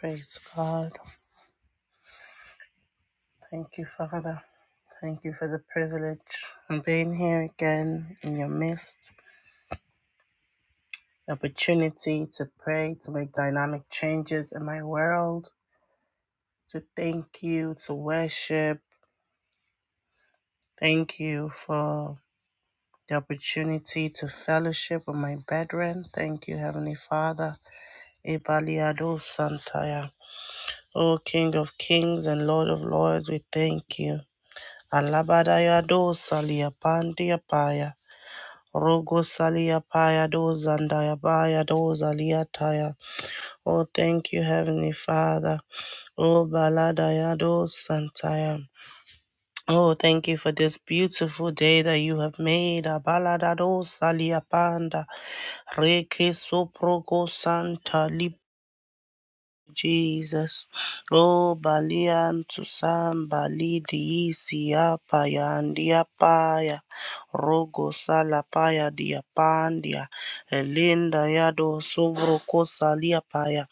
Praise God. Thank you, Father. Thank you for the privilege of being here again in your midst, the opportunity to pray, to make dynamic changes in my world, to thank you, to worship. Thank you for the opportunity to fellowship with my brethren. Thank you, Heavenly Father. Ebaliado Santaya. O King of Kings and Lord of Lords, we thank you. Alabadayado Salia Pandia Paya. Rogo salia paya dozandaya baya dozalia taya. Oh, thank you, Heavenly Father. Oh, baladaya dosantaya. Oh, thank you for this beautiful day that you have made. Abaladado salia panda. Reke soproko santa Jesus. Oh, Balian Susan Bali diisi apa ya ndiapaya. Rogo salapaya diapandia. Elinda yado sobroko saliapaya.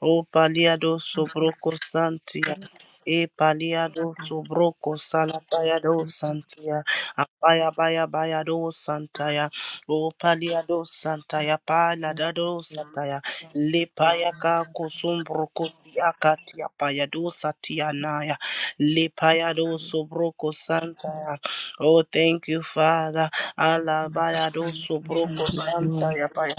O paliado sobroko santia. E paliado sobroko salapaya do santia. Apaya baya baya do santaya. O paliado santaya palada do santaya. Lepayaka kosombroko akati apayado satianaya lepayado sobroko santaya. Oh, thank you, Father. Alabayado Praise sobroko the Lord. santaya paya.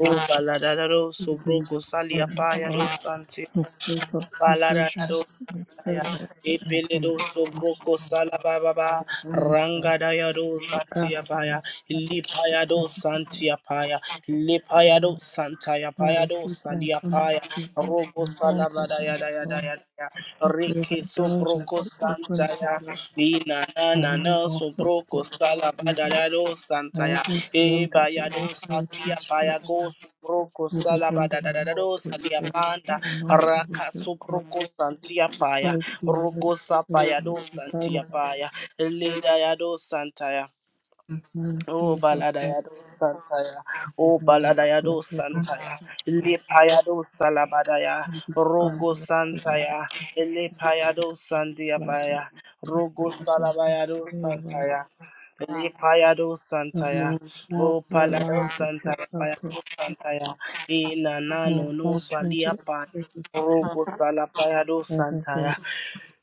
Oh, baladado Jesus, sobroko Son of saliapayado God, santi. who gives us provision, we pray, Lord, for Epele do uncommon sobroko salababa divine help ranga daya do the santia earth and paya respect the lipaya do purpose of your santia paya peace today, lipaya do Lord. santaya I paya do receive salia uncommon paya favor robo from salaba banquet daya and daya small. daya daya We pray rike that doors will sobroko be opened santaya for us nina nana na and we na walk perfectly. sobroko salaba through them. daya do And santaya every E room that we bayado enter into satia is blessed. bayago subroko Every salaba bond da of da the da da Lord do is satia that the panda anointed with raka your subroko oil, santia paya close to your rogo favor, sapayado divine santia above paya leda yado santaya man Oh favor, God baladayado santaya, the oh miracle, the baladayado focus santaya, light, lepayado salabadaya, will be found rogo with the Lord, santaya, who is lepayado with planted, sandiabaya, and for rogo us and to salabayado favor, santaya, lepayado that we santaya, will walk oh my palado lines with your santaya, payado purpose, santaya, we will inanano no launch into saliapa, every decision, rogo salapayado everything, santaya,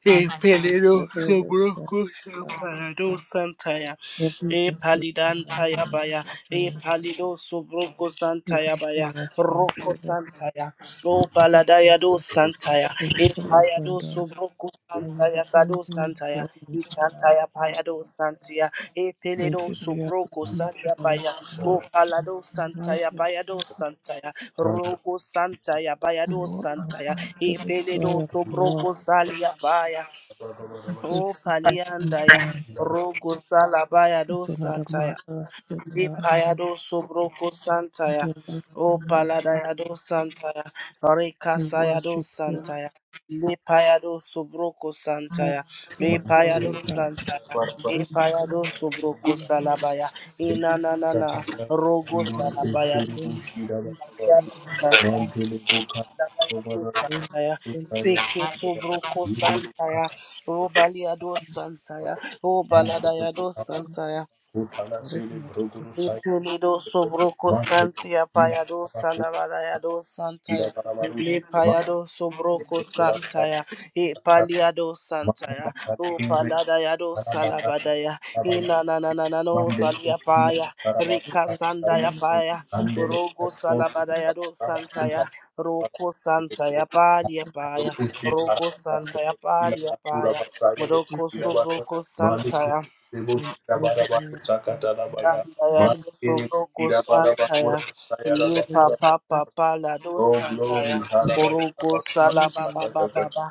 lepelero every risk that sabroco we are, salapayado santaya. every E decision palidan that we tayabaya. E have. palido subroko Give us santayabaya. direction, Roko give us santaya. O paladaya Manchili Bhooshna do forgiveness, santaya. thank you E for open payado doors. subroko I will santaya bring kado things flow santaya. E into our kantaya heart. payado santia. E Thank peledo you for your subroko open santia joy of paya. our O heart palado is santaya enlightened. payado santaya. Parvaaz Roko santaya payado You are santaya. power to E the peledo joy of the Lord. subroko salia paya. O This is what we've paliandaya, done. Jeevan rogo salabaya It's do another santaya, marker in our lipaya do eyes. sobroko santaya, We delight o in your Lord. paladaya do santaya, We rekasaya do worship you. santaya, lipaya do sobroko I santaya, sin lipaya do holy God. santaya, Sin, Parvaaz lipaya do sobroko holy Sathakar salabaya, Dilbaratka inanana, Thakar rogo Andoli God, Desh Ke salabaya, sin, Rigooshira holy Baru God, Manchili Bhooshna Dabalado Parvaaz Because Santaya, Jeevan we Parvaaz Peke Sathakar Sobroko Santaya, Dilbaratka Robaliado Santaya, Thakar O Andoli Desh Ke Rigooshira Baru Manchili Bhooshna Parvaaz Jeevan Parvaaz Sathakar Dilbaratka Thakar Andoli Desh Ke Rigooshira Baladayado Santaya. Lepeledo sobroko santia payado salabarayado santaya. Baru Lepayado sobroko Mali santaya. E paliado santaya. O paladayado salabadaya. Inanananano salia paya. Rika sandaya paya. Rogo salabadayado santaya. Roko santaya palia paya. Roko santaya palia paya. Roko sobroko santaya. Santa ya doso broko santa ya le papa papa la do Oh santa ya glory, Haraba oroko Bakura sala baba baba Ataka, ba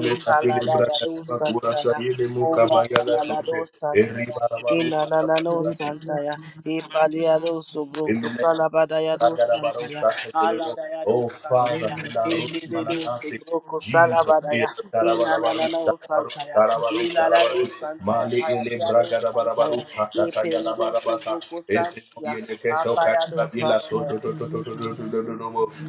le pala Katile la ya Braga do Bakura santa ya Sayede o Mukabaya pala La la la do Sote, santa Eri Barabaru Ina na na no santaya. Ibalia do subruku salabadaya do santaya. Aladaya do Oh Father, santaya. in the root Ikide do mananasi, subruku Jesus salabadaya. is Ina na na Karabarabarus, no Karabarus, santaya. Karabarus, Ina na no Karabarus, santaya. Mali ele Payalia do santaya. Bragarabarus, Hakataya Ipede do Labarabasa, subruku Eseno santaya. yele keso kaya Apaya do yela soto santaya. to to to to to to to to to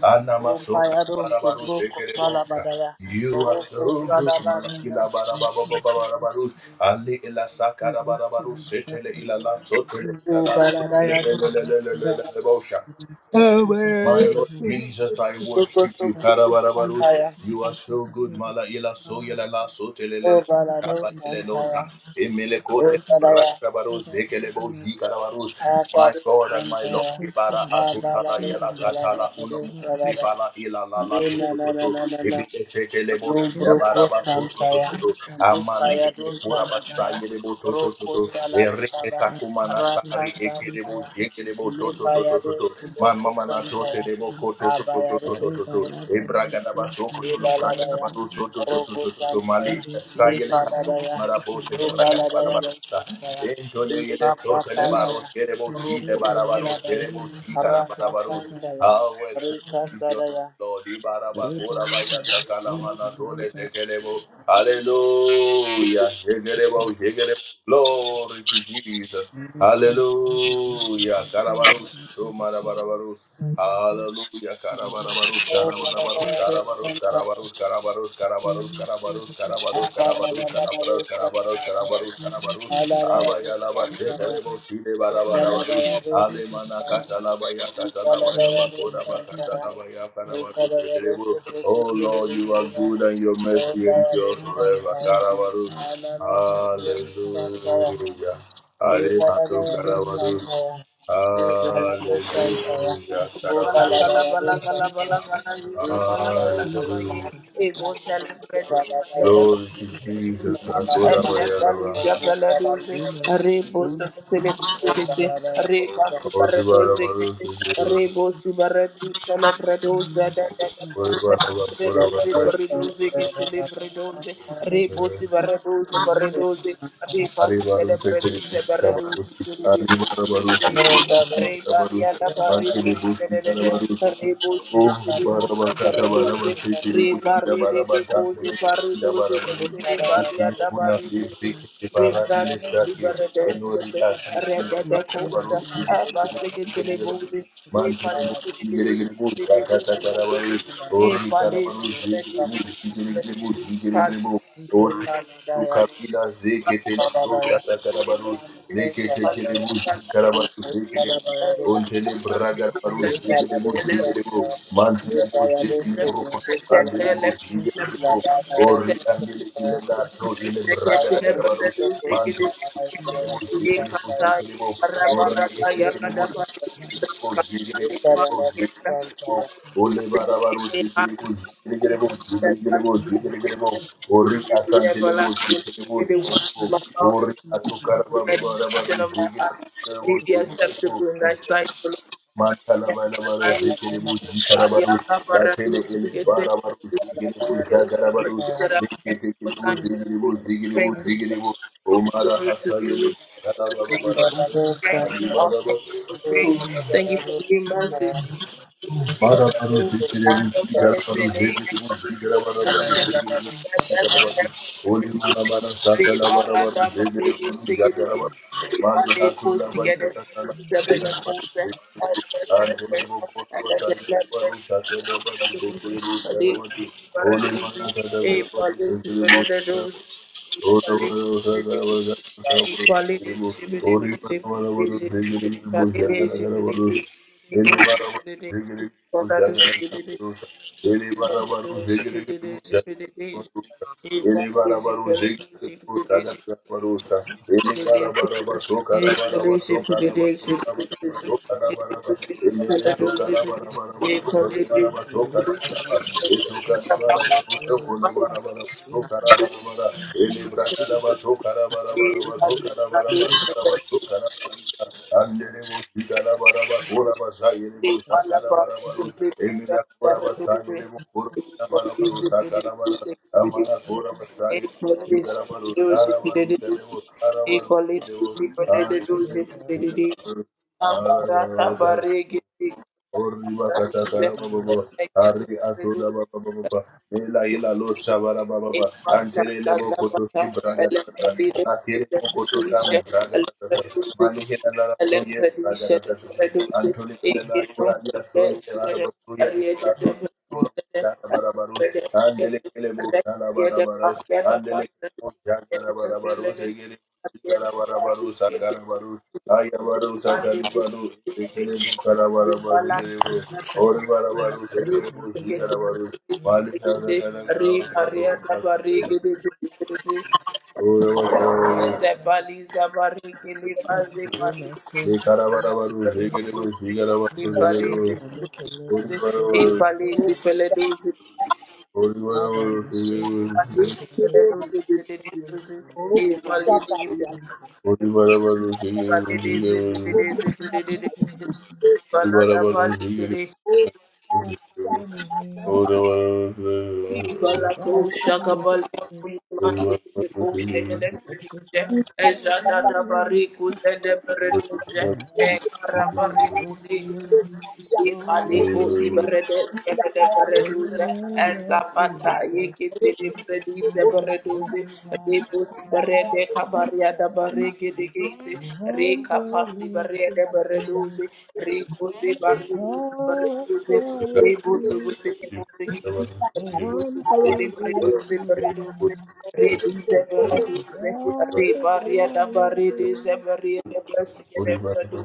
Anama O so paya do Karabarabarus, subruku Ekerebosa. salabadaya. You are Oruku so good, fall, salabadaya. Malakila we are taught to this, Barabarabarus, Ali ela we Sakara rest in Barabarus, the Setele shepherd. ila la sotele We are ila la not sotele Ubaladaya on do our refuge, santaya. lelelelelelelebosha. and our fortress, our Amen. My God Lord is in Jesus, whom I worship you. Uh, Bokosobutu Thank Karabarabarus, Santaya, you you, are so Jesus. good. You have Mala ila so allowed yela us la so O telelele. to be Balado Shaba deadly yele pursued. losa. Santaya, Emele O kote Father, that Balaya, serve brakarabarus, us zekele bo in your ji will. karabarus. My Akado God and my Your Lord, Santaya, ibara faithfulness is our asutala Abalado shield yela and our Salado, rampart. katala Do unomuno not fear Salada, the sebala ila la la to darkness, Dina to na, to na, to. na, na, na, Ebile setele bo nor shida the Lobroko baraba pestilence so that to to Santaya, strikes to in to. darkness, Amane nor the ene Lipayado plague that kura destroys basta Sarabaya, yele bo to to to Roko to. Ere Salababa, that etakumana Raka innocent sari and ekerebo Santaya, living jekerebo to to to in to Lipayado to. Suboko Mama na Adam. to te Santaya, de boko children. to to to to Abayado to to to Reba to. Suboko lada E braga Santaya, da baso masunto, ko to lo reba braga da Ibaladaya, lada bado so to to masunto, to Roko to to to Santaya, mali reba e sa sunto, yele ka to Ipaladaya, reba marabo se lada braga da bada masunto, bado Ibaladaya sa. Santaya, E le yele so te le Reba baro Ipapapalaya, se de bo Santa shi de Roko Rebe bara baro Lake se de Saladaya, bo Nemo shi kara Santa bara Raka baro. Reba Santaya, How excellent Rika is your Sadaya, name, Lord. E bara ba Reba kora Lada ba ya Santa ta Reba mana Santa tole le Reba se ke le bo. Hallelujah. Shake it, Lada bo, shake it, bo. Glory to Jesus. Santa Hallelujah. Reba Karabarus. Lada the So Bola marabarus. Reba Santa Reba Hallelujah. Karabarabarus. Karabarabarus. Ibaladaya Only Karabarus. Santaya, Karabarus. Karabarus. Karabarus. for Karabarus. the pieces Karabarus. Karabarus. Santara, of stuff, Karabarus. Karabarus. Karabarus. only Karabarus. for the evil Abayalaba absolutely, shekerebo shide only barabarabarus. for the flake of the Alemana feather, katalaba ya katalaba you ya only for bakora the evil bakatalaba ya as a karabarus shekerebo. Oh Lord, you are good and your mercy as a endures thousand of forever. feather Karabarus. outside, so thousand of our time, Hallelujah. Alejandro You Ebalabala only have Carabaros. to Santaya, and see the Ebalabala character Santaya, of Hallelujah. the Carabaros. Ebalabala church Santaya, and Ebalabala see the Hallelujah. character of the creator and Glory to see Jesus. Akora Bayaraba. the realness Santaya, of Oribara Baru Sekiro. the human experience Oribara Bakura Vasai. Ebalabala Santaya, because the Lord is a Aribaru great Sekiri prince, Mushita Barus. Alibara Baru no one Sekiri will ever be able Mushita Barus. to move Bankele Bushita Oh, from barabakata the Thank barabasekere you. bushira barabagambire bushira barabaru realness from the throne of the creator. ikini kuna sibrike bara ile sake enori asiki We rakana tread on baru the ikini lion bushigere with the mantele bushigere gere bushakata tarabaru ori name karabaru zikiri of bushigere gere the soul, bushigere gere bu with oti the Thank you. ukabila zekete rosa Sadabaya, takarabaru Imamano lekete kere Sadabaya, bushikarabaru Rupa Sadabaya Dosa, Ontele braga power of barus the Ipala digerebo creator, Dosa, digerebo mantele bose Ipala and tele Dosa, broko Rupa sandele Sadabaya, bo digerebo Ilabaya ori Dosa, andele ile la to ile braga Ipala raga Dosa, barus Rupa mantele Sadabaya Baya Dosa, Ipala Dosa, the digerebo faith Rupa digerebo digerebo Sadabaya, Ipala ori ese digerebo of the digerebo digerebo Dosa, digerebo ole bara barus digerebo digerebo digerebo Father, digerebo ori asantele bo digerebo Thank you. ori atukara baba bara barus digerebo digerebo Mantala mana mana zikiri Sadabaya, bu jitara barus. Latele ele bara barus Ipala zikiri bu jagara Dosa, barus. Sadabaya, Leke tekiri bu zikiri bu zikiri bu zikiri bu. Omara hasa yele. Kala baba Om bara barus. Namah Ali bara Marabaru Sikiri Wushi Garabaru Hegiri Wushi Garabarabaru Hegiri Garabaru Holy Marabara Sakala Barabaru Hegiri Yagarabaru Mali Hasula Bayakala Garabaru Hegiri Angeli Bokorba Sayanabaru Sakala Baru Hegiri Garabaru Holy Marabara Garabaru Hegiri Ele Amara Masonto, Ori bakata kara baba baba. Ari asoda baba baba baba. Ela ela lo shabara baba baba. Antelele bo koto si braga tata. La kere bo koto sam braga tata. Mali hela la la so ye braga tata. Antole ela la kora ila so ye bara basuya ila la so ye koro kara bara barus. Andele kele bo kara bara barus. Andele kele bo kara bara barus. Egele kara bara barus. Akara barus. Ayabaro sakalibaro sekelebo karabara mazekelebo ore bara baro sekelebo shikarabaro mali kara kara kara kara kara ore bara karabaro ne karabara baro sekelebo shikarabaro sekelebo make a name, ore bara baro Masonto, ore bara Baba baro masoko sekelebo rebeleke sonto reba sonto. ore bara baro sekelebo shikarabaro ore bara baro sekelebo ore bara baro sekelebo ore bara Enemy, you fight for the victory. baro sekelebo It's a black eye sky, and I'm taking back what the enemy stole from me. In the name of Jesus, out every I walk. No one believes in me. That's all I thought of you. The one who is giving Thank is all the fire is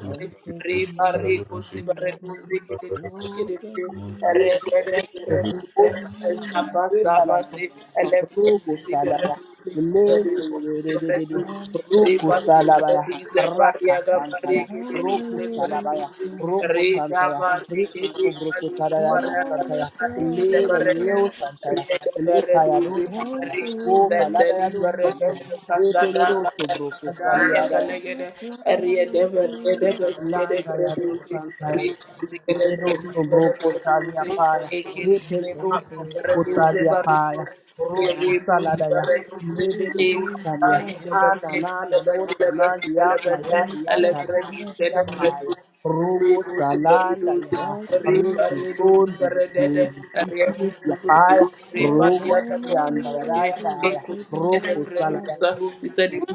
and taking back what the enemy stole from me. It's you. the Shivaya. name of Jesus. Ruku salaya, lende yerererere, I'm still ruku salabaya, raka the santaya, one who roku is salabaya, singing roku santaya, riki kubruku salaya do all the santaya, fire lera is yo the santaya, lekaya do one santaya, who is o singing is all the balada fire is. ya do santaya, epele do subruku But salaya, Landa ya dos santaya. it's Ele dos broco salia paia. Ele dos until the broco day salia paia. Rogo salada ya. Lebe de giving me dos salia. Ana authority. na na no sanali ya And paia it's ya about caros ya paia. Rogo salanda ya. time Reki son di dos pitis ya paia. Rogo I salianda ya da used ya da to ya. give Roco me the salada ya body. dos santaya.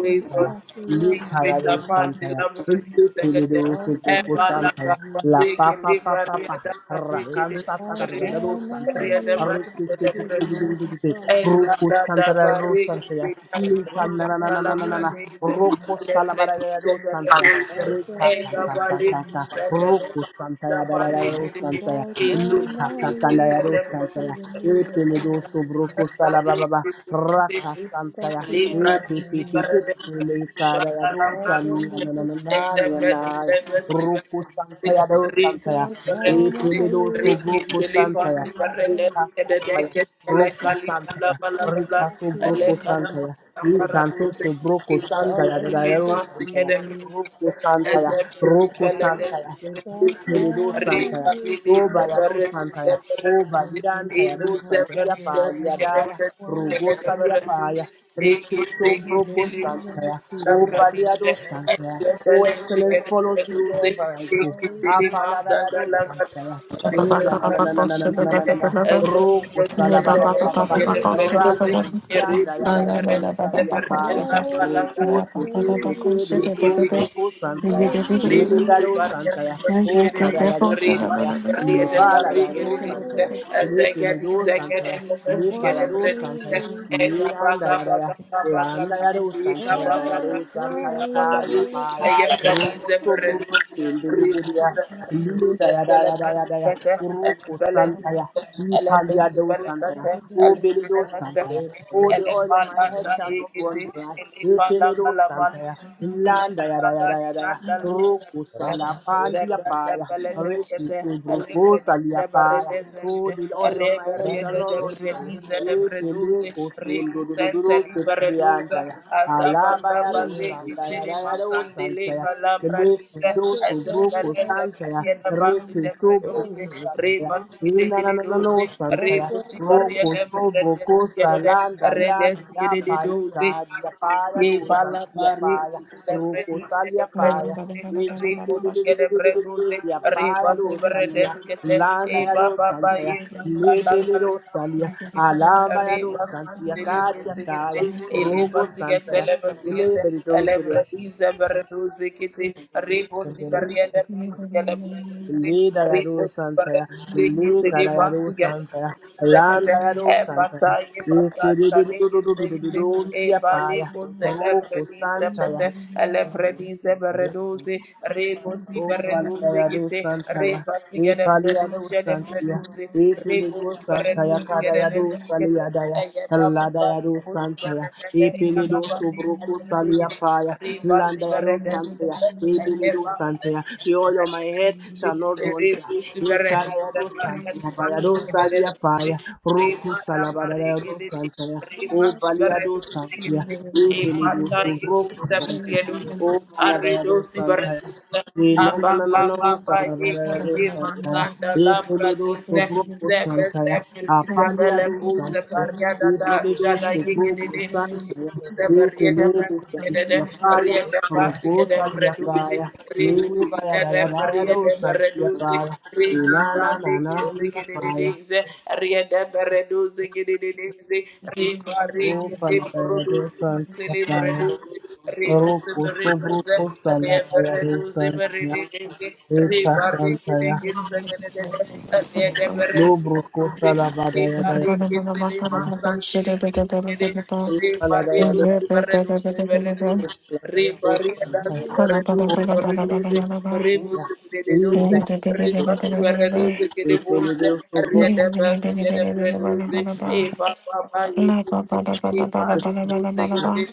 The first step of the Liparado enemy, Santaya, Lipido I from Fubuko the Santaya, La victory. Papa Papa, And it's Rakan about Satarado time I Santaya, used Riki to give Ruku Santarado Santaya, Lipanananananana, Roku Salabarado Santaya, Rika Kaka Kaka, Roku Santaya, Dadado Santaya, Lika santaya, me e the peledo body. sobroko salababa, raka Stop santaya, the enemy, e pipi pipi pele karaya do let them sanya the na na na na na victory. na ya, roko santaya do santaya, Without e peledo annihilation, sobroko give the santaya, me a God. reka santaya, Roko Santaya, Rika Stop the Sobroko enemy, Santaya, Rikanto Sobroko Santaya, let them the Dadaro Santaya, victory. Roko Santaya, Roko Santaya, Without Bekeredo Santaya, annihilation, Robayado Santaya, Oba I'm Lidan reaching Tayado out Santia everyone. Paliadaya, One Rogo Salia thing Paya, Reche in the Sombroco name Santaya, of O Jesus, Paliado and Santaya, O stop what excellence follows me wherever I the go, enemy Apaladayado Santaya, Thank you. Eh, La la la la la la la la la la la. Rogo salaba baba baba is ba doing. rakansia ndaya ndaya ndaya ya da ya da usali ya paya All the roko sete victory. pepe do tombo ko The santaya one who ele garo lives in santaya o kada ya do santaya all nepala of garo santaya glory. Lepenedo Santaya, The one Lepayado who Santaya, lives in Leanda Yadaya, Landa Yado Santaya, all Dayado of Santaya, Kadia glory. Paya, Robo Sobrupo Sendeligia, Linda Yadaya, Dayadaya, Roko Santaya, Lipaliado Santaya, Obelido Santaya. Oh, the Rekalat, oil on my head shall not run dry. Epeledo santaya, landa yada yada yada ya. Roku sala Ramesin, pandia paya, reki subruko salia paya. Oh, the oil on my head shall not run Ramesin, dry. Rudara, Epele kosundo do do do do sepilianta ya. Alaba yado Rudara, sanda yada yada o santaya. Lele kundo Rudara, subruko santaya, reki subruko Rudara, Santaya, Inanano Santaya, Rudara, Roko Soboko Salanda Yadia Paika Dia Paya do Santia Paya, Roko Salia Paya, Reke Sedia Paya do Sandia, Landa do Santaya, Lede do Salia, Thank Alamba do Santia Cadia Taya, Rogo Santaya, Labor From the least of Lida Yadu Santaya, Lika Yadu Santaya, Landa Yadu Santaya, Ikiridu Paya, Roku Santaya, sin, Rekalat, O Baladaya do Santaya, E Palia do Santia, E Pelido Santaya, Cadaya do Saliadaya, Ladaya do Santaya, E Pelido Sobroco Salia Paya, Landaya do Santaya, E Pelido Santaya, the oil on my head shall not run dry, E Cadaya do Santaya, Bayado Salia Paya, Roku Salabadaya do Santaya, O Baliado Santia, E Pelido Sobroco Santaya, O Baladaya do Santaya. Ramesin, you. Ba Santiapaya, Roku sobruko salabaya de santia, eta santia, Lobro kosa la bada ya da ya do ya. Ipa la da ya do kosa la da ya do santa ya ya. Ita ipa la do sobro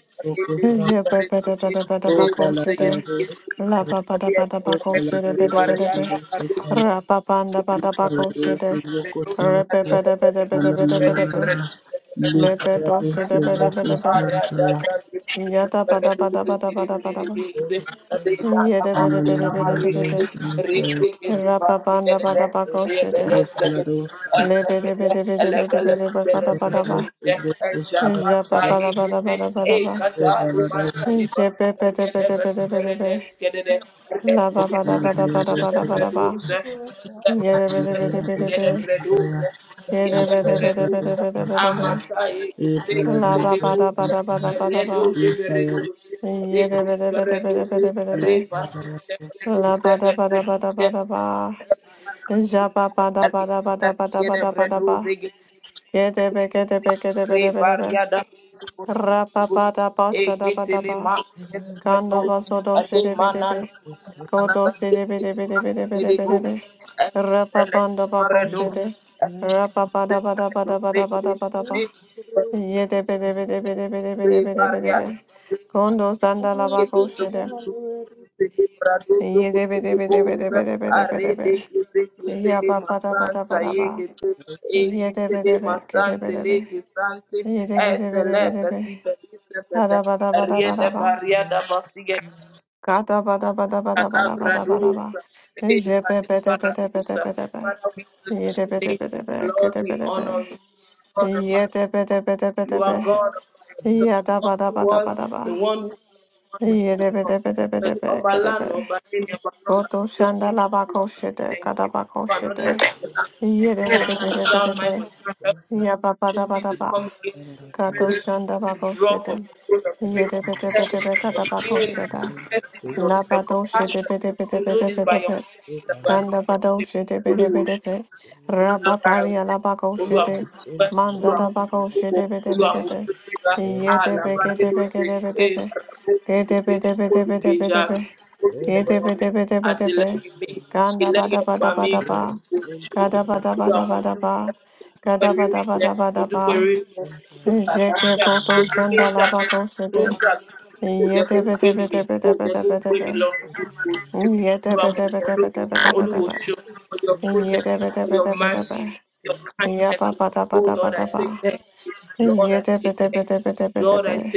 kosa kosa. Hivya be be de be de be de bako Opa la da ya shede. do La santa ya. ba ba da ba da Opa bako la da shede be ya de do be de be. sobro kosa. Ra ba ba da ba da Ipa ya bako do shede. sobro kosa la Re be da ya. be de be de be de Ala be la de be la de be. la la. Le Ipa be ya do do shede be sobro de be de kosa be. santa ya. Ya da ba da ba da ba da ba da ba da ba. Ye de be de Ala be la de be de la be la de la be. santa ya. Ra ba ba da ba da bako shede. Opa la do santa ya. Le be de be de be de be de be de ba ba Opa da ba la da do ba. sobro kosa la Ya da ya. ba do. ba da ba da ba da ba da ba. Praise God. Je be be de be de be de be de be. La ba ba da ba da ba da Good ba da ba da ba. Yede de be de be. de be, bede bede bede de be. de be de be de be de be de be. La ba ba da ba da ba da ba da ba. ye de be de be de be. de be de be de be. La ba da ba da ba da ba da ba. Ja ba ba da ba da ba da ba da ba da ba da ba. Ye de be ke de be ke de be de be. de be. Ra ba ba da ba sha da ba da ba. Kando ba so do she de be de be. Rudara, Koto sede bede bede bede bede bede be. Rapa panda bako shede. Rapa pada pada pada pada pada pada pa. Yede bede bede bede bede bede bede bede be. Kondo sanda la bako Rudara, shede. Yede bede bede bede bede bede bede be. Yapa pada pada pada Yede bede be kede bede be. Yede bede bede bede be. Pada pada pada pada pa. Kata pada pada pada pada pada pada pa. Jepe pete pete pete pete pe. Goto Rudara, And the third time, the fish took on a Kanda bado shete bede bede be. Raba bali ala bako shede. consent and Manda da bako shede bede bede be. the Yede be other thing, gede be gede bede be. Gede bede bede bede bede be. the Yede bede bede bede be. and my Kanda script, bada bada bada the ba. consent, Kada the bada bada bada ba. Kada bada bada bada ba. consent, Jeke boto shanda la bako shede. Yede bede bede bede bede bede be. Yede bede bede bede and bede bede be. Yedebedebedebedebe. Thank Yababadabadabadaba. Yedebedebedebedebe.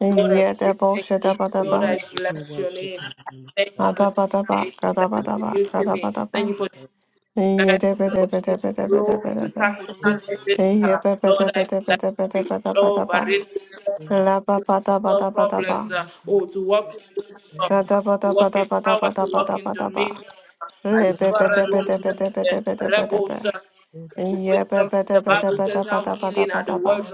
Yedeboshedabadaba. you, worship me. I Adabadaba, gadabadaba, consent gadabadaba. to consent, Yedebedebedebedebedebe. and the consent, Yebebedebedebedebedebedebedeba. and Lababadabadabadaba. the Gadabadabadabadabadabadaba. Lebebedebedebedebedebedebe. Yebebedebedebedebedebedeba.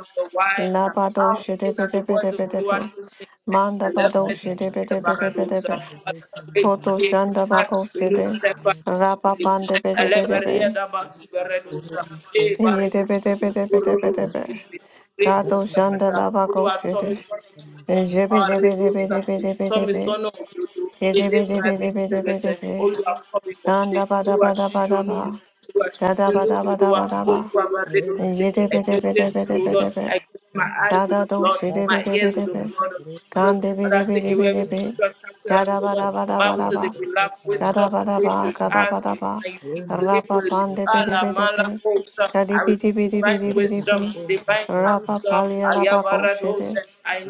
Labado shedebedebedebedebe. Mandabado shedebedebedebedebe. Koto shandabako shede. Rababandebedebedebe. consent, Yedebedebedebedebe. Kato shandalabako shede. Jebedebedebedebedebe. Kedebedebedebedebe. Kandabadabadabadaba. Kadabadabadabadaba. Yedebedebedebedebe. Kadado and shedebedebedebe. the Gande bidi bidi bidi bi. Gada bada bada bada ba. Gada bada ba. Gada bada ba. Rema, Rapa pande bidi bidi bi. Gadi bidi bidi bidi bidi bi. Rapa pali alaba koshede.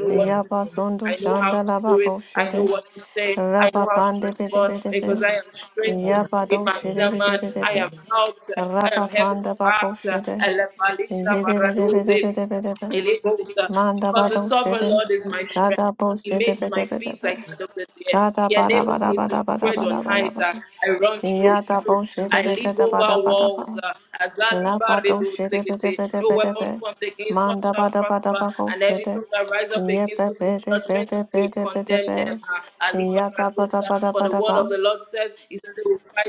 Yapa sundu shanda laba koshede. Rapa pande bidi bidi bi. Yapa do shede bidi bidi bi. Rapa panda ba koshede. Yede bidi bidi bidi bidi bi. Manda ba do shede. Gada bo shede bidi bidi bi. Gada bada bada bada bada bada bada ba. Yada bo shede be gada bada bada ba. La bado shede be de be de be de be. Manda bada bada ba go shede. Ye be be de be de be de be de be. Yada bada bada bada ba.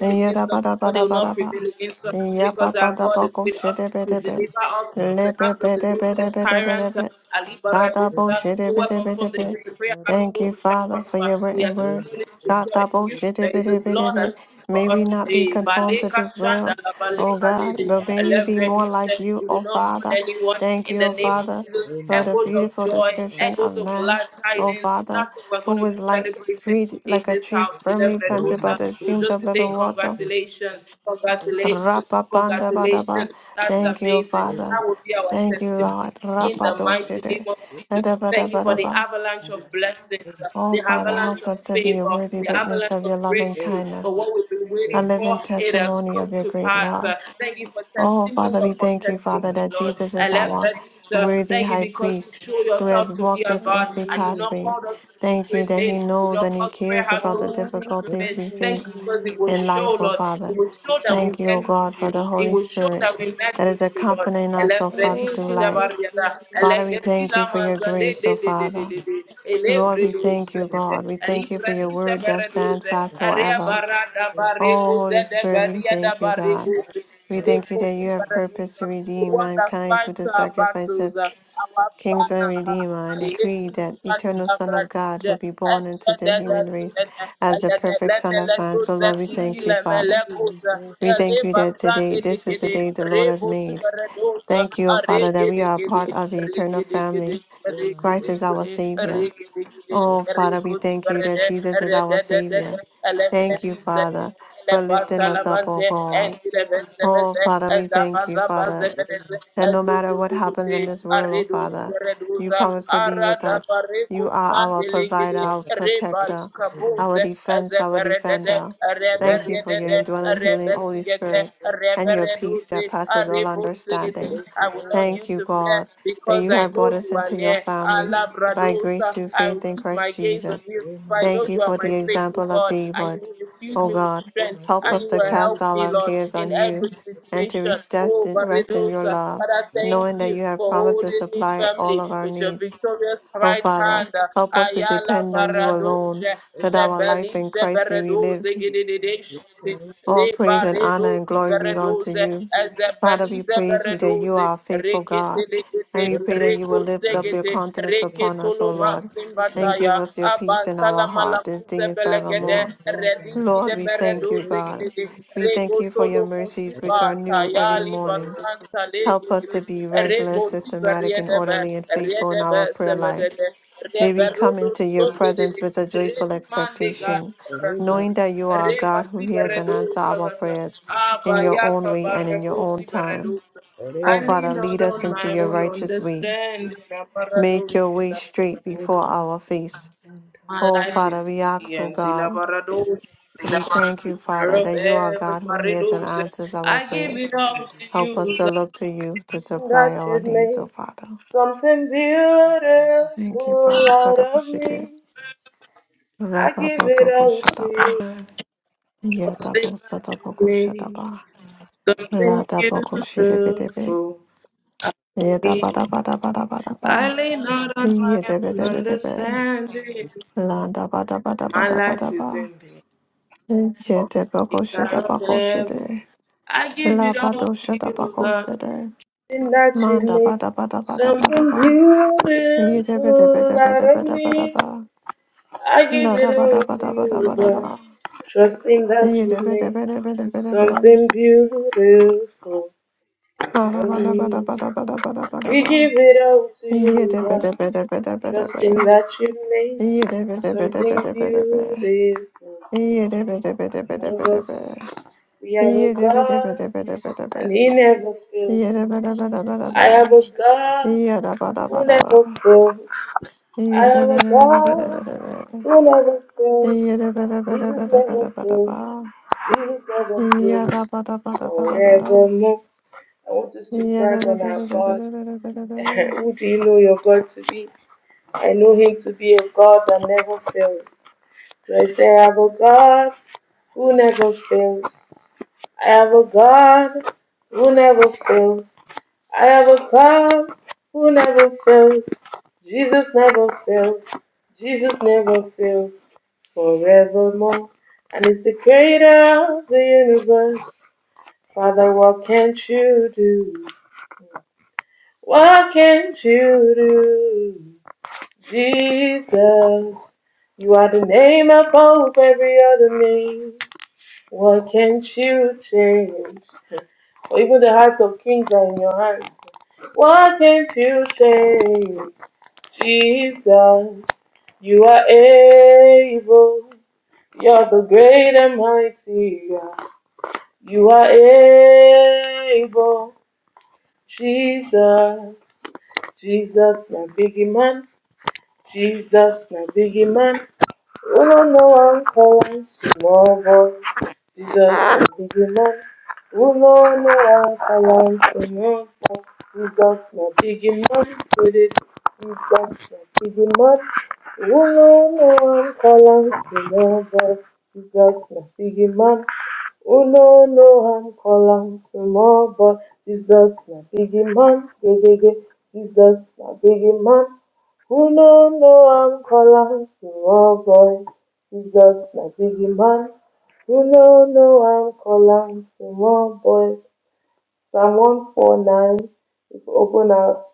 Yada bada bada bada ba. Ya ba bada ba go shede be de be. Le be be de be de be de be de be. Kadabo-shede-bede-bede-be. Thank you, Father, for your written word. Kadabo-shede-bede-bede-be. May we not be conformed to this world, oh God, but may we be more like you, oh Father. Thank you, oh Father, for the beautiful description of man, oh Father, who was like tree, like a tree firmly planted by the streams of living water Rapapandabadaba. Thank you, Father. Thank you, Lord. Rapadoshide. Edabadabadaba. Oh, Father, help us to be a worthy witness of your loving kindness, a living testimony of your great love. Oh, Father, we thank you, Father, that Jesus is our worthy high priest who has walked this earthly pathway. Thank you that he knows and he cares about the difficulties we face in life, oh Father. Thank you, oh God, for the Holy Spirit that is accompanying us, oh Father, through life. Father, we thank you for your grace, oh Father. Lord, we thank you, God. We thank you for your word that stands fast forever. Oh, Holy Spirit, we thank you, God. We thank you that you have purpose to redeem mankind through the sacrifice of Kings and Redeemer, and decree that eternal Son of God will be born into the human race as the perfect Son of Man. So, Lord, we thank you, Father. We thank you that today, this is the day the Lord has made. Thank you, O Father, that we are a part of the eternal family. Christ is our Savior. Oh, Father, we thank you that Jesus is our Savior. Thank you, Father, for lifting us up, O God. Oh, Father, we thank you, Father. And no matter what happens in this world, oh Father, you promise to be with us. You are our provider, our protector, our defense, our defender. Thank you for your indwelling healing, Holy Spirit, and your peace that passes all understanding. Thank you, God, that you have brought us into your family by grace through faith in Christ Jesus. Thank you for the example of David. Oh God, help us to cast all our cares on you and to rest rest in rest in your love knowing that you have promised to supply all of our needs. Oh, Father, help us to depend on you alone, that our life in Christ may be lived. All praise and honor and glory belong to you. Father, we praise you that you are a faithful God, and we pray that you will lift up your countenance upon us, O Lord, and give us your peace in our heart this day and forevermore. Lord, we thank you, God. We thank you for your mercies, which are new every morning. Help us to be regular, systematic, and orderly and faithful in our prayer life. May we come into your presence with a joyful expectation, knowing that you are a God who hears and answers our prayers in your own way and in your own time. Oh, Father, lead us into your righteous ways. Make your way straight before our face. Oh, Father, we ask, oh God, we thank you, Father, that you are God who hears and answers our prayers. Help us to look to you to supply our needs, O Father. Thank you, Father God of Shiki. Rababotobo Shataba. Yetabo Sotoboku Shataba. Lataboku Shiribidebe. Yetabata Bada Bada Bada Ba. Yetebedebedebe. Landa Bada Bada Bada Bada Ba. Yetaboku Shetabaku Shide. Labato Shetabaku Shide. And that you Manda make Bada Bada Bada Bada something Ba. Reba beautiful out of Yetebedebedebedebede Bada me. Ba. I give Lada it all Bada to Bada Bada you, Bada God. Ba. Trusting that you make Yetebedebedebedebede something beautiful out of me. We Ba-da-ba-da-ba-da-ba-da-ba-da-ba-da-ba. give it all to you, God. Yidda-bidda-bidda-bidda-bidda-bidda. Trusting that you make something Yidda-bidda-bidda-bidda-bidda-bidda. beautiful out of Yidda-bidda-bidda-bidda-bidda-bidda. us. We have a God, and Yidda-bidda-bidda-bidda-bidda-bidda. He never fails. I Yidda-bidda-bidda-bidda-bidda. have a Yidda-bidda-bidda-bidda. God who never Yidda-bidda-bidda-bidda-bidda. fails. Our God Yidda-bidda-bidda-bidda-bidda-bidda. will never fail. Jesus never fails. Yidda-bidda-bidda-bidda-bidda. Jesus never fails. Forevermore. I want us to brag on our God. Yidda-bidda-bidda-bidda-bidda-bidda. Who do you know your God to be? I know Him to be a God that never fails. So I say I have a God who never fails? I have a God who never fails. I have a God who never fails. Jesus never fails. Jesus never fails forevermore. And it's the creator of the universe. Father, what can't you do? What can't you do? Jesus, you are the name above every other name. What can't you change? or even the hearts of kings are in your hands. Why can't you say, Jesus, you are able? You're the great and mighty God. You are able, Jesus, Jesus, my big man. Jesus na big man. Unu no wan call am small boy. Jesus na big man. Unu no wan call am small boy. Jesus na big man. Wele Jesus na big man. Unu no wan call am small boy. Jesus na big man. Unu no wan call am small boy. Jesus na big man. Gedege. Jesus na big man. Who don't know I'm calling to all boys. Jesus, my biggie man. Who don't know I'm calling to all boys. Psalm 149. If you open up.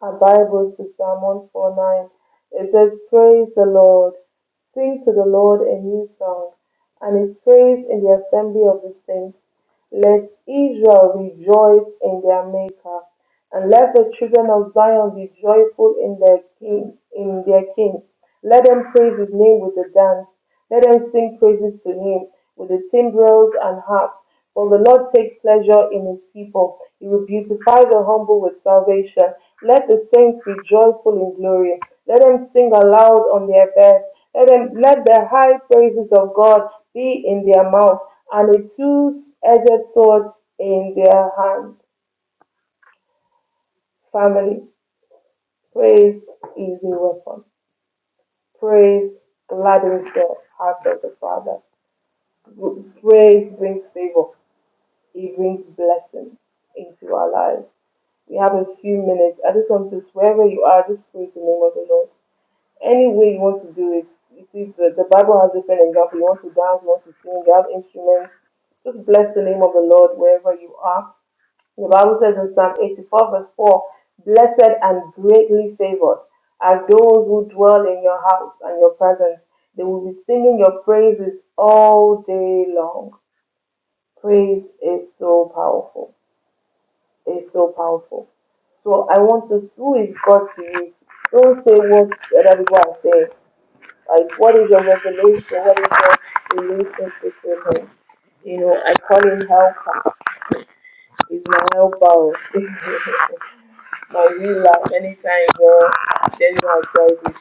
Our Bibles to Psalm 149. It says, Praise the Lord. Sing to the Lord a new song, and his praise in the assembly of the saints. Let Israel rejoice in their Maker, and let the children of Zion be joyful in their King. In their King, let them praise His name with a dance. Let them sing praises to him with the timbrels and harps. For the Lord takes pleasure in his people. He will beautify the humble with salvation. Let the saints be joyful in glory. Let them sing aloud on their beds. Let them let the high praises of God be in their mouth and a two-edged sword in their hand. Family, praise is a weapon. Praise gladdens the heart of the Father. Praise brings favor. He brings blessings into our lives. We have a few minutes. I just want to, wherever you are, just praise the name of the Lord. Any way you want to do it, you see, the, the Bible has different examples. You want to dance, you want to sing, you have instruments. Just bless the name of the Lord wherever you are. The Bible says in Psalm 84, verse 4, Blessed and greatly favored are those who dwell in your house and your presence. They will be singing your praises all day long. Praise is so powerful is so powerful. So I want us to is God to you. Don't say what other people are saying. Like what is your revelation? What is your relationship with him? You know, I call him helper. He's my helper. my healer. Anytime God tells you how to tell this,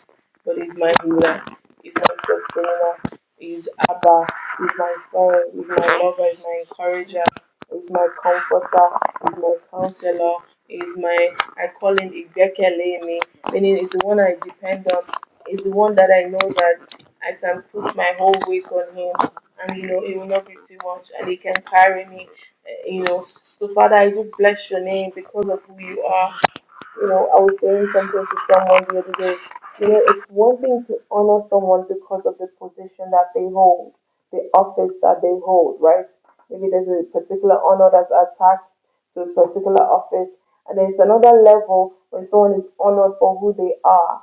but he's my healer, he's my sustainer, he's Abba, he's my father, he's my lover, he's my encourager, he's my comforter, he's my counselor, he's my I call him Igekele me, meaning he's the one I depend on, he's the one that I know that I can put my whole weight on him and you know it will not be too much and he can carry me uh, you know so father i do bless your name because of who you are you know, I was saying something to someone the other day. You know, it's one thing to honor someone because of the position that they hold, the office that they hold, right? Maybe there's a particular honor that's attached to a particular office, and there's another level when someone is honored for who they are.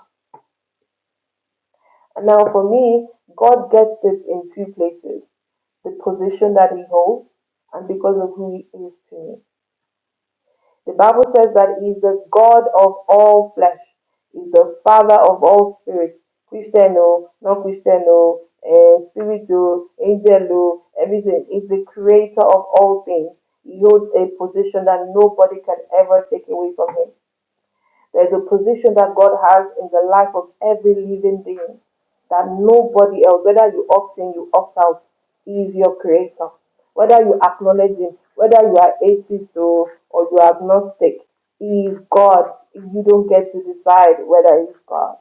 And now, for me, God gets it in two places the position that he holds, and because of who he is to me. The Bible says that He is the God of all flesh. He is the Father of all spirits. Christian, oh, non Christian, oh, eh, spirit, oh, angel, oh, everything. He is the creator of all things. He holds a position that nobody can ever take away from Him. There's a position that God has in the life of every living being that nobody else, whether you opt in, you opt out, is your creator. Whether you acknowledge Him, whether you are atheist or, or you are agnostic, He is God. You don't get to decide whether He's God.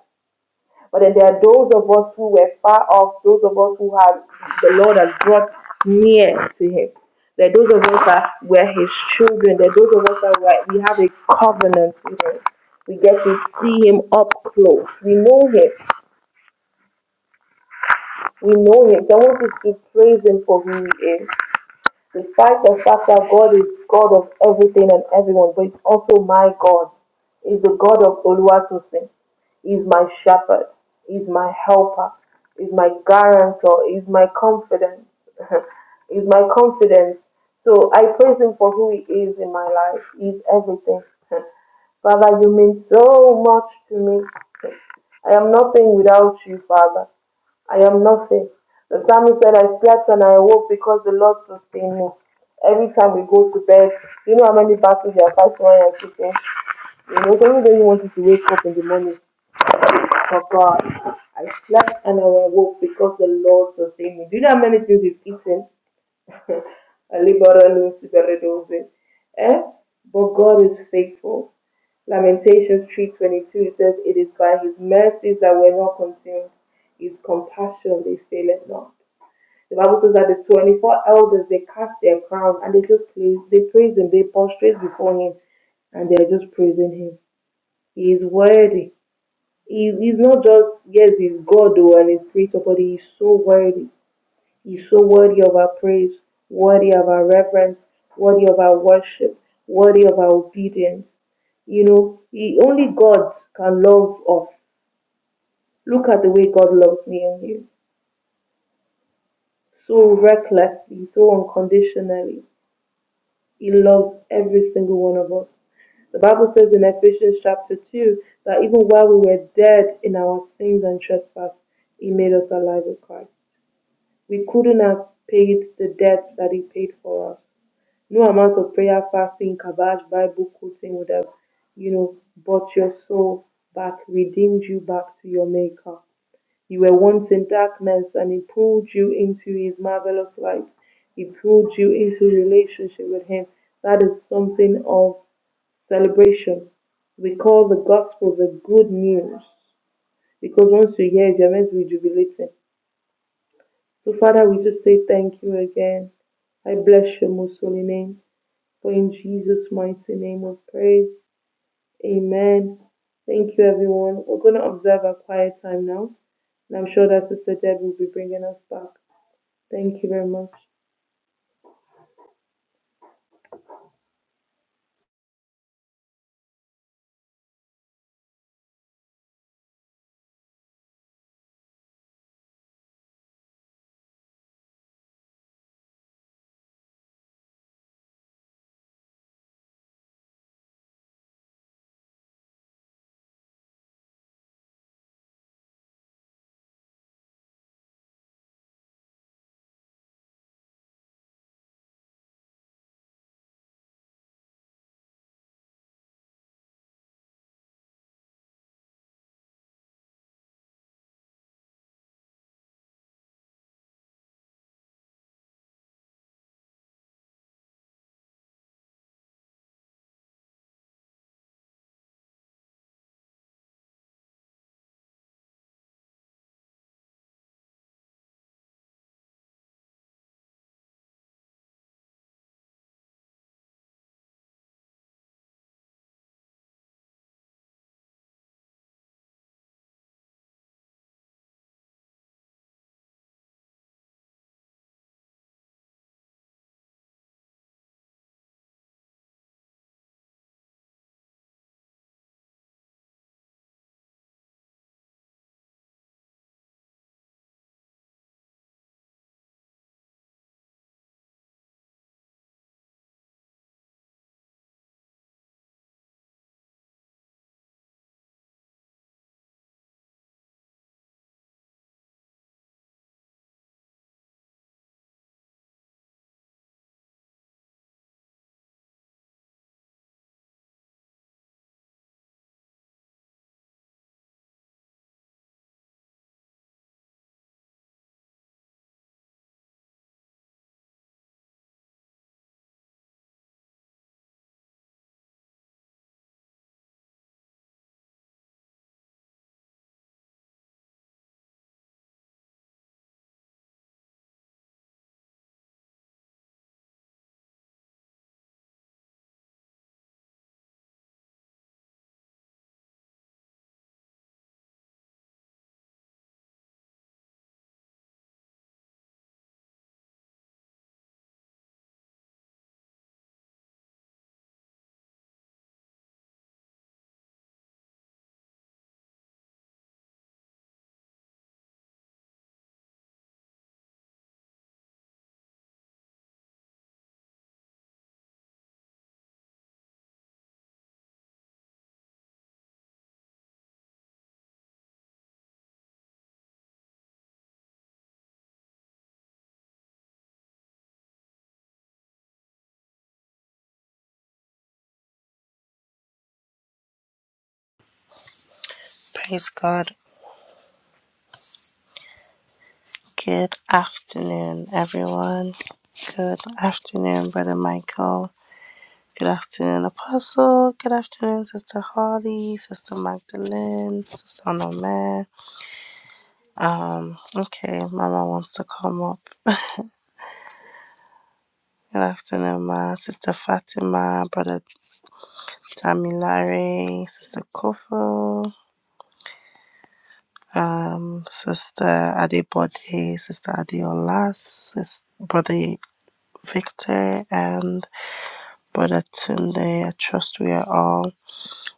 But then there are those of us who were far off, those of us who have the Lord has brought near to Him. There are those of us that were His children. There are those of us that were, we have a covenant with Him. We get to see Him up close. We know Him. We know Him. So I want us to praise Him for who He is. despite the fact that God is God of everything and everyone, but it's also my God. He's the God of Oluwatosin. He's my shepherd. He's my helper. He's my guarantor. He's my confidence. He's my confidence. So I praise Him for who He is in my life. He's everything. Father, you mean so much to me. I am nothing without you, Father. I am nothing. The psalmist said, I slept and I awoke because the Lord sustained me. Every time we go to bed, you know how many battles you are fighting when you're sleeping? You know, somebody does want you to wake up in the morning. But God, I slept and I awoke because the Lord sustained me. Do you know how many things you've eaten? Alibaranus Beredose. Eh? But God is faithful. Lamentations 3.22 says, It is by his mercies that we're not consumed. His compassion, they faileth not. The Bible says that the 24 elders, they cast their crown and they just praise, they praise him, they prostrate before him and they're just praising him. He is worthy. He, he's not just, yes, he's God though and he's creator, but he is so worthy. You're so worthy of our praise, worthy of our reverence, worthy of our worship, worthy of our obedience. You know, He- only God can love us. Look at the way God loves me and you. So recklessly, so unconditionally. He loves every single one of us. The Bible says in Ephesians chapter 2 that even while we were dead in our sins and trespasses, He made us alive with Christ. We couldn't have paid the debt that He paid for us. No amount of prayer, fasting, kabbash, Bible quoting would have, you know, bought your soul back, redeemed you back to your Maker. You were once in darkness and He pulled you into His marvelous light. He pulled you into relationship with Him. That is something of celebration. We call the gospel the good news because once you hear it, you're meant to be jubilating. So, Father, we just say thank you again. I bless your most holy name. For in Jesus' mighty name we praise. Amen. Thank you, everyone. We're going to observe our quiet time now, and I'm sure that Sister Deb will be bringing us back. Thank you very much. afternoon, everyone. Good afternoon, Brother Michael. Good afternoon, Apostle. Good afternoon, Sister Holly, Sister Magdalene, Sister Onome. Um, okay, Mama wants to come up. Good afternoon, Ma. Sister Fatima, Brother Tamilare, Sister Kofo. um, Sister Adebode, Sister Adeola, Sister, Brother Victor, and Brother Tunde. I trust we are all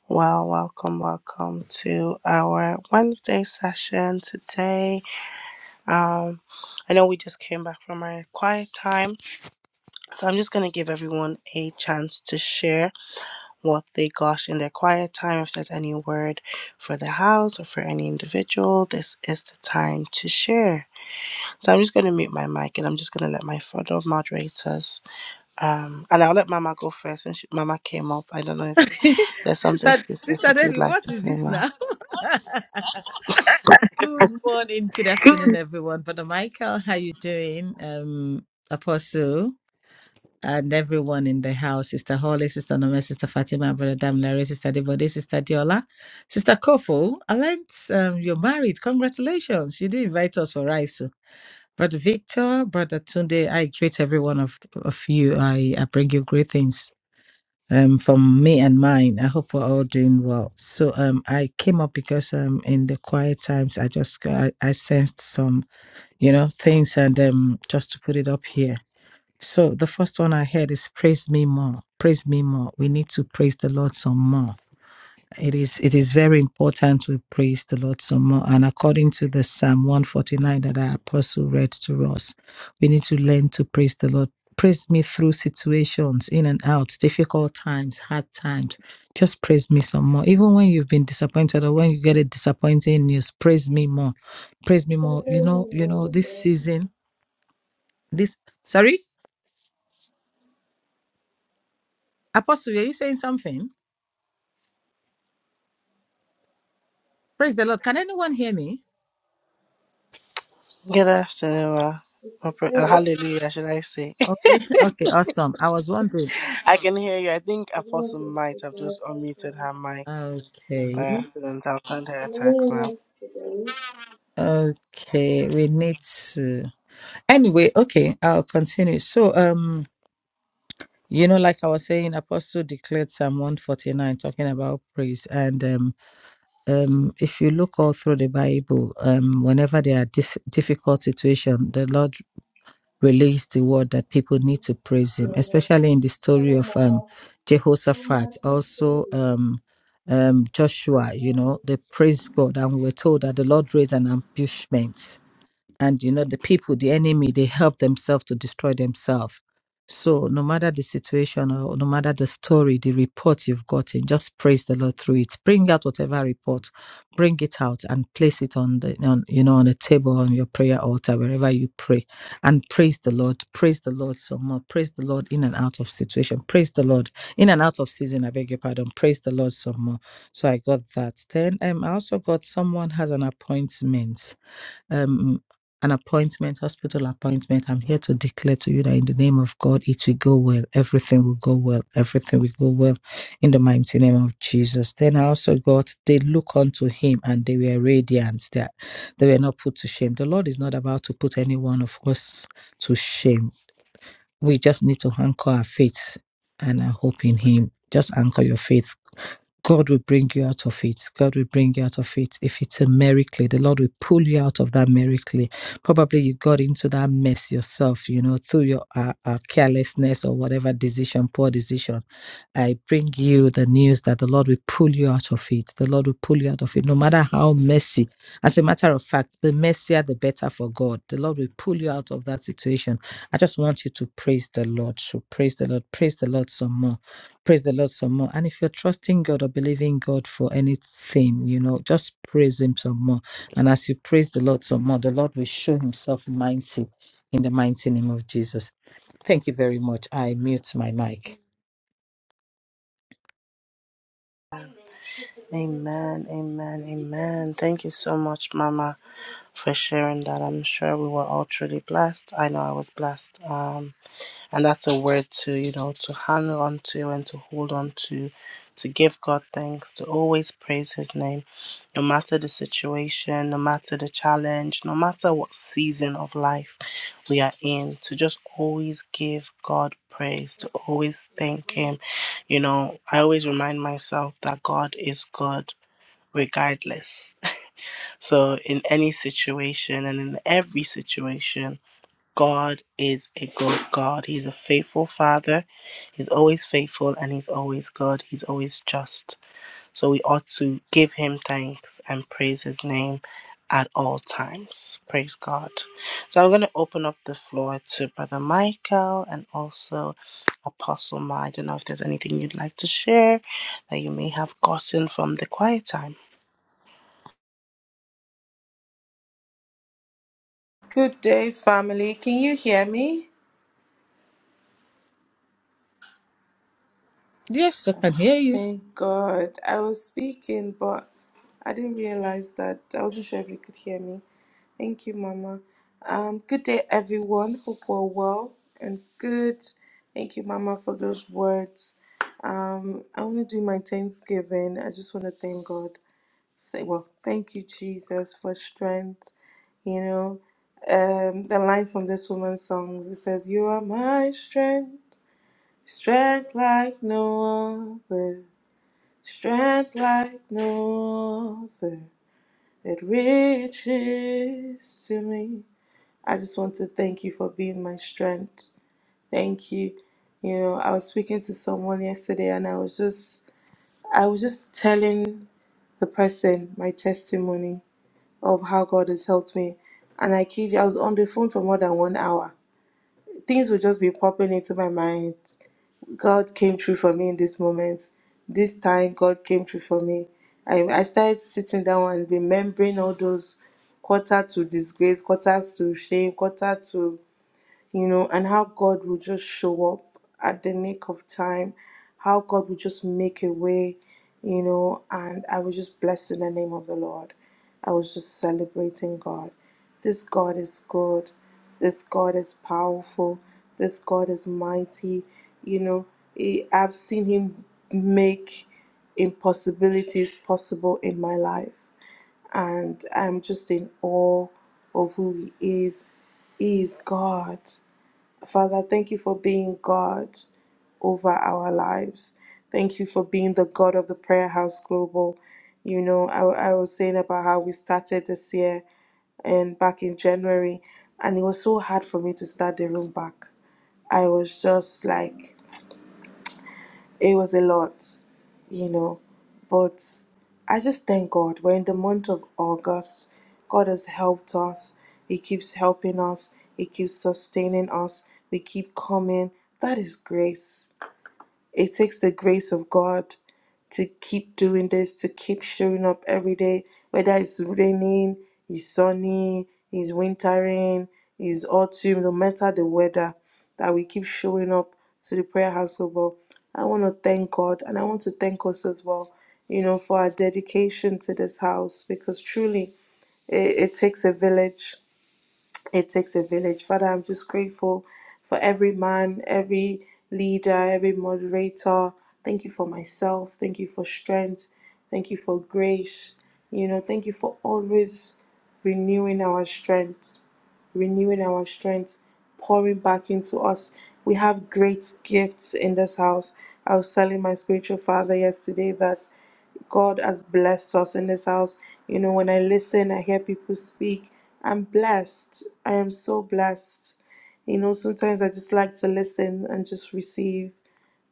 well. Welcome, welcome to our Wednesday session today. Um, I know we just came back from our quiet time, so I'm just going to give everyone a chance to share what they got in their quiet time. If there's any word for the house or for any individual, this is the time to share. So I'm just going to mute my mic and I'm just going to let my fellow moderators, um, and I'll let Mama go first since she, Mama came up. I don't know if there's something Sister, Sister specific you'd Debbie, like what to is say, this Ma. now? Good morning, good afternoon, everyone. Brother Michael, how you doing? Um, Apostle and everyone in the house, Sister Holly, Sister Nome, Sister Fatima, Brother Damilare, Sister Debode, Sister Diola, Sister Kofo. I learned um, you're married. Congratulations. You did invite us for rice. oh. Brother Victor, Brother Tunde, I greet every one of, of you. I, I bring you greetings um, from me and mine. I hope we're all doing well. So um, I came up because um, in the quiet times, I just I, I sensed some you know things, and um, just to put it up here. So the first one I heard is praise me more, praise me more. We need to praise the Lord some more it is it is very important to praise the Lord some more. And according to the Psalm 149 that our apostle read to us, we need to learn to praise the Lord. Praise me through situations, in and out, difficult times, hard times. Just praise me some more. Even when you've been disappointed or when you get a disappointing news, praise me more. Praise me Father, more. You we know, you know know, this that season, this sorry, Apostle, are you saying something? Praise the Lord. Can anyone hear me? Good afternoon, Ma. Sister Or pr- uh, Deb, Hallelujah, should I say? Okay, okay, awesome. I was wondering. I can hear you. I think I don't know Apostle might have speaking, I just can unmuted her mic by Okay. accident. I'll send her a Can text now. anyone else today? Okay, we need to. Anyway, okay, I'll continue. So, um, you know, like I was saying, Apostle declared Psalm 149 talking about praise. And um, um, if you look all through the Bible, um, whenever there are dif- difficult situation, the Lord released the word that people need to praise Him, especially in the story Hello, of um, Mama. Mama, Jehoshaphat, I can't hear also you. um, um, Joshua, you know, they praised God. And we were told that the Lord raised an ambushment and you know the people the enemy they help themselves to destroy themselves so no matter the situation or no matter the story the report you've gotten just praise the lord through it bring out whatever report bring it out and place it on the on you know on a table on your prayer altar wherever you pray and praise the lord praise the lord some more praise the lord in and out of situation praise the lord in and out of season i beg your pardon praise the lord some more so i got that then um, i also got someone has an appointment um, an appointment, hospital appointment. I'm here to declare to you that in the name of God, it will go well. Everything will go well. Everything will go well in the mighty name of Jesus. Then I also got, they look unto him and they were radiant. They, are- they were not put to shame. The Lord is not about to put any one of us to shame. We just need to anchor our faith and our hope in him. Just anchor your faith God will bring you out of it. God will bring you out of it. If it's a miracle, the Lord will pull you out of that miracle. Probably you got into that mess yourself, you know, through your uh, uh, carelessness or whatever decision, poor decision. I bring you the news that the Lord will pull you out of it. The Lord will pull you out of it, no matter how messy. As a matter of fact, the messier, the better for God. The Lord will pull you out of that situation. I just want you to praise the Lord. So praise the Lord. Praise the Lord some more praise the Lord some more. And if you're trusting God or believing God for anything, you know, just praise Him some more. And as you praise the Lord some more, the Lord will show Himself mighty in the mighty name of Jesus. Thank you very much. I mute my mic. Amen, amen, amen. Thank you so much, Mama, for sharing that. I'm sure we were all truly blessed. I know I was blessed. Um, And that's a word to, you know, to hang on to and to hold on to, to give God thanks, to always praise His name, no matter the situation, no matter the challenge, no matter what season of life we are in, to just always give God praise, to always thank Him. You know, I always remind myself that God is good regardless. So, in any situation and in every situation, God is a good God. He's a faithful Father. He's always faithful and He's always good. He's always just. So we ought to give Him thanks and praise His name at all times. Praise God. So I'm going to open up the floor to Brother Michael and also Apostle Ma. I don't know if there's anything you'd like to share that you may have gotten from the quiet time. Good day, family. Can you hear me? Yes, I can hear you. Thank God. I was speaking, but I didn't realize that. I wasn't sure if you could hear me. Thank you, Mama. Um, good day, everyone. Hope we're well and good. Thank you, Mama, for those words. Um, I want to do my Thanksgiving. I just want to thank God. Say, well, thank you, Jesus, for strength. You know, um, the line from this woman's song it says, "You are my strength, strength like no other." Strength like no other that reaches to me. I just want to thank you for being my strength. Thank you. You know, I was speaking to someone yesterday and I was just I was just telling the person my testimony of how God has helped me. And I kid you, I was on the phone for more than one hour. Things would just be popping into my mind. God came through for me in this moment. This time, God came through for me. I, I started sitting down and remembering all those quarter to disgrace, quarters to shame, quarter to you know, and how God will just show up at the nick of time, how God will just make a way, you know, and I was just blessed in the name of the Lord. I was just celebrating God. This God is good. This God is powerful. This God is mighty. You know, He- I've seen Him make impossibilities possible in my life. And I'm just in awe of who He is. He is God. Father, thank you for being God over our lives. Thank you for being the God of the Prayer House Global. You know, I, I was saying about how we started this year and back in January, and it was so hard for me to start the room back. I was just like, it was a lot, you know. But I just thank God. We're in the month of August. God has helped us. He keeps helping us. He keeps sustaining us. We keep coming. That is grace. It takes the grace of God to keep doing this, to keep showing up every day, whether it's raining, it's sunny, it's wintering, it's autumn, no matter the weather, that we keep showing up to the prayer house of all. I want to thank God and I want to thank us as well, you know, for our dedication to this house because truly it, it takes a village it takes a village. Father, I'm just grateful for every man, every leader, every moderator. Thank you for myself. Thank you for strength. Thank you for grace. You know, thank you for always renewing our strength renewing our strength, pouring back into us. We have great gifts in this house. I was telling my spiritual father yesterday that God has blessed us in this house. You know, when I listen, I hear people speak. I'm blessed. I am so blessed. You know, sometimes I just like to listen and just receive.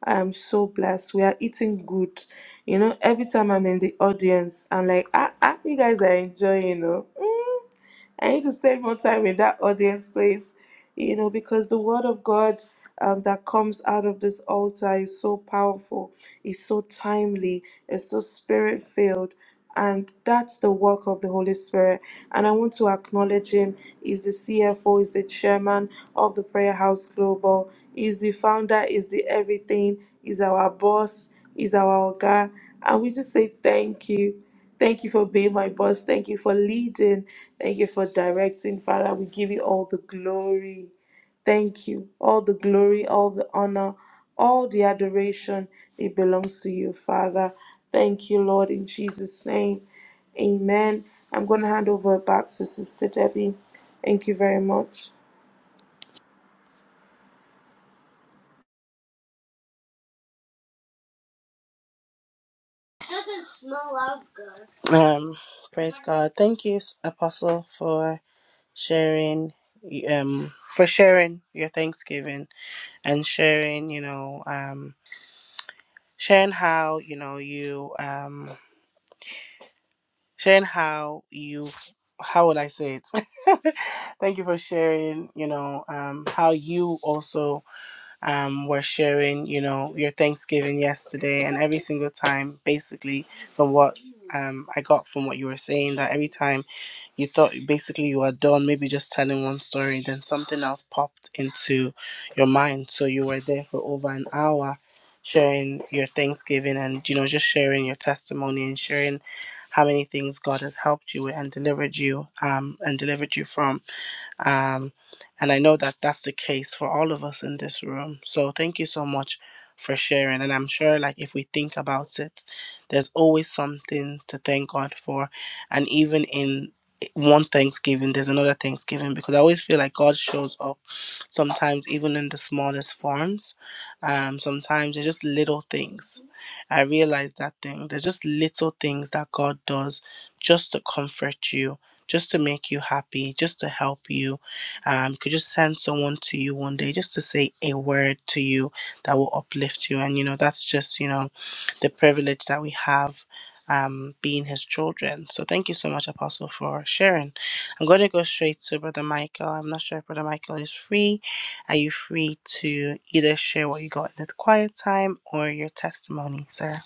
I am so blessed. We are eating good. You know, every time I'm in the audience, I'm like, ah, ah you guys are enjoying, you know. I need to spend more time in that audience place, you know, because the word of God um, that comes out of this altar is so powerful, it's so timely, it's so spirit filled and that's the work of the Holy Spirit. And I want to acknowledge him. He's the CFO, he's the chairman of the Prayer House Global, he's the founder, he's the everything, he's our boss, he's our guy. And we just say thank you. Thank you for being my boss. Thank you for leading. Thank you for directing, Father. We give you all the glory. Thank you. All the glory, all the honor, all the adoration, it belongs to you, Father. Thank you, Lord, in Jesus' name. Amen. I'm going to hand over back to Sister Debbie. Thank you very much. Um, praise God. Thank you, Apostle, for sharing um for sharing your thanksgiving and sharing you know um sharing how you know you um sharing how you how would i say it thank you for sharing you know um how you also um were sharing you know your thanksgiving yesterday and every single time basically from what um i got from what you were saying that every time you thought basically you were done, maybe just telling one story, then something else popped into your mind. So you were there for over an hour sharing your Thanksgiving and, you know, just sharing your testimony and sharing how many things God has helped you with and delivered you um and delivered you from. Um, and I know that that's the case for all of us in this room. So thank you so much for sharing. And I'm sure, like, if we think about it, there's always something to thank God for. And even in one Thanksgiving, there's another Thanksgiving because I always feel like God shows up sometimes even in the smallest forms. Um, sometimes they're just little things. I realized that thing. There's just little things that God does just to comfort you, just to make you happy, just to help you. Um, could just send someone to you one day just to say a word to you that will uplift you. And, you know, that's just, you know, the privilege that we have um, being his children. So thank you so much, Apostle, for sharing. I'm going to go straight to Brother Michael. I'm not sure if Brother Michael is free. Are you free to either share what you got in the quiet time or your testimony, sir?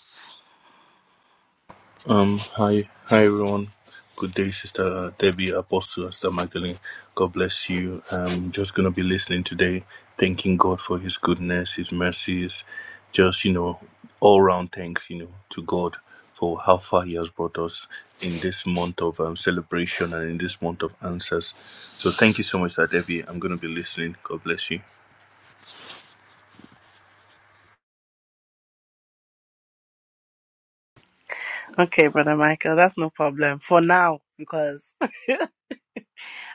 Um, hi, hi everyone. Good day, Sister uh, Debbie Apostle, Sister Magdalene. God bless you. I'm just gonna be listening today, thanking God for His goodness, His mercies, just you know, all round thanks, you know, to God for how far He has brought us in this month of um, celebration and in this month of answers. So thank you so much, Sister Debbie. I'm gonna be listening. God bless you. Okay, brother Michael, that's no problem for now because,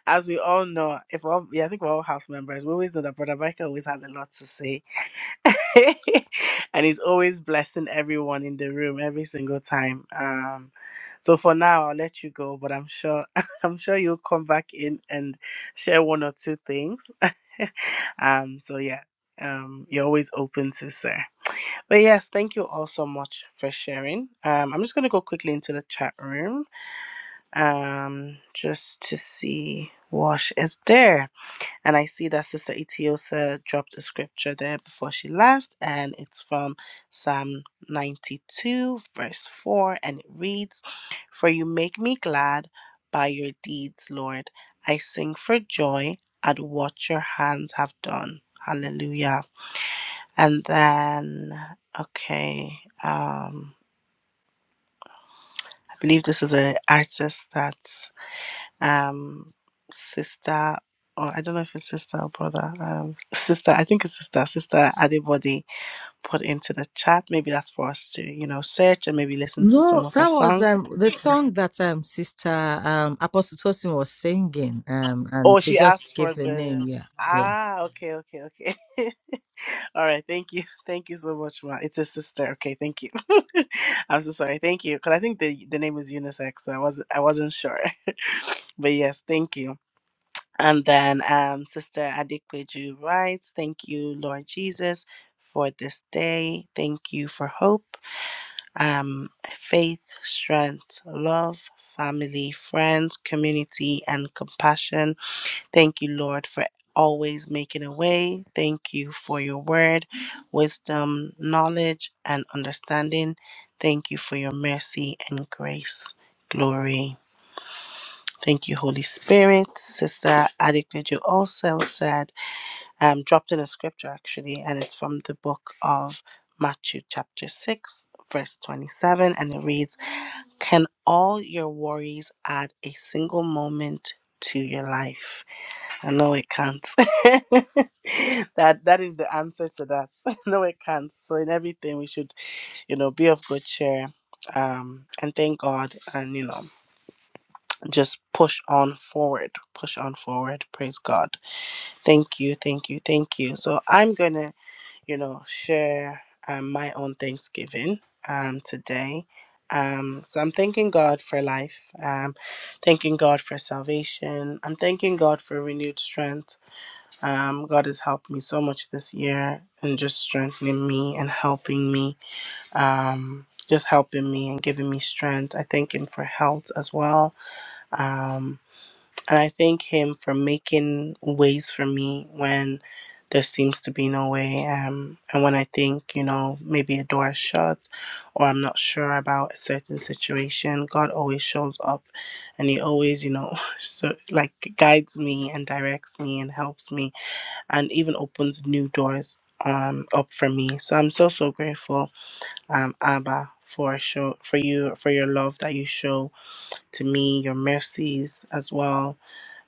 as we all know, if all yeah, I think we're all house members, we always know that brother Michael always has a lot to say, and he's always blessing everyone in the room every single time. Um, so for now, I'll let you go, but I'm sure I'm sure you'll come back in and share one or two things. um, so yeah, um, you're always open to sir. But yes, thank you all so much for sharing. Um, I'm just going to go quickly into the chat room um, just to see what is there. And I see that Sister Itiosa dropped a scripture there before she left, and it's from Psalm 92, verse 4, and it reads For you make me glad by your deeds, Lord. I sing for joy at what your hands have done. Hallelujah. And then, okay, um, I believe this is an artist that um, sister, or I don't know if it's sister or brother, um, sister, I think it's sister, sister Adibody put into the chat. Maybe that's for us to, you know, search and maybe listen to some No, of her that was songs. um the song that um Sister um Apostle Tosin was singing um Oh, and she she asked just for gave the the. name yeah Ah, okay, okay, okay. All right, thank you. Thank you so much, Ma. It's a sister. Okay, thank you. I'm so sorry. Thank you. Because I think the the name is unisex, so I wasn't I wasn't sure. But yes, thank you. And then um, Sister Adikweju writes, Thank you, Lord Jesus, for this day. Thank you for hope, um, faith, strength, love, family, friends, community, and compassion. Thank you, Lord, for always making a way. Thank you for your word, wisdom, knowledge, and understanding. Thank you for your mercy and grace. Glory. Thank you, Holy Spirit. Sister Adequate, also said, um, dropped in a scripture actually, and it's from the book of Matthew, chapter 6, verse 27, and it reads Can all your worries add a single moment to your life? I know it can't. that That is the answer to that. no, it can't. So, in everything, we should, you know, be of good cheer. Um, and thank God, and you know just push on forward push on forward praise god thank you thank you thank you so i'm gonna you know share um, my own thanksgiving um today um so i'm thanking god for life um thanking god for salvation i'm thanking god for renewed strength um god has helped me so much this year and just strengthening me and helping me um just helping me and giving me strength i thank him for health as well Um, and I thank Him for making ways for me when there seems to be no way. Um, and when I think, you know, maybe a door is shut or I'm not sure about a certain situation, God always shows up and He always, you know, so, like guides me and directs me and helps me and even opens new doors um, up for me. So I'm so, so grateful, um, Abba. For show for you for your love that you show to me, your mercies as well,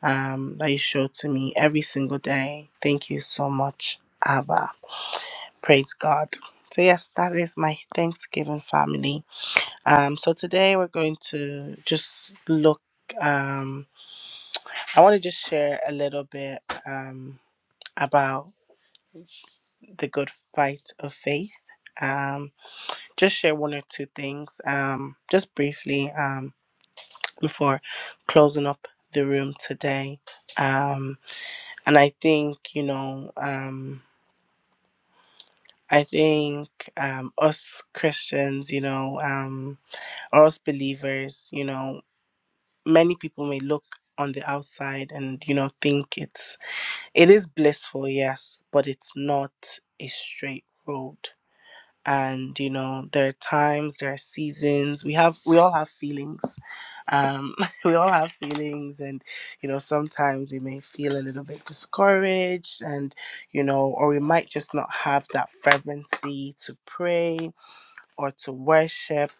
um, that you show to me every single day. Thank you so much, Abba. Praise God. So, yes, that is my Thanksgiving family. Um, so, today we're going to just look, um, I want to just share a little bit um, about the good fight of faith. Um, just share one or two things, um, just briefly, um, before closing up the room today. Um, and I think, you know, um, I think um, us Christians, you know, um, or us believers, you know, many people may look on the outside and you know think it's it is blissful, yes, but it's not a straight road. And you know, there are times, there are seasons. We have, we all have feelings. Um, we all have feelings, and you know, sometimes we may feel a little bit discouraged, and you know, or we might just not have that fervency to pray or to worship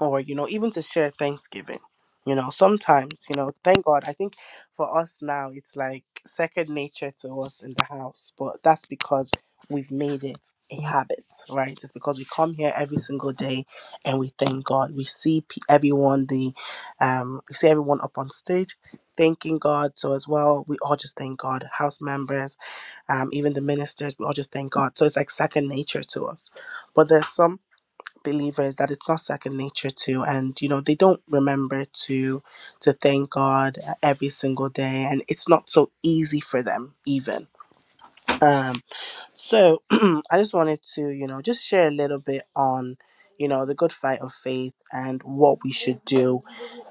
or you know even to share thanksgiving you know sometimes you know thank god i think for us now it's like second nature to us in the house but that's because we've made it a habit right it's because we come here every single day and we thank god we see pe everyone the um we see everyone up on stage thanking god so as well we all just thank god house members um even the ministers we all just thank god so it's like second nature to us but there's some believers that it's not second nature to and you know they don't remember to to thank god uh, every single day and it's not so easy for them even um so i just wanted to you know just share a little bit on you know the good fight of faith and what we should do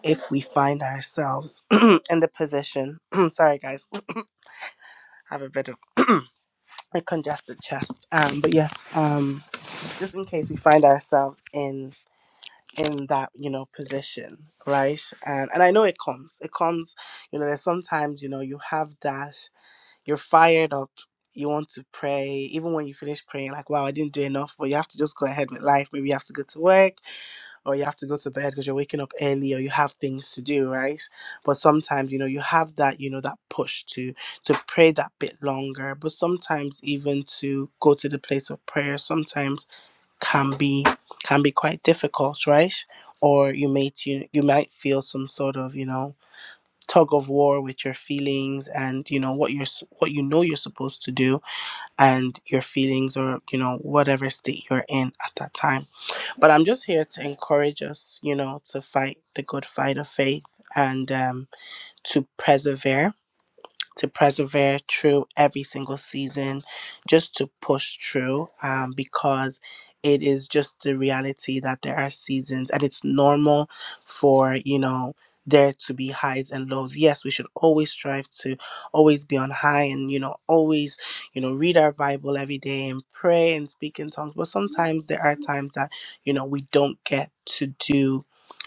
if we find ourselves in the position sorry guys I have a bit of a congested chest um but yes um just in case we find ourselves in. in that you know position right and and i know it comes it comes you know there's sometimes you know you have that you're fired up you want to pray even when you finish praying like wow i didn't do enough but you have to just go ahead with life maybe you have to go to work or you have to go to bed because you're waking up early or you have things to do right but sometimes you know you have that you know that push to to pray that bit longer but sometimes even to go to the place of prayer sometimes can be can be quite difficult, right? Or you may you, you might feel some sort of you know tug of war with your feelings and you know what you're s- what you know you're supposed to do and your feelings or you know whatever state you're in at that time. But I'm just here to encourage us, you know, to fight the good fight of faith and um, to persevere to persevere through every single season, just to push through um, because it is just the reality that there are seasons and it's normal for, you know, there to be highs and lows. Yes, we should always strive to always be on high and, you know, always, you know, read our Bible every day and pray and speak in tongues. But sometimes there are times that, you know, we don't get to do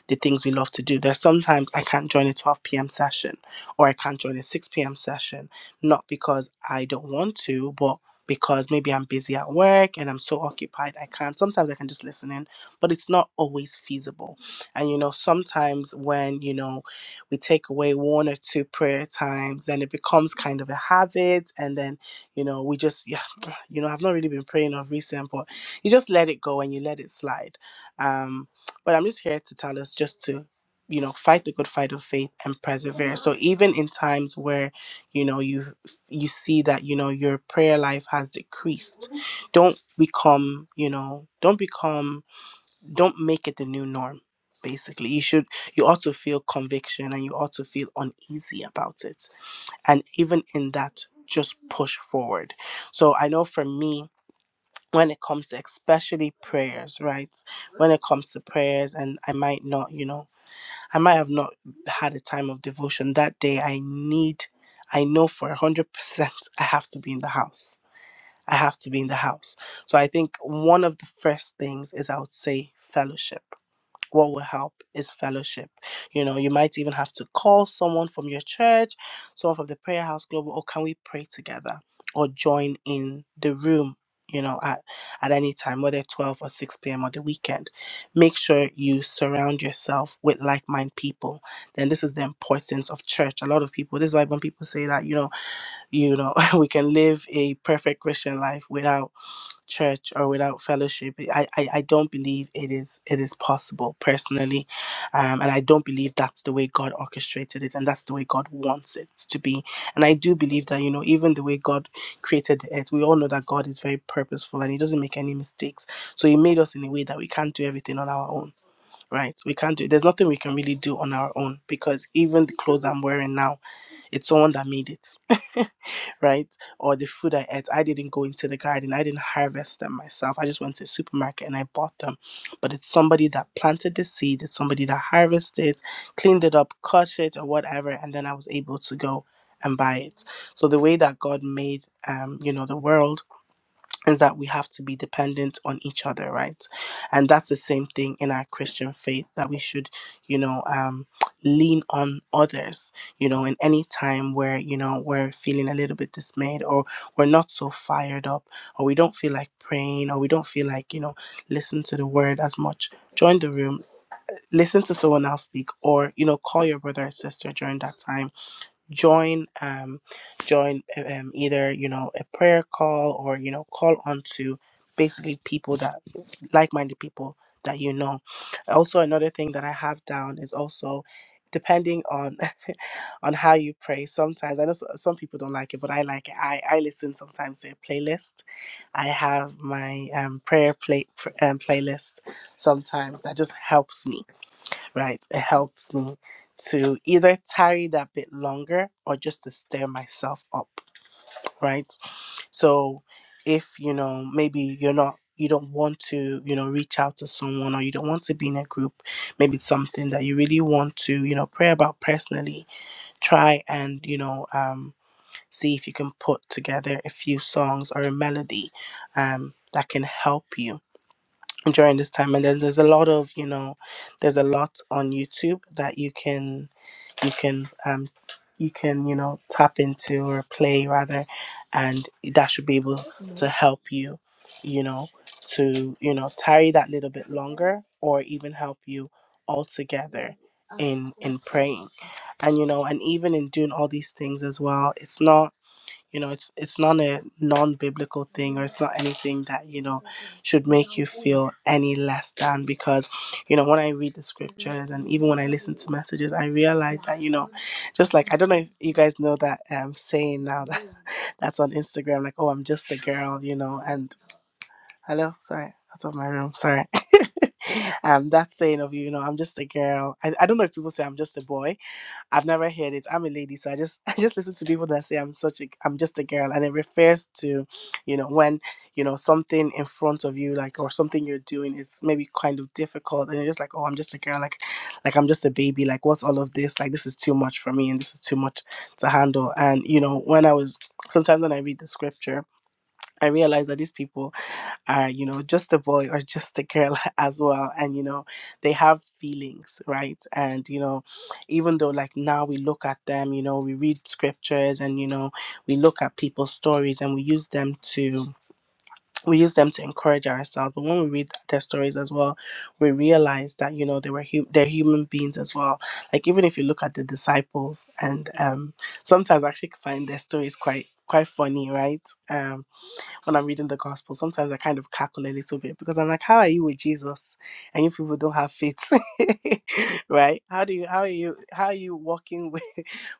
the things we love to do. There's sometimes I can't join a 12 p.m. session or I can't join a 6 p.m. session, not because I don't want to, but because maybe I'm busy at work and I'm so occupied, I can't. Sometimes I can just listen in, but it's not always feasible. And you know, sometimes when you know we take away one or two prayer times, then it becomes kind of a habit, and then you know we just you know i've not really been praying of recent but you just let it go and you let it slide um but i'm just here to tell us just to you know fight the good fight of faith and persevere so even in times where you know you you see that you know your prayer life has decreased don't become you know don't become don't make it the new norm basically you should you ought to feel conviction and you ought to feel uneasy about it and even in that just push forward so i know for me when it comes to especially prayers, right? When it comes to prayers, and I might not, you know, I might have not had a time of devotion that day. I need, I know for 100% I have to be in the house. I have to be in the house. So I think one of the first things is I would say fellowship what will help is fellowship. You know, you might even have to call someone from your church, someone from the prayer house global, or can we pray together or join in the room, you know, at, at any time, whether 12 or 6 p.m. or the weekend. Make sure you surround yourself with like minded people. Then this is the importance of church. A lot of people, this is why when people say that, you know, you know, we can live a perfect Christian life without church or without fellowship I, I i don't believe it is it is possible personally um and i don't believe that's the way god orchestrated it and that's the way god wants it to be and i do believe that you know even the way god created it we all know that god is very purposeful and he doesn't make any mistakes so he made us in a way that we can't do everything on our own right we can't do there's nothing we can really do on our own because even the clothes i'm wearing now it's someone that made it right? Or the food I ate, I didn't go into the garden, I didn't harvest them myself. I just went to the supermarket and I bought them. But it's somebody that planted the seed, it's somebody that harvested it, cleaned it up, cut it, or whatever, and then I was able to go and buy it. So the way that God made um, you know, the world is that we have to be dependent on each other, right? And that's the same thing in our Christian faith that we should, you know, um, lean on others, you know, in any time where, you know, we're feeling a little bit dismayed or we're not so fired up or we don't feel like praying or we don't feel like, you know, listen to the word as much. Join the room, listen to someone else speak, or, you know, call your brother or sister during that time join um join um, either you know a prayer call or you know call on to basically people that like-minded people that you know also another thing that i have down is also depending on on how you pray sometimes i know s- some people don't like it but i like it i i listen sometimes to a playlist i have my um prayer play pr- um, playlist sometimes that just helps me right it helps me to either tarry that bit longer or just to stir myself up right? So if you know maybe you're not you don't want to you know reach out to someone or you don't want to be in a group maybe it's something that you really want to you know pray about personally try and you know um, see if you can put together a few songs or a melody um, that can help you during this time and then there's a lot of you know there's a lot on youtube that you can you can um you can you know tap into or play rather and that should be able to help you you know to you know tarry that little bit longer or even help you altogether in in praying and you know and even in doing all these things as well it's not you know it's it's not a non-biblical thing or it's not anything that you know should make you feel any less than because you know when i read the scriptures and even when i listen to messages i realize that you know just like i don't know if you guys know that um saying now that that's on instagram like oh i'm just a girl you know and hello sorry that's on my room sorry um that saying of you know i'm just a girl I, I don't know if people say i'm just a boy I've never heard it. I'm a lady, so I just I just listen to people that say I'm such a I'm just a girl, and it refers to, you know, when you know something in front of you, like or something you're doing is maybe kind of difficult, and you're just like, oh, I'm just a girl, like, like I'm just a baby, like what's all of this? Like this is too much for me, and this is too much to handle. And you know, when I was sometimes when I read the scripture, I realize that these people are you know just a boy or just a girl as well and you know they have feelings right and you know even though like now we look at them you know we read scriptures and you know we look at people's stories and we use them to we use them to encourage ourselves but when we read their stories as well we realize that you know they were hu- they're human beings as well like even if you look at the disciples and um sometimes I actually find their stories quite quite funny right Um, when I'm reading the gospel, sometimes I kind of cackle a little bit because I'm like, how are you with Jesus? And you people don't have faith. right? How do you how are you how are you walking with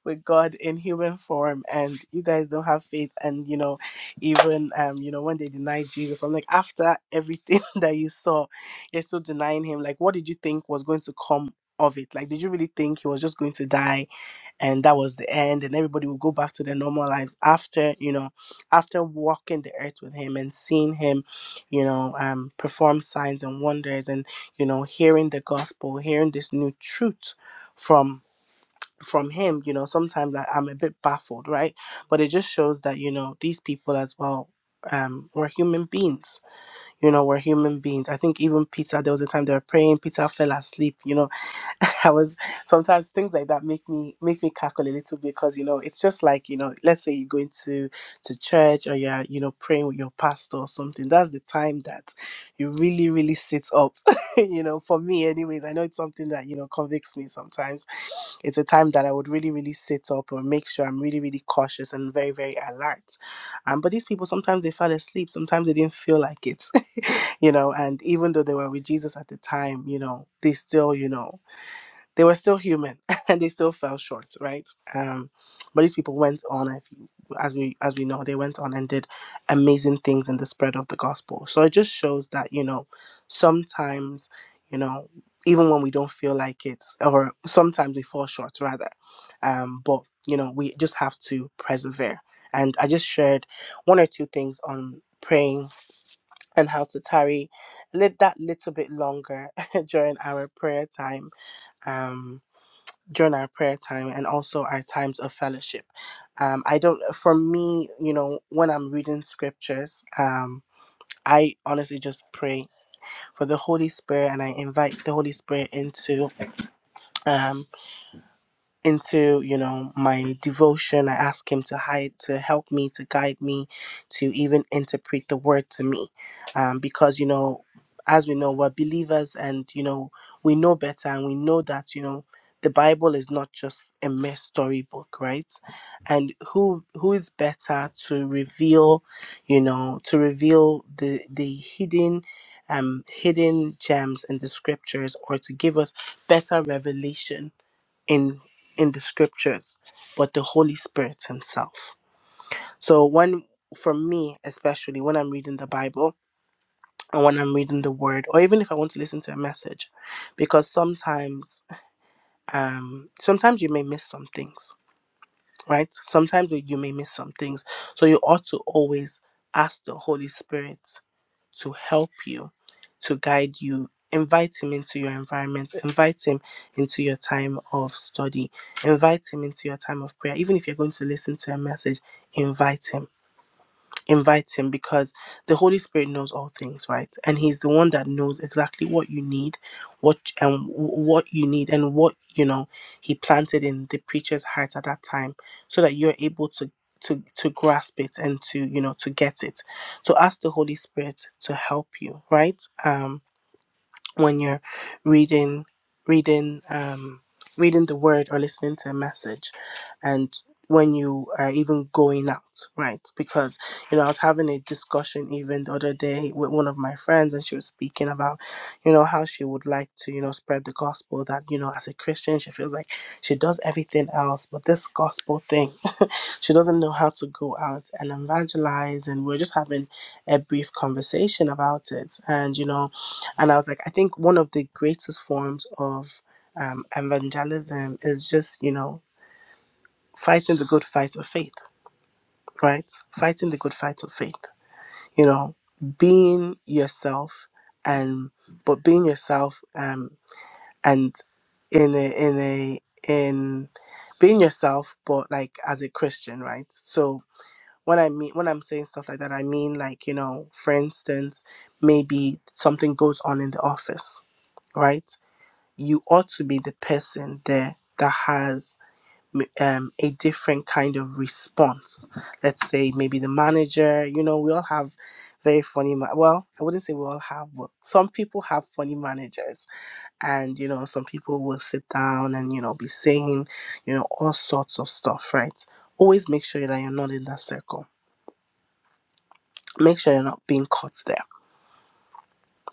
with God in human form and you guys don't have faith and you know, even um, you know, when they denied Jesus, I'm like, after everything that you saw, you're still denying him. Like what did you think was going to come of it? Like did you really think he was just going to die? and that was the end and everybody would go back to their normal lives after you know after walking the earth with him and seeing him you know um perform signs and wonders and you know hearing the gospel hearing this new truth from from him you know sometimes I, i'm a bit baffled right but it just shows that you know these people as well um were human beings you know we're human beings i think even peter there was a time they were praying peter fell asleep you know I was sometimes things like that make me make me cackle a little bit because you know it's just like you know let's say you're going to to church or you're you know praying with your pastor or something that's the time that you really really sit up you know for me anyways I know it's something that you know convicts me sometimes it's a time that I would really really sit up or make sure I'm really really cautious and very very alert um but these people sometimes they fell asleep sometimes they didn't feel like it you know and even though they were with Jesus at the time you know they still you know they were still human and they still fell short, right? Um, but these people went on, if you- as we as we know, they went on and did amazing things in the spread of the gospel. So it just shows that you know sometimes you know even when we don't feel like it, or sometimes we fall short rather, um, but you know we just have to persevere. And I just shared one or two things on praying and how to tarry lit that little bit longer during our prayer time. Um, during our prayer time and also our times of fellowship. Um, I don't, for me, you know, when I'm reading scriptures, um, I honestly just pray for the Holy Spirit and I invite the Holy Spirit into. um into you know my devotion i ask him to hide to help me to guide me to even interpret the word to me um, because you know as we know we're believers and you know we know better and we know that you know the bible is not just a mere storybook right and who who is better to reveal you know to reveal the the hidden um hidden gems in the scriptures or to give us better revelation in in the scriptures but the holy spirit himself so when for me especially when i'm reading the bible and when i'm reading the word or even if i want to listen to a message because sometimes um sometimes you may miss some things right sometimes you you may miss some things so you ought to always ask the holy spirit to help you, to guide you. Invite him into your environment. Invite him into your time of study. Invite him into your time of prayer. Even if you're going to listen to a message, invite him invite him because the holy spirit knows all things right and he's the one that knows exactly what you need what and what you need and what you know he planted in the preacher's heart at that time so that you're able to to to grasp it and to you know to get it so ask the holy spirit to help you right um when you're reading reading um reading the word or listening to a message and when you are even going out, right? Because, you know, I was having a discussion even the other day with one of my friends, and she was speaking about, you know, how she would like to, you know, spread the gospel that, you know, as a Christian, she feels like she does everything else, but this gospel thing, she doesn't know how to go out and evangelize. And we we're just having a brief conversation about it. And, you know, and I was like, I think one of the greatest forms of um, evangelism is just, you know, fighting the good fight of faith, right? Fighting the good fight of faith. You know, being yourself and but being yourself um and in a in a in being yourself but like as a Christian, right? So when I mean when I'm saying stuff like that, I mean like, you know, for instance, maybe something goes on in the office, right? You ought to be the person there that has m- um, a different kind of response. Let's say maybe the manager, you know, we all have very funny, ma- well, I wouldn't say we all have, but some people have funny managers. And, you know, some people will sit down and, you know, be saying, you know, all sorts of stuff, right? Always make sure that you're not in that circle. Make sure you're not being caught there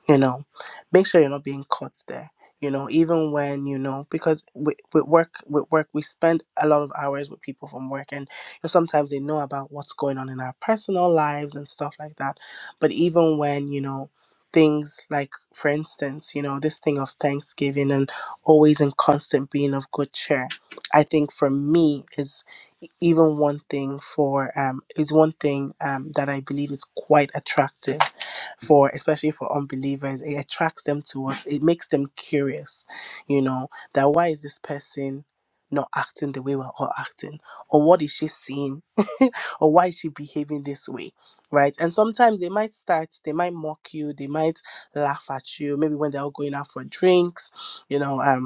you know make sure you're not being caught there you know even when you know because with, with work with work we spend a lot of hours with people from work and you know, sometimes they know about what's going on in our personal lives and stuff like that but even when you know things like for instance you know this thing of thanksgiving and always and constant being of good cheer i think for me is e-, even one thing for um is one thing um that i believe is quite attractive for especially for unbelievers it attracts them to us it makes them curious you know that why is this person not acting the way we're all acting or what is she seeing or why is she behaving this way right and sometimes they might start they might mock you they might laugh at you maybe when they're all going out for drinks you know um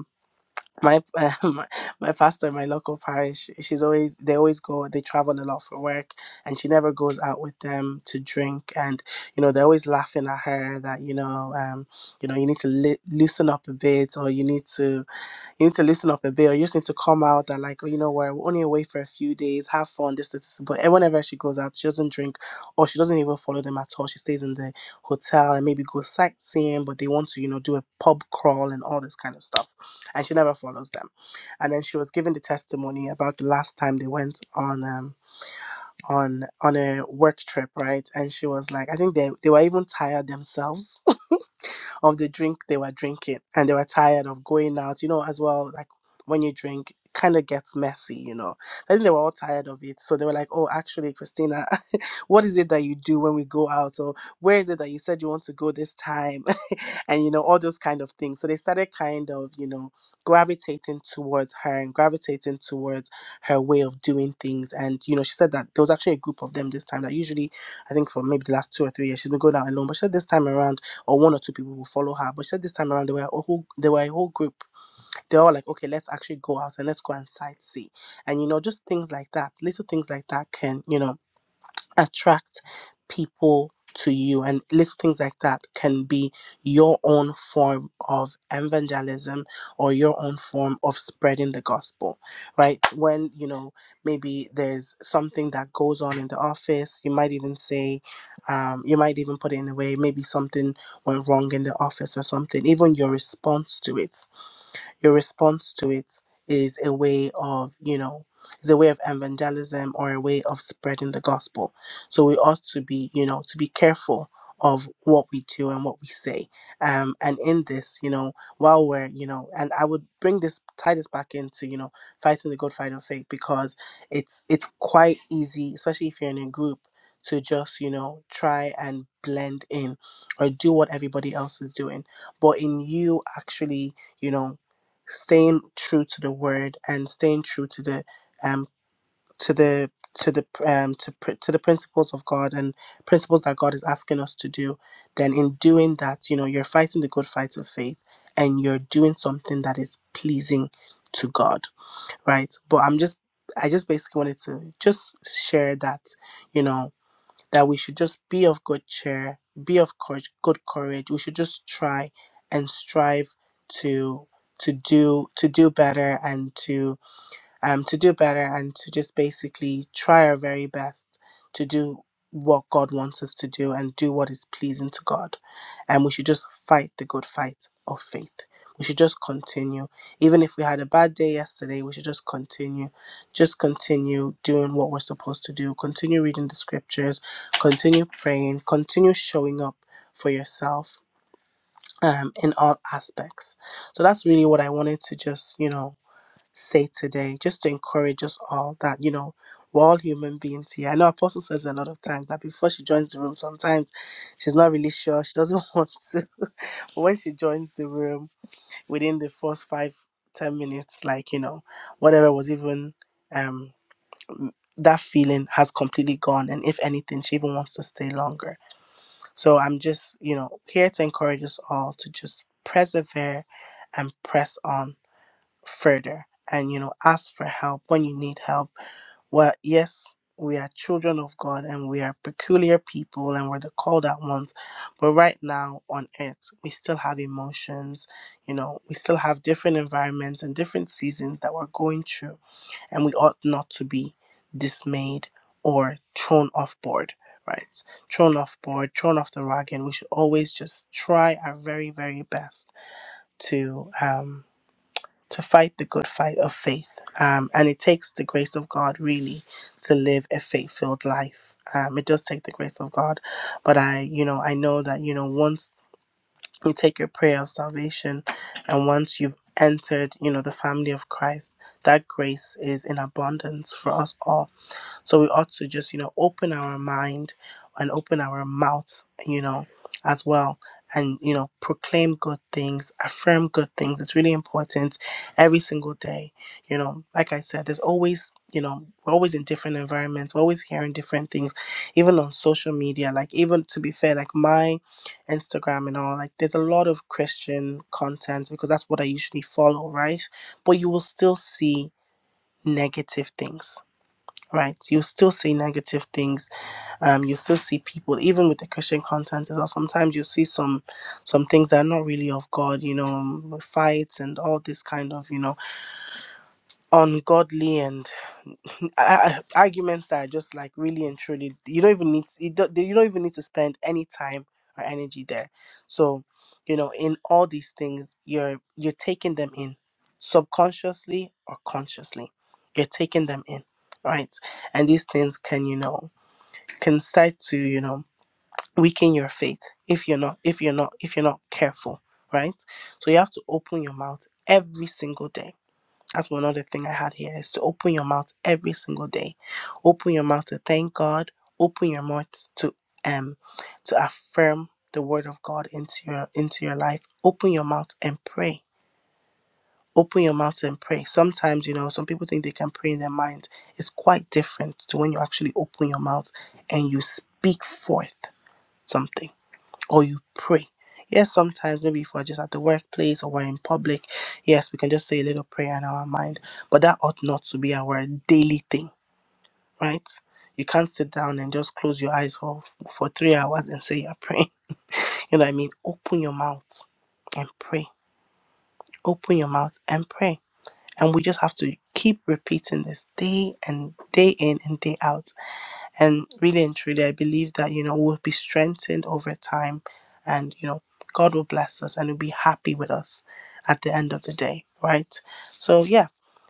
my my, my pastor my local parish she's always they always go they travel a lot for work and she never goes out with them to drink and you know they're always laughing at her that you know um you know you need to li- loosen up a bit or you need to you need to loosen up a bit, or you just need to come out and like, oh, you know what, we're only away for a few days, have fun, this, this, this. But eh, whenever she goes out, she doesn't drink, or she doesn't even follow them at all. She stays in the hotel and maybe go sightseeing, but they want to, you know, do a pub crawl and all this kind of stuff, and she never follows them. And then she was giving the testimony about the last time they went on um on on a work trip, right? And she was like, I think they they were even tired themselves of the drink they were drinking and they were tired of going out, you know, as well. Like when you drink, it kind of gets messy, you know. I think they were all tired of it. So they were like, oh, actually, Christina what is it that you do when we go out or where is it that you said you want to go this time and you know all those kind of things so they started kind of you know gravitating towards her and gravitating towards her way of doing things and you know she said that there was actually a group of them this time that usually i think for maybe the last two or three years she's been going out alone but she said this time around or one or two people will follow her but she said this time around there were a whole there were a whole group they're all like okay let's actually go out and let's go and sightsee and you know just things like that little things like that can you know attract people to you and little things like that can be your own form of evangelism or your own form of spreading the gospel right when you know maybe there's something that goes on in the office you might even say um, you might even put it in a way maybe something went wrong in the office or something even your response to it your response to it is a way of you know is a way of evangelism or a way of spreading the gospel so we ought to be you know to be careful of what we do and what we say um and in this you know while we're you know and i would bring this tie this back into you know fighting the good fight of faith because it's it's quite easy especially if you're in a group to just you know try and blend in or do what everybody else is doing but in you actually you know staying true to the word and staying true to the um to the to the um to pr- to the principles of God and principles that God is asking us to do then in doing that you know you're fighting the good fight of faith and you're doing something that is pleasing to God right but I'm just I just basically wanted to just share that you know that we should just be of good cheer, be of courage, good courage. We should just try and strive to to do to do better and to um to do better and to just basically try our very best to do what God wants us to do and do what is pleasing to God and we should just fight the good fight of faith. We should just continue. Even if we had a bad day yesterday, we should just continue. Just continue doing what we're supposed to do. Continue reading the scriptures. Continue praying. Continue showing up for yourself um, in all aspects. So that's really what I wanted to just, you know, say today, just to encourage us all that, you know, we're all human beings here. I know Apostle says a lot of times that before she joins the room, sometimes she's not really sure. She doesn't want to when she joined the room within the first five ten minutes like you know whatever was even um m- that feeling has completely gone and if anything she even wants to stay longer so i'm just you know here to encourage us all to just persevere and press on further and you know ask for help when you need help well, yes, we are children of God and we are peculiar people and we're the called out ones. But right now on earth, we still have emotions, you know, we still have different environments and different seasons that we're going through. And we ought not to be dismayed or thrown off board, right? Thrown off board, thrown off the rag. And we should always just try our very, very best to um to fight the good fight of faith. Um, and it takes the grace of God really to live a faith filled life. Um, it does take the grace of God, but I, you know, I know that you know once you take your prayer of salvation, and once you've entered, you know, the family of Christ, that grace is in abundance for us all so we ought to just, you know, open our mind and open our mouth, you know, as well. And, you know, proclaim good things, affirm good things. It's really important every single day. You know, like I said, there's always, you know, we're always in different environments, we're always hearing different things, even on social media. Like, even to be fair, like my Instagram and all, like, there's a lot of Christian content because that's what I usually follow, right? But you will still see negative things right you still see negative things um you still see people even with the christian content as well sometimes you see some some things that are not really of god you know um, fights and all this kind of you know ungodly and a- arguments that are just like really and truly you don't even need to, you don't you don't even need to spend any time or energy there so you know in all these things you're you're taking them in subconsciously or consciously you're taking them in right and these things can you know can start to you know weaken your faith if you're not if you're not if you're not careful right so you have to open your mouth every single day that's one other thing i had here is to open your mouth every single day open your mouth to thank god open your mouth to um to affirm the word of god into your into your life open your mouth and pray open your mouth and pray sometimes you know some people think they can pray in their mind it's quite different to when you actually open your mouth and you speak forth something or you pray. Yes, sometimes maybe if we're just at the workplace or we're in public, yes, we can just say a little prayer in our mind, but that ought not to be our daily thing, right? You can't sit down and just close your eyes for, for three hours and say you're praying. You know what I mean? Open your mouth and pray. Open your mouth and pray. And we just have to keep repeating this day and day in and day out And really and truly, I believe that, you know, we'll be strengthened over time and, you know, God will bless us and will be happy with us at the end of the day, right? So, yeah,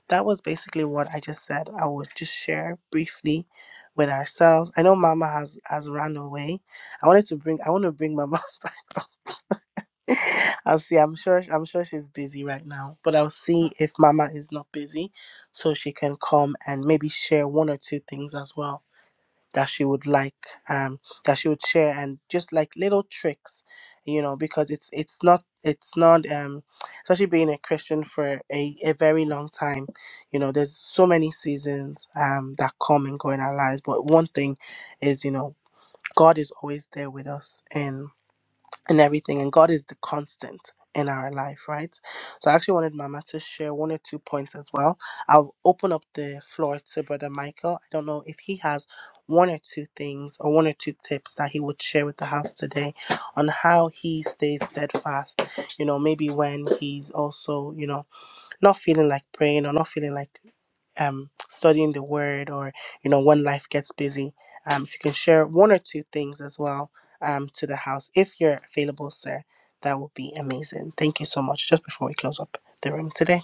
that was basically what I just said. I would just share briefly with ourselves. I know Mama has has run away. I wanted to bring I want to bring Mama back up. I'll see. I'm sure I'm sure she's busy right now, but I'll see if Mama is not busy so she can come and maybe share one or two things as well that she would like um that she would share and just like little tricks you know because it's it's not it's not um especially being a christian for a, a very long time you know there's so many seasons um that come and go in our lives but one thing is you know god is always there with us and and everything and god is the constant in our life right so i actually wanted mama to share one or two points as well i'll open up the floor to brother michael i don't know if he has one or two things or one or two tips that he would share with the house today on how he stays steadfast you know maybe when he's also you know not feeling like praying or not feeling like um, studying the word or you know when life gets busy um, if you can share one or two things as well um, to the house if you're available sir that would be amazing thank you so much just before we close up the room today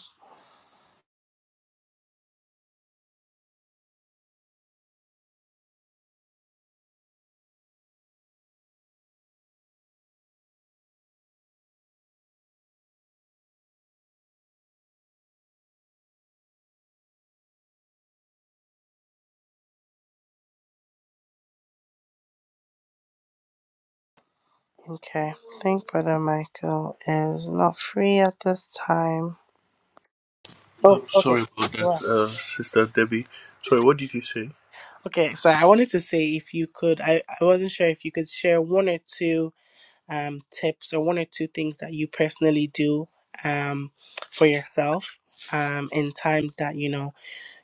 okay i think brother michael is not free at this time Um, oh okay sorry about that, Right. uh, Sister Debbie. Sorry, what did you say? okay so i wanted to say if you could I, I wasn't sure if you could share one or two um, tips or one or two things that you personally do um, for yourself um, in times that you know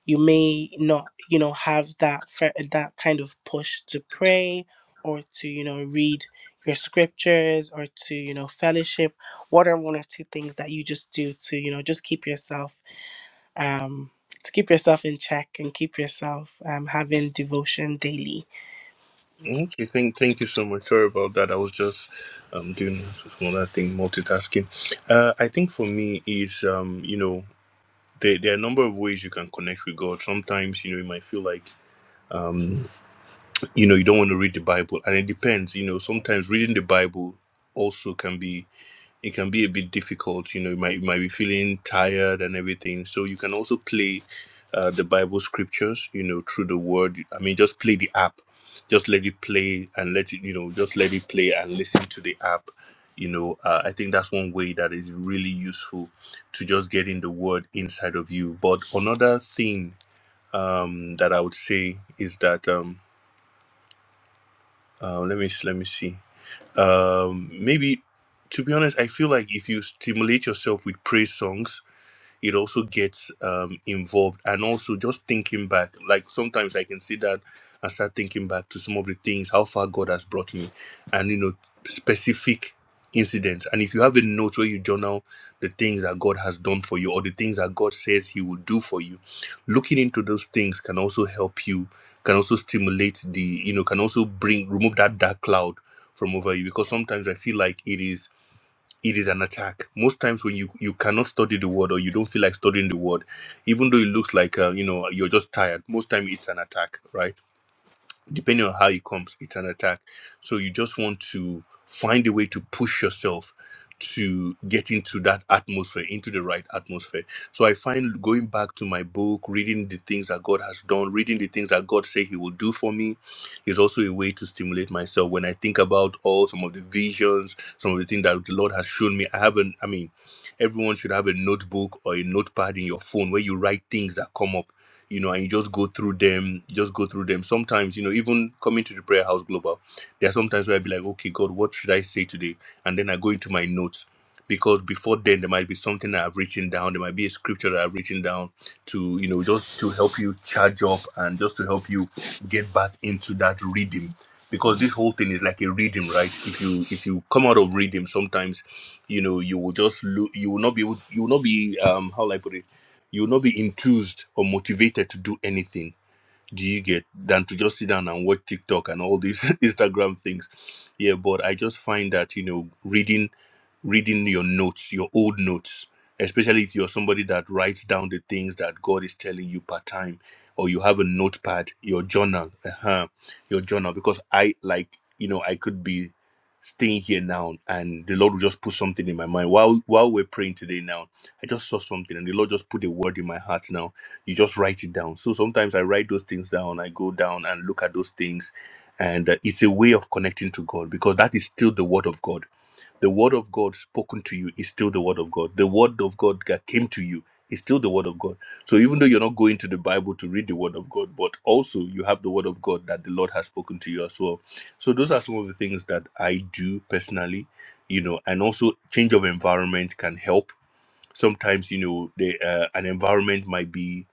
you may not you know have that fir- that kind of push to pray or to you know read your scriptures or to you know fellowship what are one or two things that you just do to you know just keep yourself um to keep yourself in check and keep yourself um having devotion daily Okay, thank thank you so much. Sorry about that. I was just um doing another thing, multitasking. Uh, I think for me is um you know there there are a number of ways you can connect with God. Sometimes you know you might feel like um you know you don't want to read the Bible, and it depends. You know sometimes reading the Bible also can be it can be a bit difficult. You know, you might you might be feeling tired and everything. So you can also play uh, the Bible scriptures. You know, through the Word. I mean, just play the app. Just let it play and let it. You know, just let it play and listen to the app. You know, uh, I think that's one way that is really useful to just getting the Word inside of you. But another thing um, that I would say is that um, uh, let me let me see. Um, maybe, to be honest, I feel like if you stimulate yourself with praise songs, it also gets um, involved and also just thinking back like sometimes i can sit down and start thinking back to some of the things how far god has brought me and you know specific incidents and if you have a note where you journal the things that god has done for you or the things that god says he will do for you looking into those things can also help you can also stimulate the you know can also bring remove that dark cloud from over you because sometimes i feel like it is it is an attack most times when you you cannot study the word or you don't feel like studying the word even though it looks like uh, you know you're just tired most time it's an attack right depending on how it comes, it's an attack. So you just want to find a way to push yourself to get into that atmosphere, into the right atmosphere. So I find going back to my book, reading the things that God has done, reading the things that God said He will do for me, is also a way to stimulate myself. When I think about all some of the visions, some of the things that the Lord has shown me, I haven't. I mean, everyone should have a notebook or a notepad in your phone where you write things that come up you know, and you just go through them, you just go through them. Sometimes, you know, even coming to the prayer house global, there are sometimes where I'll be like, okay, God, what should I say today? And then I go into my notes because before then there might be something that I've written down, there might be a scripture that I've written down to, you know, just to help you charge up and just to help you get back into that reading. Because this whole thing is like a reading, right? If you if you come out of reading, sometimes, you know, you will just lo- you will not be able, you will not be um how will I put it? you will not be enthused or motivated to do anything do you get than to just sit down and watch TikTok and all these Instagram things. Yeah, but I just find that you know reading reading your notes, your old notes, especially if you're somebody that writes down the things that God is telling you part time, or you have a notepad, your journal, uh-huh, your journal. Because I like you know I could be staying here now and the lord will just put something in my mind while while we're praying today now i just saw something and the lord just put a word in my heart now you just write it down so sometimes i write those things down i go down and look at those things and uh, it's a way of connecting to god because that is still the word of god the word of god spoken to you is still the word of god the word of god that came to you is still the word of god so even though you're not going to the bible to read the word of god but also you have the word of god that the lord has spoken to you as well so those are some of the things that i do personally you know and also change of environment can help sometimes you know the uh, an environment might be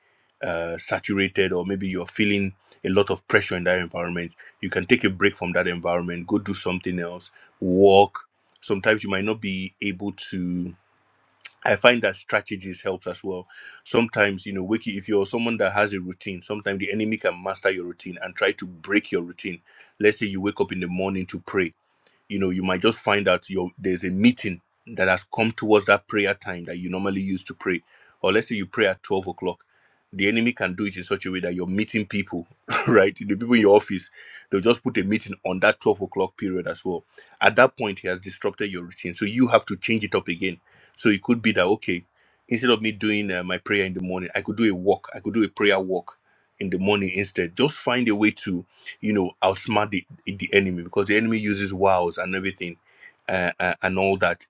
uh, saturated or maybe you're feeling a lot of pressure in that environment you can take a break from that environment go do something else walk sometimes you might not be able to i find that strategies helps as well sometimes you know wiki if you're someone that has a routine sometimes the enemy can master your routine and try to break your routine let's say you wake up in the morning to pray you know you might just find out your there's a meeting that has come towards that prayer time that you normally used to pray or let's say you pray at 12 o'clock the enemy can do it in such a way that you're meeting people right the people in your office they'll just put a meeting on that 12 o'clock period as well at that point he has disrupted your routine so you have to change it up again so it could be that okay instead of me doing uh, my prayer in the morning i could do a walk i could do a prayer walk in the morning instead just find a way to you know outsmart the, the enemy because the enemy uses wows and everything uh, uh, and all that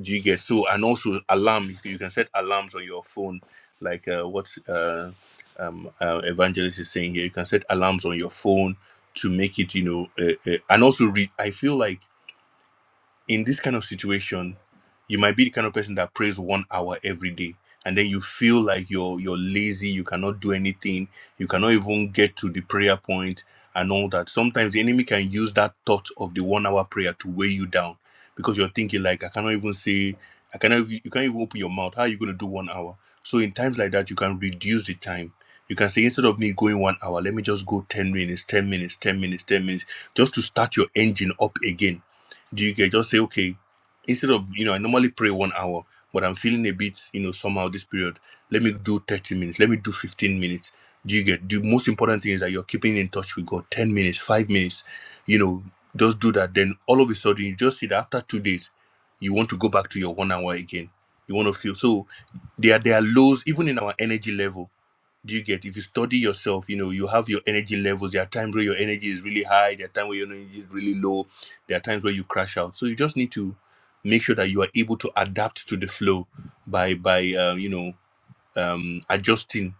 do you get so and also alarm you can you can set alarms on your phone like uh, what uh, um, uh, evangelist is saying here you can set alarms on your phone to make it you know uh, uh, and also read i feel like in this kind of situation, you might be the kind of person that prays one hour every day, and then you feel like you're you're lazy, you cannot do anything, you cannot even get to the prayer point and all that. Sometimes the enemy can use that thought of the one hour prayer to weigh you down because you're thinking like I cannot even say I cannot even- you can't even open your mouth. How are you gonna do one hour? So in times like that, you can reduce the time. You can say instead of me going one hour, let me just go 10 minutes, 10 minutes, 10 minutes, 10 minutes, just to start your engine up again do you get just say okay instead of you know i normally pray one hour but i'm feeling a bit you know somehow this period let me do 30 minutes let me do 15 minutes do you get the most important thing is that you're keeping in touch with god 10 minutes 5 minutes you know just do that then all of a sudden you just see that after two days you want to go back to your one hour again you want to feel so there, there are lows even in our energy level do you get? If you study yourself, you know, you have your energy levels. There are times where your energy is really high, there are times where your energy is really low, there are times where you crash out. So you just need to make sure that you are able to adapt to the flow by by um, you know um, adjusting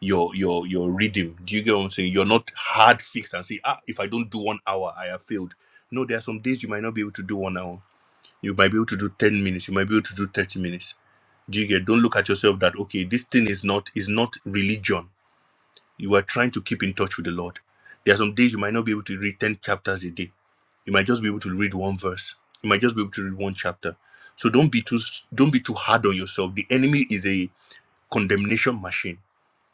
your your your rhythm. Do you get what I'm saying? You're not hard fixed and say, ah, if I don't do one hour, I have failed. No, there are some days you might not be able to do one hour. You might be able to do 10 minutes, you might be able to do 30 minutes. Do you get don't look at yourself that okay, this thing is not is not religion you are trying to keep in touch with the Lord. There are some days you might not be able to read 10 chapters a day. You might just be able to read one verse. You might just be able to read one chapter. So don't be too don't be too hard on yourself. The enemy is a condemnation machine.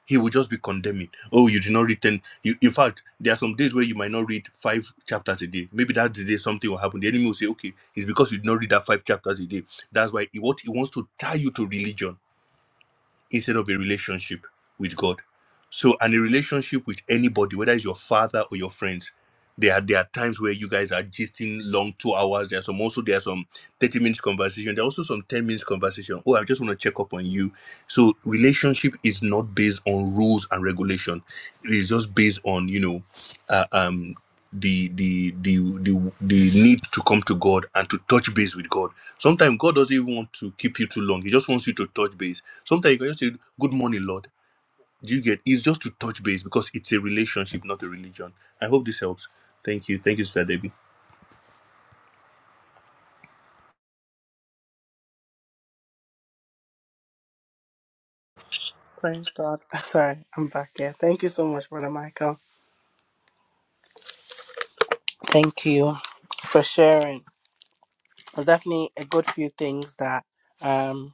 He will just be condemning. Oh, you did not read 10. You, in fact, there are some days where you might not read five chapters a day. Maybe that day something will happen. The enemy will say, okay, it's because you did not read that five chapters a day. That's why he, what he wants to tie you to religion instead of a relationship with God. So, and a relationship with anybody, whether it's your father or your friends, there are there are times where you guys are gisting long two hours. There are some also there are some thirty minutes conversation. There are also some ten minutes conversation. Oh, I just want to check up on you. So, relationship is not based on rules and regulation. It is just based on you know, uh, um, the the the the the need to come to God and to touch base with God. Sometimes God doesn't even want to keep you too long. He just wants you to touch base Sometimes you can just say, Good morning, Lord. Do you get it's just to touch base because it's a relationship, not a religion. I hope this helps. Thank you. Thank you, Sister Debbie. praise god sorry i'm back here thank you so much brother michael Thank you for sharing. There's definitely a good few things that um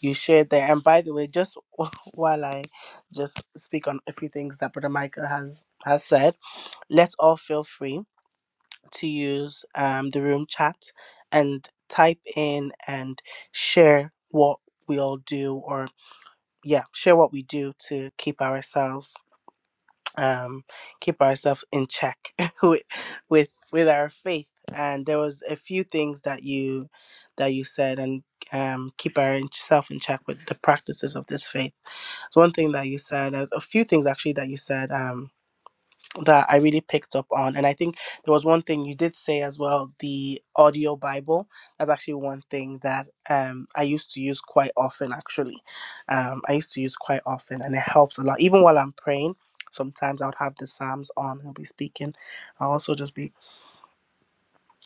you shared there. And by the way, just while I just speak on a few things that Brother Michael has has said, let's all feel free to use um the room chat and type in and share what we all do or yeah, share what we do to keep ourselves um, keep ourselves in check with with with our faith. And there was a few things that you that you said, and um, keep ourself in check with the practices of this faith. So one thing that you said, There's a few things actually that you said. Um that I really picked up on. And I think there was one thing you did say as well, the audio Bible. That's actually one thing that um, I used to use quite often, actually. Um, I used to use quite often, and it helps a lot. Even while I'm praying, sometimes I would have the Psalms on and be speaking. I'll also just be,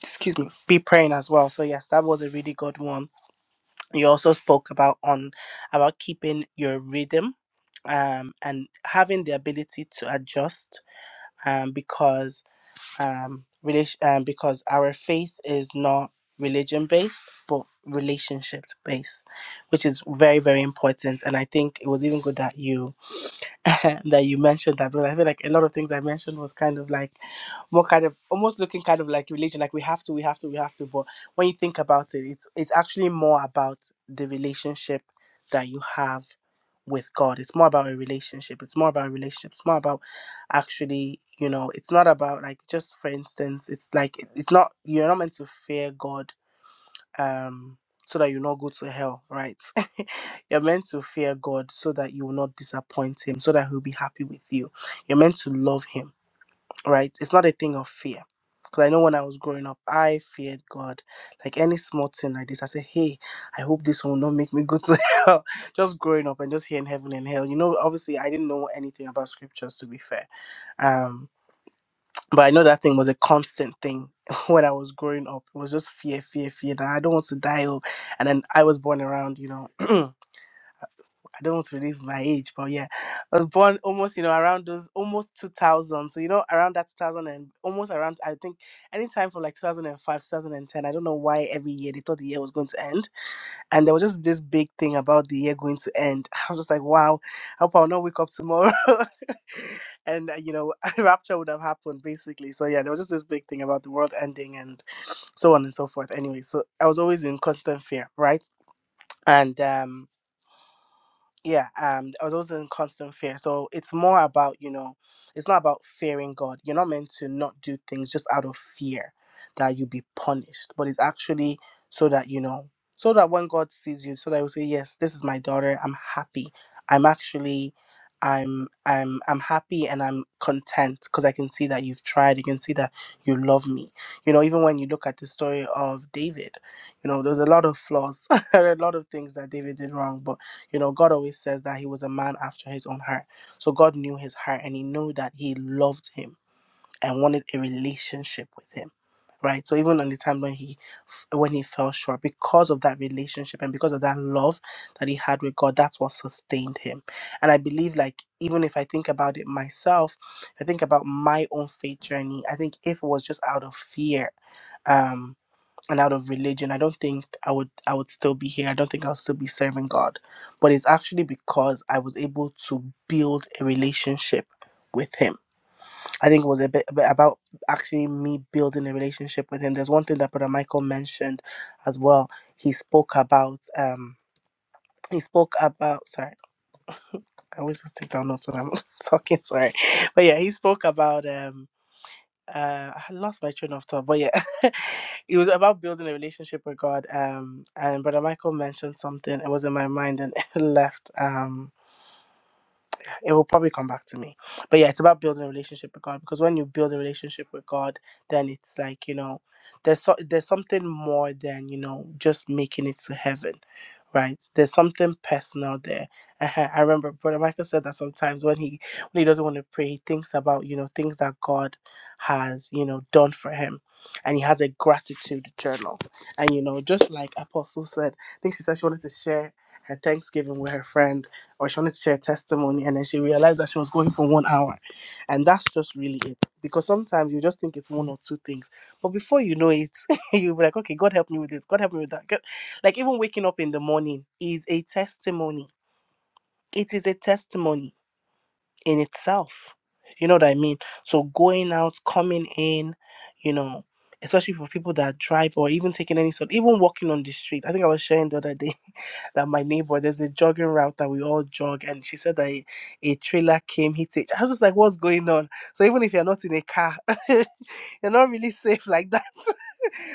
excuse me, be praying as well. So, yes, that was a really good one. You also spoke about on about keeping your rhythm um, and having the ability to adjust um, because um, relation, um, because our faith is not religion based, but relationship based, which is very, very important. And I think it was even good that you that you mentioned that because I feel like a lot of things I mentioned was kind of like more kind of almost looking kind of like religion, like we have to, we have to, we have to. But when you think about it, it's it's actually more about the relationship that you have with God. It's more about a relationship. It's more about a relationship. It's more about actually, you know, it's not about like just for instance, it's like it- it's not you're not meant to fear God um so that you not go to hell, right? You're meant to fear God so that you will not disappoint him, so that he'll be happy with you. You're meant to love him right? It's not a thing of fear. Because I know when I was growing up, I feared God. Like any small thing like this, I said, hey, I hope this will not make me go to hell. Just growing up and just hearing heaven and hell. You know, obviously, I didn't know anything about scriptures, to be fair. Um, but I know that thing was a constant thing when I was growing up. It was just fear, fear, fear that I don't want to die. Oh. And then I was born around, you know. I don't want to relive my age, but yeah, I was born almost, you know, around those almost 2000. So, you know, around that 2000 and almost around, I think, anytime from like 2005, 2010. I don't know why every year they thought the year was going to end. And there was just this big thing about the year going to end. I was just like, wow, I hope I'll not wake up tomorrow. and, uh, you know, rapture would have happened basically. So, yeah, there was just this big thing about the world ending and so on and so forth. Anyway, so I was always in constant fear, right? And, um yeah um i was always in constant fear so it's more about you know it's not about fearing god you're not meant to not do things just out of fear that you'll be punished but it's actually so that you know so that when god sees you so that he will say yes this is my daughter i'm happy i'm actually i'm i'm i'm happy and i'm content because i can see that you've tried i can see that you love me you know even when you look at the story of david you know there's a lot of flaws a lot of things that david did wrong but you know, God always says that he was a man after his own heart. So God knew his heart and he knew that he loved him and wanted a relationship with him. Right. So even on the time when he when he fell short, because of that relationship and because of that love that he had with God, that's what sustained him. And I believe like even if I think about it myself, if I think about my own faith journey. I think if it was just out of fear, um, and out of religion, I don't think I would I would still be here. I don't think I'll still be serving God. But it's actually because I was able to build a relationship with him. I think it was a bit, a bit about actually me building a relationship with him. There's one thing that Brother Michael mentioned as well. He spoke about um he spoke about sorry, I always just take down notes when I'm talking, sorry. But yeah, he spoke about um uh I lost my train of thought, but yeah. it was about building a relationship with God. Um, and Brother Michael mentioned something. It was in my mind and it left. Um, it will probably come back to me. But yeah, it's about building a relationship with God because when you build a relationship with God, then it's like you know, there's so, there's something more than you know just making it to heaven right? There's something personal there. Uh-huh. I remember Brother Michael said that sometimes when he when he doesn't want to pray, he thinks about you know things that God has you know done for him, and he has a gratitude journal. And you know, just like Apostle said, I think she said she wanted to share her Thanksgiving with her friend, or she wanted to share a testimony, and then she realized that she was going for one hour, and that's just really it. Because sometimes you just think it's one or two things, but before you know it, you'll be like, okay, God help me with this, God help me with that. Like even waking up in the morning is a testimony. It is a testimony in itself. You know what I mean? So going out, coming in, you know, especially for people that drive or even taking any sort, even walking on the street. I think I was sharing the other day that my neighbor, there's a jogging route that we all jog, and she said that a, a trailer came, hit it. I was just like, what's going on? So even if you're not in a car, you're not really safe like that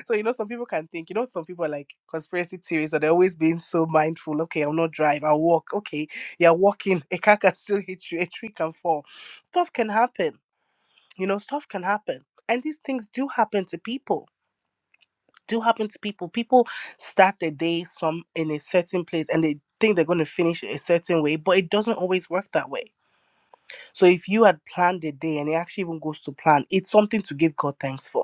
so you know some people can think you know some people are like conspiracy theories are they always being so mindful okay i'll not drive i'll walk okay you're walking a car can still hit you a tree can fall stuff can happen you know stuff can happen and these things do happen to people do happen to people people start their day some in a certain place and they think they're going to finish a certain way but it doesn't always work that way so if you had planned a day and it actually even goes to plan it's something to give god thanks for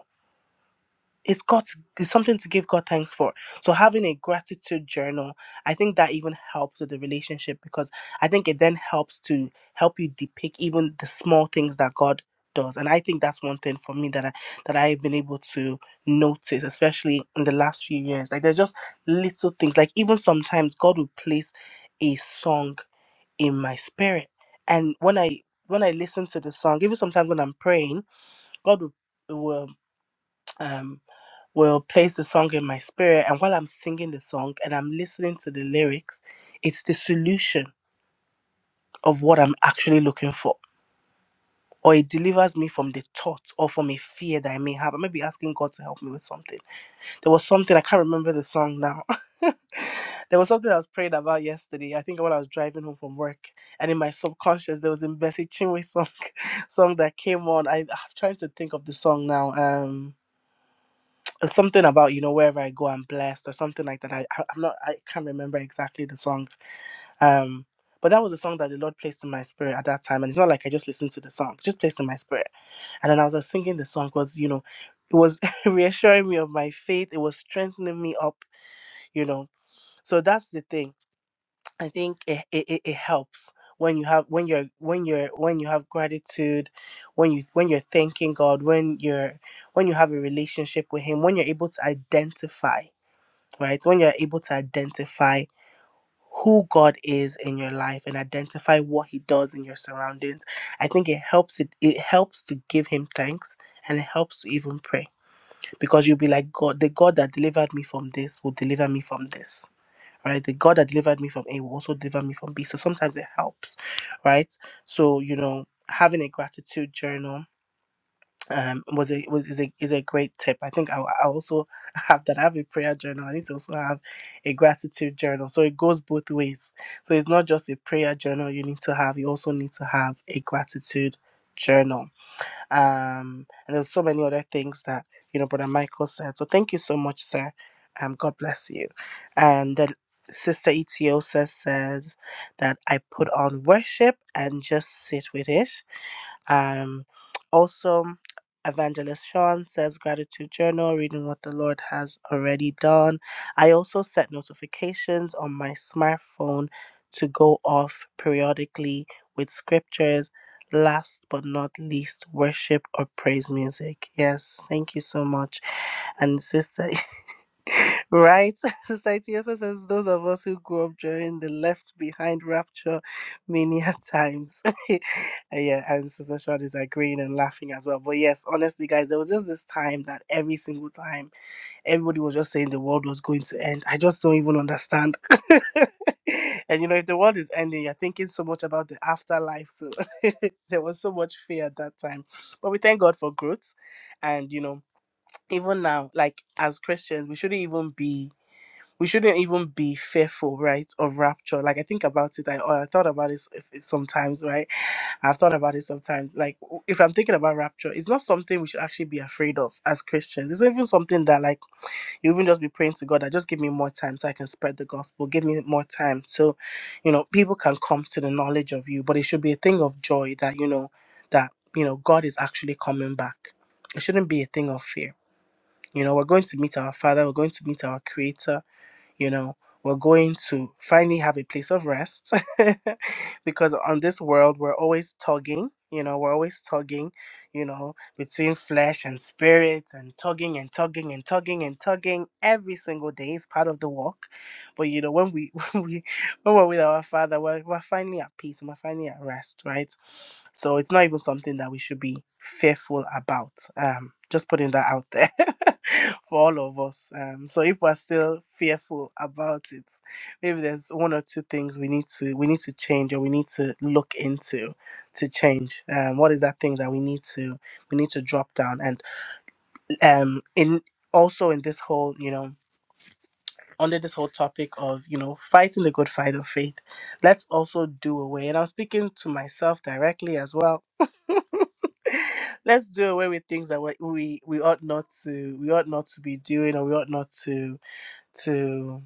it's got it's something to give God thanks for. So having a gratitude journal, I think that even helps with the relationship because I think it then helps to help you depict even the small things that God does. And I think that's one thing for me that I that I've been able to notice, especially in the last few years. Like there's just little things. Like even sometimes God will place a song in my spirit. And when I when I listen to the song, even sometimes when I'm praying, God will will um will place the song in my spirit. And while I'm singing the song and I'm listening to the lyrics, it's the solution of what I'm actually looking for. Or it delivers me from the thought or from a fear that I may have. I may be asking God to help me with something. There was something, I can't remember the song now. there was something I was praying about yesterday. I think when I was driving home from work, and in my subconscious, there was a Bessie Chinwe song, song that came on. I, I'm trying to think of the song now. Um, It's something about you know wherever I go I'm blessed or something like that. I I- I'm not I can't remember exactly the song. Um, but that was a song that the Lord placed in my spirit at that time, and it's not like I just listened to the song, it just placed in my spirit. And then as I was singing the song, was you know, it was reassuring me of my faith. It was strengthening me up, you know. So that's the thing. I think it it, it it helps when you have when you're when you're when you have gratitude, when you when you're thanking God, when you're when you have a relationship with Him, when you're able to identify right? When you're able to identify who God is in your life and identify what He does in your surroundings, I think it helps it it helps to give Him thanks and it helps to even pray because you'll be like God, the God that delivered me from this will deliver me from this. Right, the God that delivered me from A will also deliver me from B. So sometimes it helps, right? So you know, having a gratitude journal um was a was is a is a great tip. I think I, I also have that. I have a prayer journal. I need to also have a gratitude journal. So it goes both ways. So it's not just a prayer journal you need to have. You also need to have a gratitude journal. Um, and there's so many other things that you know, Brother Michael said. So thank you so much, sir. Um, God bless you. And then Sister Etiosa says that I put on worship and just sit with it. Um, also, Evangelist Sean says gratitude journal, reading what the Lord has already done. I also set notifications on my smartphone to go off periodically with scriptures. Last but not least, worship or praise music. Yes, thank you so much. And sister, right? Sister Itiosa says those of us who grew up during the left behind rapture mania times. And yeah, and Sister Sean is agreeing and laughing as well. But yes, honestly, guys, there was just this time that every single time everybody was just saying the world was going to end. I just don't even understand. and you know, if the world is ending, you're thinking so much about the afterlife. So there was so much fear at that time. But we thank God for growth. And you know, even now, like as Christians, we shouldn't even be. We shouldn't even be fearful, right, of rapture. Like I think about it, I, I thought about it s- if- sometimes, right? I've thought about it sometimes. Like, w- if I'm thinking about rapture, it's not something we should actually be afraid of as Christians. It's not even something that, like, you even just be praying to God that just give me more time so I can spread the gospel, give me more time so, you know, people can come to the knowledge of you. But it should be a thing of joy that, you know, that, you know, God is actually coming back. It shouldn't be a thing of fear. You know, we're going to meet our Father, we're going to meet our Creator you know we're going to finally have a place of rest because on this world we're always tugging you know we're always tugging you know between flesh and spirit and tugging and tugging and tugging and tugging every single day is part of the walk but you know when we when we when we're with our father, we're, we're finally at peace and we're finally at rest, right? So it's not even something that we should be fearful about. Um, just putting that out there for all of us. Um, so if we're still fearful about it, maybe there's one or two things we need to we need to change or we need to look into to change. Um, what is that thing that we need to we need to drop down and um in also in this whole you know under this whole topic of you know fighting the good fight of faith let's also do away and i'm speaking to myself directly as well let's do away with things that we we we ought not to we ought not to be doing or we ought not to to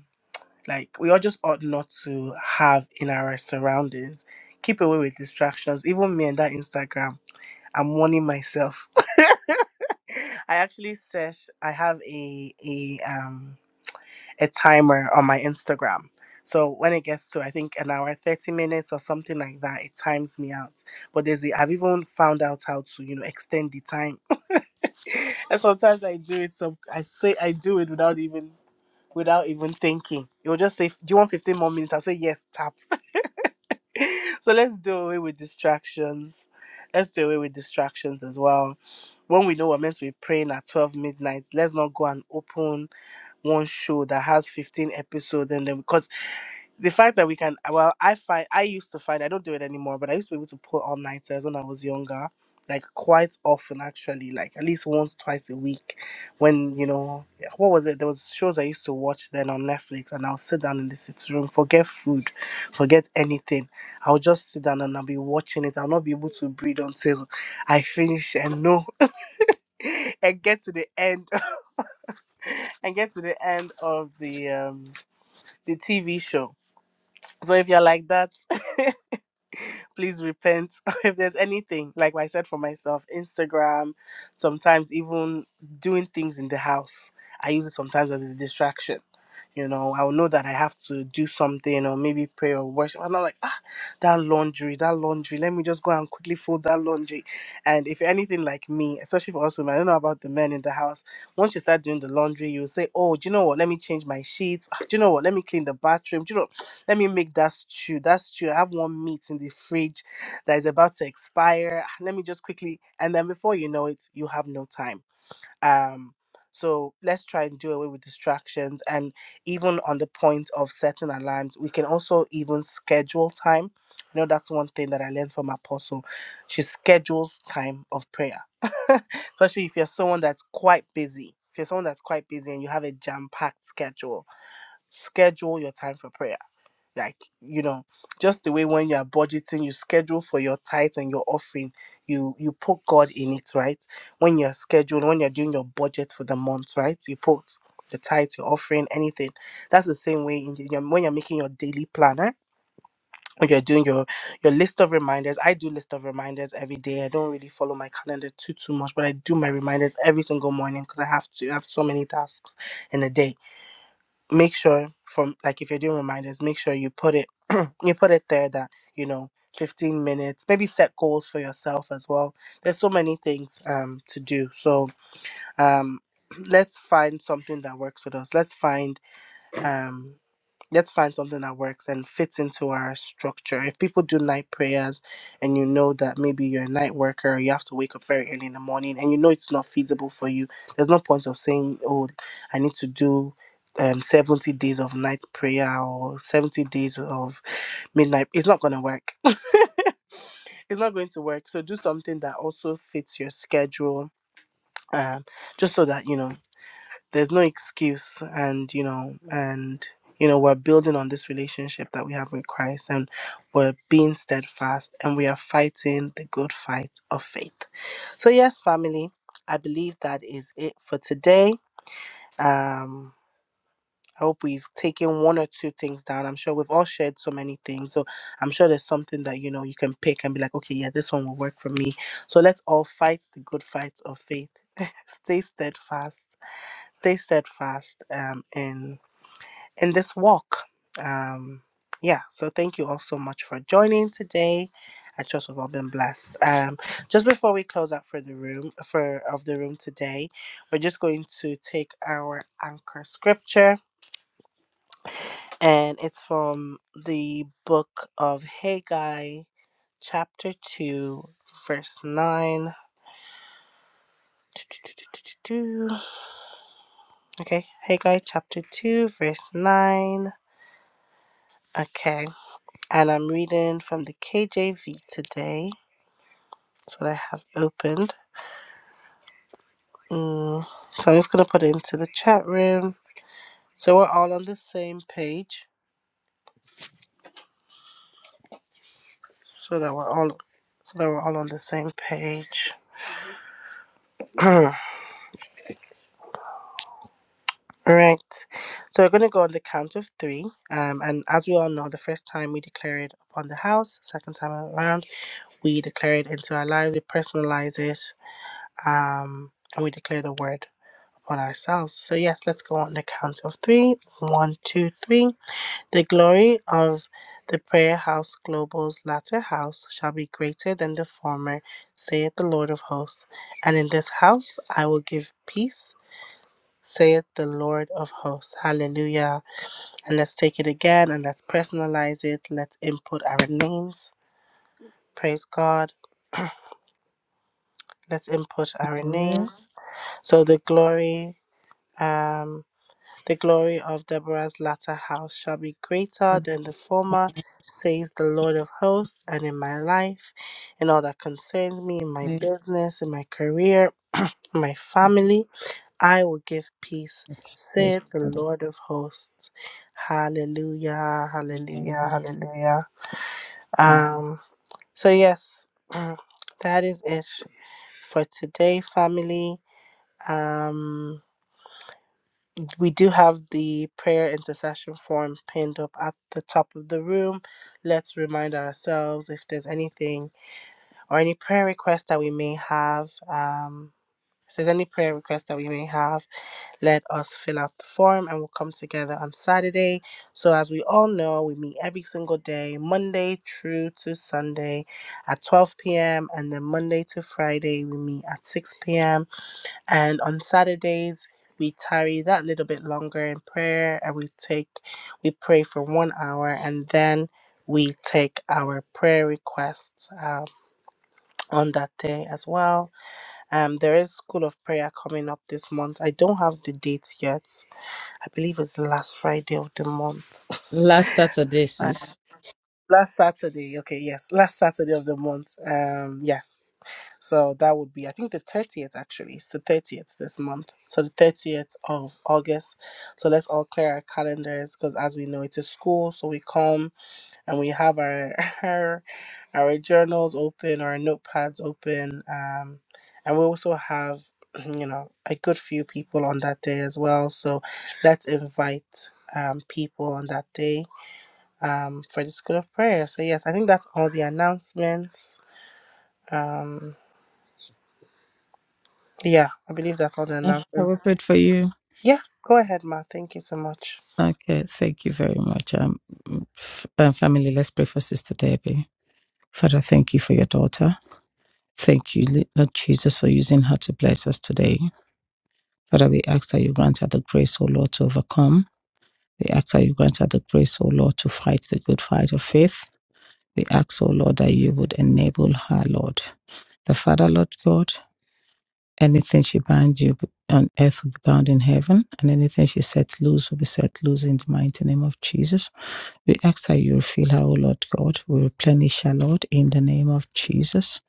like we all just ought not to have in our surroundings keep away with distractions even me and that instagram i'm warning myself i actually said i have a a um a timer on my Instagram. So when it gets to I think an hour, thirty minutes or something like that, it times me out. But there's the i I've even found out how to you know extend the time. and sometimes I do it. So I say I do it without even without even thinking. It will just say, "Do you want fifteen more minutes?" I'll say yes. Tap. so let's do away with distractions. Let's do away with distractions as well. When we know we're meant to be praying at twelve midnight, let's not go and open one show that has 15 episodes and then because the fact that we can well i find i used to find i don't do it anymore but i used to be able to pull all nighters when i was younger like quite often actually like at least once twice a week when you know yeah, what was it there was shows i used to watch then on netflix and i'll sit down in the sitting room forget food forget anything i'll just sit down and i'll be watching it i'll not be able to breathe until i finish and know and get to the end and get to the end of the um the tv show so if you're like that please repent if there's anything like i said for myself instagram sometimes even doing things in the house i use it sometimes as a distraction you know i'll know that i have to do something or maybe pray or worship and i'm like ah that laundry that laundry let me just go and quickly fold that laundry and if you're anything like me especially for us women i don't know about the men in the house once you start doing the laundry you'll say oh do you know what let me change my sheets Ah, do you know what let me clean the bathroom do you know let me make that stew. That stew, I have one meat in the fridge that is about to expire. Let me just quickly, and then before you know it, you have no time. Um, so let's try and do away with distractions. And even on the point of setting alarms, we can also even schedule time. You know, that's one thing that I learned from Apostle. She schedules time of prayer. Especially if you're someone that's quite busy. If you're someone that's quite busy and you have a jam packed schedule, schedule your time for prayer like you know just the way when you are budgeting you schedule for your tithe and your offering you you put god in it right when you're scheduled when you're doing your budget for the month right you put the tithe your offering anything that's the same way in your, when you're making your daily planner when you're doing your your list of reminders i do list of reminders every day i don't really follow my calendar too too much but i do my reminders every single morning because i have to I have so many tasks in a day make sure from like if you're doing reminders make sure you put it you put it there that you know 15 minutes maybe set goals for yourself as well there's so many things um to do so um let's find something that works with us let's find um let's find something that works and fits into our structure. If people do night prayers and you know that maybe you're a night worker or you have to wake up very early in the morning and you know it's not feasible for you, there's no point of saying, oh, I need to do um, 70 days of night prayer or 70 days of midnight. It's not going to work. it's not going to work. So do something that also fits your schedule, um, just so that, you know, there's no excuse and you know and you know we're building on this relationship that we have with christ and we're being steadfast and we are fighting the good fight of faith so yes family i believe that is it for today um I hope we've taken one or two things down. I'm sure we've all shared so many things. So I'm sure there's something that you know you can pick and be like, okay, yeah, this one will work for me. So let's all fight the good fight of faith. Stay steadfast stay steadfast um, in in this walk. Um, yeah, so thank you all so much for joining today. I trust we've all been blessed. Um, just before we close out for the room for of the room today, we're just going to take our anchor scripture, and it's from the book of Haggai, chapter two, verse nine. Okay, Haggai chapter two, verse nine. Okay. and I'm reading from the KJV today. That's what I have opened. Mm, So I'm just going to put it into the chat room so we're all on the same page. So that we're all so that we're all on the same page. all right. So we're going to go on the count of three. Um, and as we all know, the first time we declare it upon the house, second time around, we declare it into our lives, we personalize it, um, and we declare the word. on ourselves. So, yes, let's go on the count of three. One, two, three. The glory of the prayer house global's latter house shall be greater than the former, saith the Lord of hosts. And in this house I will give peace, saith the Lord of hosts. Hallelujah. And let's take it again and let's personalize it. Let's input our names. Praise God. Let's input our yeah names. So, the glory. um. The glory of Deborah's latter house shall be greater than the former, says the Lord of hosts, and in my life, in all that concerns me, in my Yeah. business, in my career, in my family, I will give peace, saith the Lord of hosts. Hallelujah, hallelujah, hallelujah. Um, so yes, that is it for today, family. Um we do have the prayer intercession form pinned up at the top of the room. Let's remind ourselves if there's anything or any prayer requests that we may have. Um, if there's any prayer requests that we may have, let us fill out the form and we'll come together on Saturday. So, as we all know, we meet every single day, Monday through to Sunday at 12 p.m., and then Monday to Friday, we meet at 6 p.m. And on Saturdays, we tarry that little bit longer in prayer and we take, we pray for one hour and then we take our prayer requests um, on that day as well. Um, there is School of Prayer coming up this month. I don't have the date yet. I believe it's the last Friday of the month. Last Saturday, Uh, sis. last Saturday, okay, yes, last Saturday of the month. Um, yes So that would be, I think, the 30th actually. It's the 30th this month. So the 30th of August. So let's all clear our calendars because, as we know, it's a school. So we come and we have our our, our journals open, our notepads open. Um, and we also have, you know, a good few people on that day as well. So let's invite um, people on that day um, for the school of prayer. So, yes, I think that's all the announcements. Um. Yeah, I believe that's all the I've announcements. covered prayed for you. Yeah, go ahead, Ma. Thank you so much. Okay, thank you very much. Um, f- uh, family, let's pray for Sister Debbie. Father, thank you for your daughter. Thank you, Le- Lord Jesus, for using her to bless us today. Father, we ask that you grant her the grace, O Lord, to overcome. We ask that you grant her the grace, O Lord, to fight the good fight of faith. We ask, O Lord, that you would enable her, Lord. The Father, Lord God, anything she binds you on earth will be bound in heaven, and anything she sets loose will be set loose in the mighty name of Jesus. We ask that you refill her, O Lord God. We replenish her, Lord, in the name of Jesus.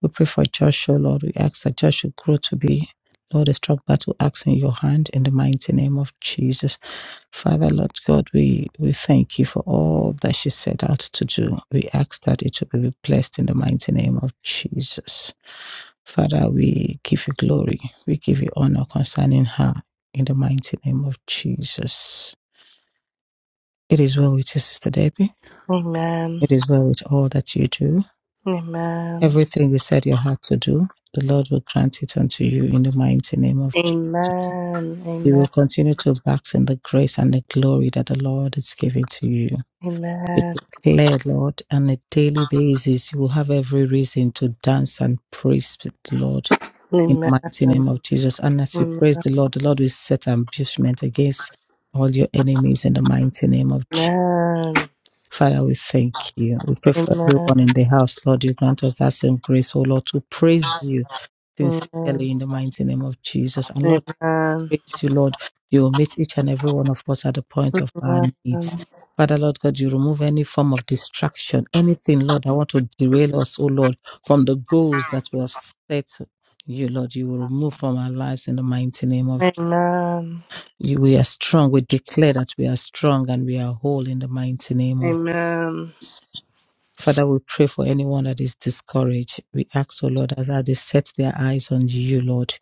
We pray for Joshua, Lord. We ask that Joshua grow to be, Lord, a strong battle axe in your hand in the mighty name of Jesus. Father, Lord God, we, we thank you for all that she set out to do. We ask that it will be blessed in the mighty name of Jesus. Father, we give you glory. We give you honor concerning her in the mighty name of Jesus. It is well with you, Sister Debbie. Amen. It is well with all that you do. Amen. Everything you set your heart to do, the Lord will grant it unto you in the mighty name of Jesus. Amen. You Amen. will continue to bask in the grace and the glory that the Lord is giving to you. Be Amen. declared, Lord, on a daily basis. You will have every reason to dance and praise the Lord Amen. in the Amen. mighty name of Jesus. And as you Amen. Amen. Amen. praise the Lord, the Lord will set ambushment against all your enemies in the mighty name of Jesus. Amen. Father, we thank you. We pray Amen. for Amen. everyone in the house, Lord. You grant us that same grace, oh Lord, to praise you Amen. sincerely in the mighty name of Jesus. And Lord, praise you, Lord. You will meet each and every one of us at the point of our needs. Father, Lord God, you remove any form of distraction, anything, Lord, I want to derail us, oh Lord, from the goals that we have set. You, Lord, you will remove from our lives in the mighty name of Amen. Amen. you. We are strong. We declare that we are strong and we are whole in the mighty name of Amen. Father, we pray for anyone that is discouraged. We ask, O Lord, as they set their eyes on you, Lord,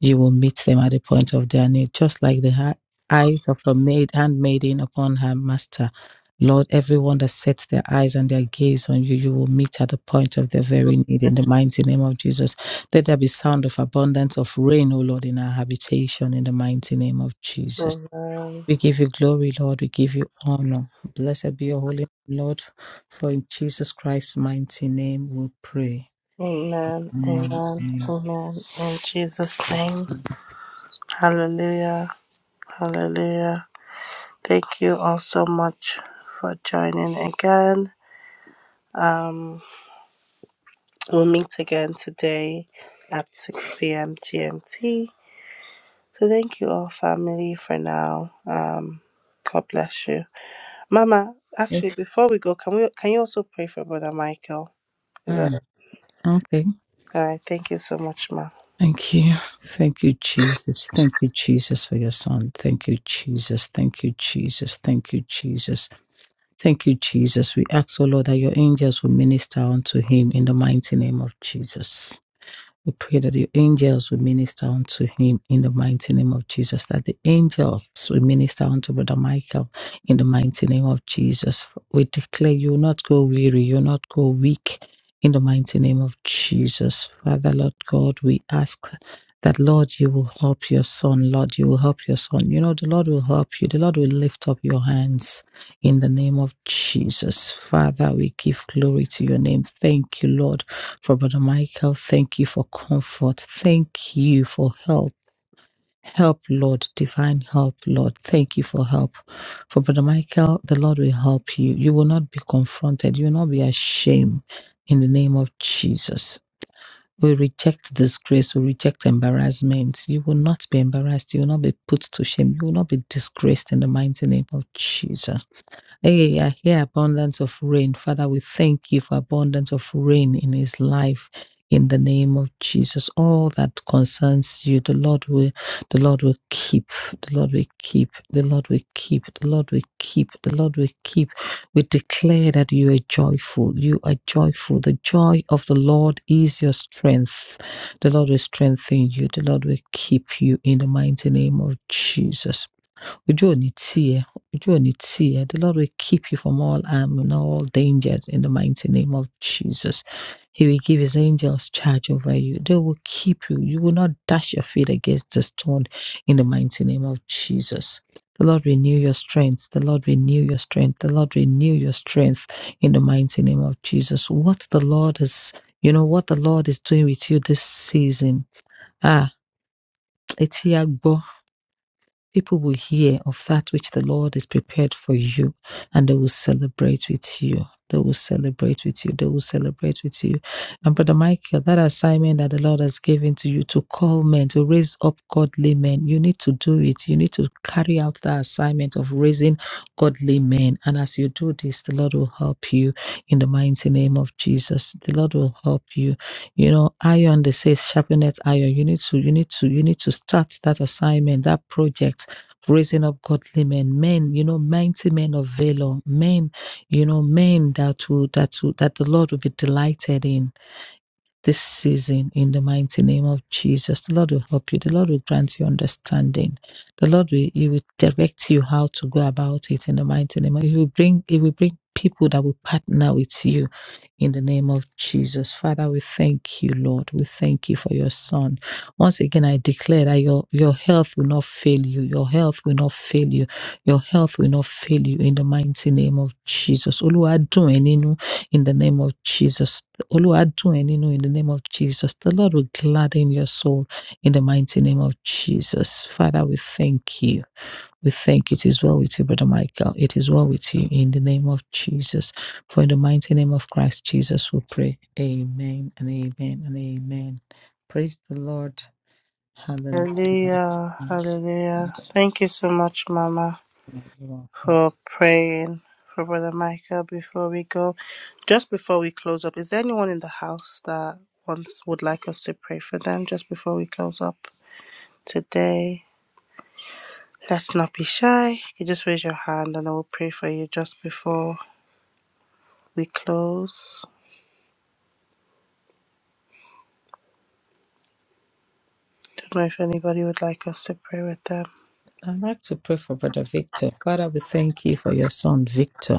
you will meet them at the point of their need, just like the ha- eyes of a maid handmaiden upon her master. Lord, everyone that sets their eyes and their gaze on you, you will meet at the point of their very need in the mighty name of Jesus. Let there be sound of abundance of rain, O Lord, in our habitation in the mighty name of Jesus. We give you glory, Lord. We give you honor. Blessed be your holy name, Lord. For in Jesus Christ's mighty name we pray. Amen. Amen. Amen. In Jesus' name. Hallelujah. Hallelujah. Thank you all so much for joining again. Um, we'll meet again today at 6 p.m. GMT. So thank you all, family, for now. Um, God bless you, Mama. Actually, Yes. before we go, can we can you also pray for Brother Michael? Is that Ah, okay. all right? Thank you so much, Ma. Thank you. Thank you, Jesus. Thank you, Jesus, for your son. Thank you, Jesus. Thank you, Jesus. Thank you, Jesus. Thank you, Jesus. We ask, O Lord, that your angels will minister unto him in the mighty name of Jesus. We pray that your angels will minister unto him in the mighty name of Jesus, that the angels will minister unto Brother Michael in the mighty name of Jesus. We declare you will not go weary, you will not go weak in the mighty name of Jesus. Father, Lord God, we ask that, Lord, you will help your son. Lord, you will help your son. You know, the Lord will help you. The Lord will lift up your hands in the name of Jesus. Father, we give glory to your name. Thank you, Lord. For Brother Michael, thank you for comfort. Thank you for help. Help, Lord, divine help, Lord. Thank you for help. For Brother Michael, the Lord will help you. You will not be confronted. You will not be ashamed in the name of Jesus. We reject disgrace. We reject embarrassment. You will not be embarrassed. You will not be put to shame. You will not be disgraced in the mighty name of Jesus. Hey, I hear abundance of rain. Father, we thank you for abundance of rain in his life. In the name of Jesus, all that concerns you, the Lord will, the Lord will keep, the Lord will keep, the Lord will keep, the Lord will keep, the Lord will keep. We declare that you are joyful. You are joyful. The joy of the Lord is your strength. The Lord will strengthen you. The Lord will keep you in the mighty name of Jesus. Ujonitie, Ujonitie. The Lord will keep you from all harm and all dangers in the mighty name of Jesus. He will give his angels charge over you. They will keep you. You will not dash your feet against the stone in the mighty name of Jesus. The Lord renew your strength. The Lord renew your strength. The Lord renew your strength in the mighty name of Jesus. What the Lord is, you know, what the Lord is doing with you this season. Ah, People will hear of that which the Lord has prepared for you, and they will celebrate with you. They will celebrate with you. They will celebrate with you. And Brother Michael, that assignment that the Lord has given to you to call men, to raise up godly men, you need to do it. You need to carry out that assignment of raising godly men. And as you do this, the Lord will help you in the mighty name of Jesus. The Lord will help you you know iron they say sharpeneth iron you need to you need to you need to start that assignment that project raising up godly men men you know mighty men of valor men you know men that will that will that the lord will be delighted in this season in the mighty name of Jesus. The Lord will help you. The Lord will grant you understanding. The Lord will He will direct you how to go about it in the mighty name. of- He will bring He will bring people that will partner with you in the name of Jesus. Father, we thank you, Lord. We thank you for your son. Once again, I declare that your, your health will not fail you. Your health will not fail you. Your health will not fail you in the mighty name of Jesus. Oluwadun eninu in the name of Jesus. Olúwa dùn ẹ́ nínú in the name of Jesus. The Lord will gladden your soul in the mighty name of Jesus. Father, we thank you. We thank you. It is well with you, Brother Michael. It is well with you in the name of Jesus. For in the mighty name of Christ Jesus, we pray. Amen and amen and amen. Praise the Lord. Hallelujah. Hallelujah, Hallelujah. Thank you so much, Mama, for praying for Brother Michael. Before we go, just before we close up, is there anyone in the house that wants would like us to pray for them? Just before we close up. today. Let's not be shy. You can just raise your hand and I will pray for you just before we close. Don't know if anybody would like us to pray with them. I'd like to pray for Brother Victor. Father, we thank you for your son, Victor.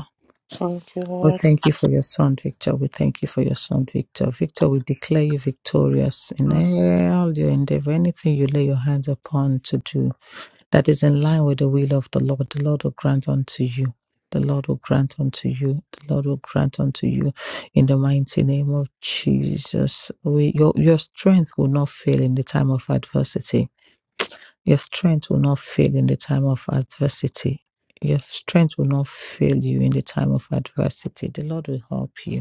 Thank you, We Lord. thank you for your son, Victor. We thank you for your son, Victor. Victor, we declare you victorious in all your endeavor, anything you lay your hands upon to do that is in line with the will of the Lord. The Lord will grant unto you. The Lord will grant unto you. The Lord will grant unto you in the mighty name of Jesus. We, your, your strength will not fail in the time of adversity your strength will not fail in the time of adversity. Your strength will not fail you in the time of adversity. The Lord will help you.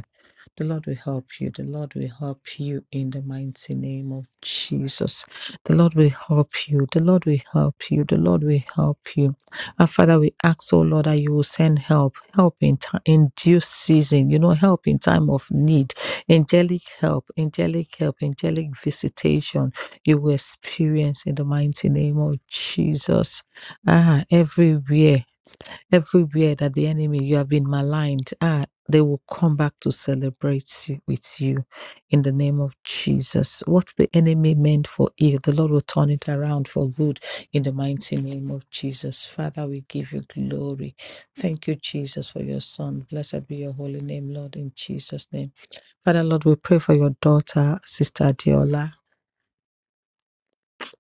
The Lord will help you. The Lord will help you in the mighty name of Jesus. The Lord will help you. The Lord will help you. The Lord will help you. And Father, we ask, oh Lord, that you will send help, help in, time, in due season, you know, help in time of need, angelic help, angelic help, angelic visitation you will experience in the mighty name of Jesus. Ah, everywhere. Everywhere that the enemy, you have been maligned, ah, they will come back to celebrate you- with you in the name of Jesus. What the enemy meant for ill, the Lord will turn it around for good in the mighty name of Jesus. Father, we give you glory. Thank you, Jesus, for your son. Blessed be your holy name, Lord, in Jesus' name. Father, Lord, we pray for your daughter, Sister Adiola.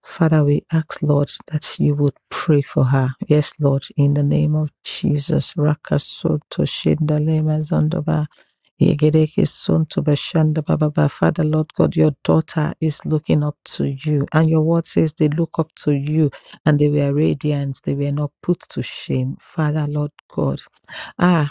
Father, we ask, Lord, that you would pray for her. Yes, Lord, in the name of Jesus. Rakasoto Shindalema Zandoba. Yegedeke Sonto Bashanda Bababa. Father, Lord God, your daughter is looking up to you. And your word says they look up to you and they were radiant. They were not put to shame. Father, Lord God. ah.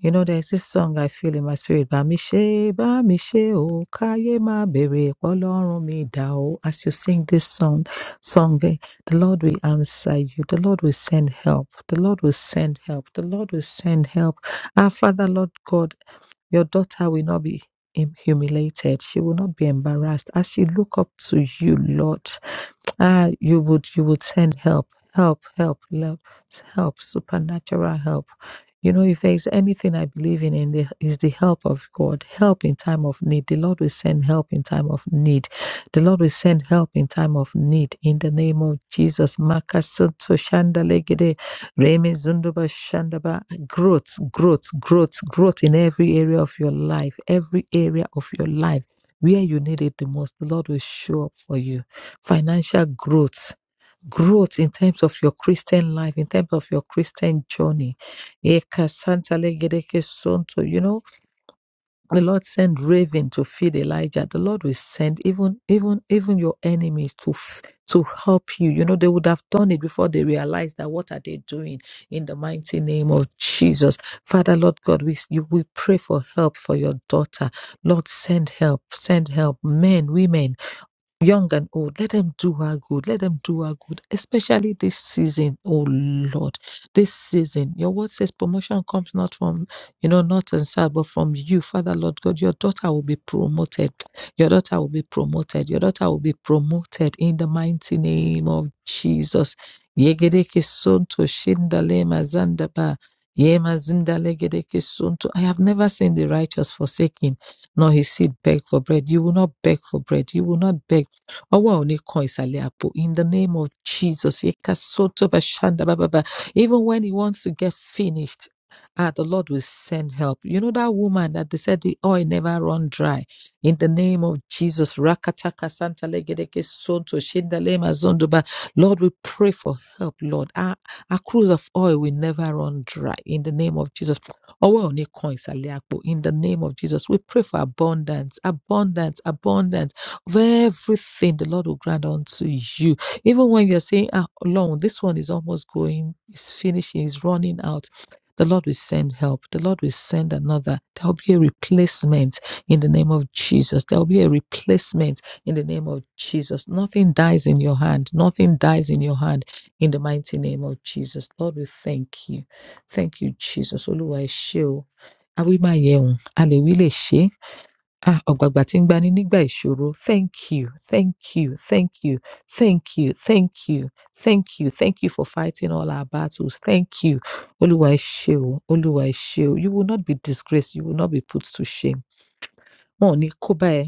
You know, there's this song I feel in my spirit. Bá mi ṣe, bá mi ṣe o, káyé má bèrè, pọ́lọ́run mi dà o. As you sing this song, song, eh, the Lord will answer you. The Lord will send help. The Lord will send help. The Lord will send help. Our Father, Lord God, your daughter will not be hum- humiliated. She will not be embarrassed. As she look up to you, Lord, ah, you would you would send help, help, help, help, help, supernatural help. You know, if there is anything I believe in, in the, is the help of God. Help in time of need. The Lord will send help in time of need. The Lord will send help in time of need. In the name of Jesus. Makasunto shandalegede, reme zunduba shandaba growth, growth, growth, growth in every area of your life, every area of your life where you need it the most. The Lord will show up for you. Financial growth, growth in terms of your Christian life, in terms of your Christian journey. Eka santa legedeke sonto. You know, the lord sent raven to feed elijah the lord will send even even even your enemies to f- to help you you know they would have done it before they realized that what are they doing in the mighty name of jesus father lord god we you we pray for help for your daughter lord send help send help men women young and old, let them do her good. Let them do her good, especially this season, oh Lord. This season, your word says promotion comes not from, you know, not and sad, but from you, Father Lord God. Your daughter will be promoted. Your daughter will be promoted. Your daughter will be promoted in the mighty name of Jesus. Yegedeke sonto shindale mazandaba. Yema gedeke sonto. I have never seen the righteous forsaken nor his seed beg for bread. You will not beg for bread. You will not beg ọwọ́ ò ní kan ìsàlẹ̀ àpò in the name of jesus Yeka soto ba shanda ba ba ba. even when he wants to get finished ah, the lord will send help you know that woman that they said the oil never run dry in the name of jesus rakataka santa legedeke soto shindalema zondoba lord we pray for help lord our, our cruise of oil will never run dry in the name of jesus ọwọ́ ò ní kan ìsàlẹ̀ àpò in the name of jesus we pray for abundance abundance abundance of everything the Lord will grant unto you. Even when you're saying, ah, Lord, this one is almost going, is finishing, is running out. The Lord will send help. The Lord will send another. There will be a replacement in the name of Jesus. There will be a replacement in the name of Jesus. Nothing dies in your hand. Nothing dies in your hand in the mighty name of Jesus. Lord, we thank you. Thank you, Jesus. Oluwa ẹ ṣé o. Awímáyẹun, a lè wí lè ṣe é. Ah, ọ̀gbàgbà tí ń gbani nígbà ìṣòro. Thank you, thank you, thank you, thank you, thank you, thank you, thank you for fighting all our battles. Thank you. Olúwa ẹ ṣé o, Olúwa ẹ ṣé o. You will not be disgraced, you will not be put to shame. Wọn ò ní kó bá ẹ,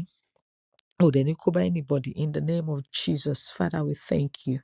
Oh, Would any cover anybody in the name of Jesus? Father, we thank you.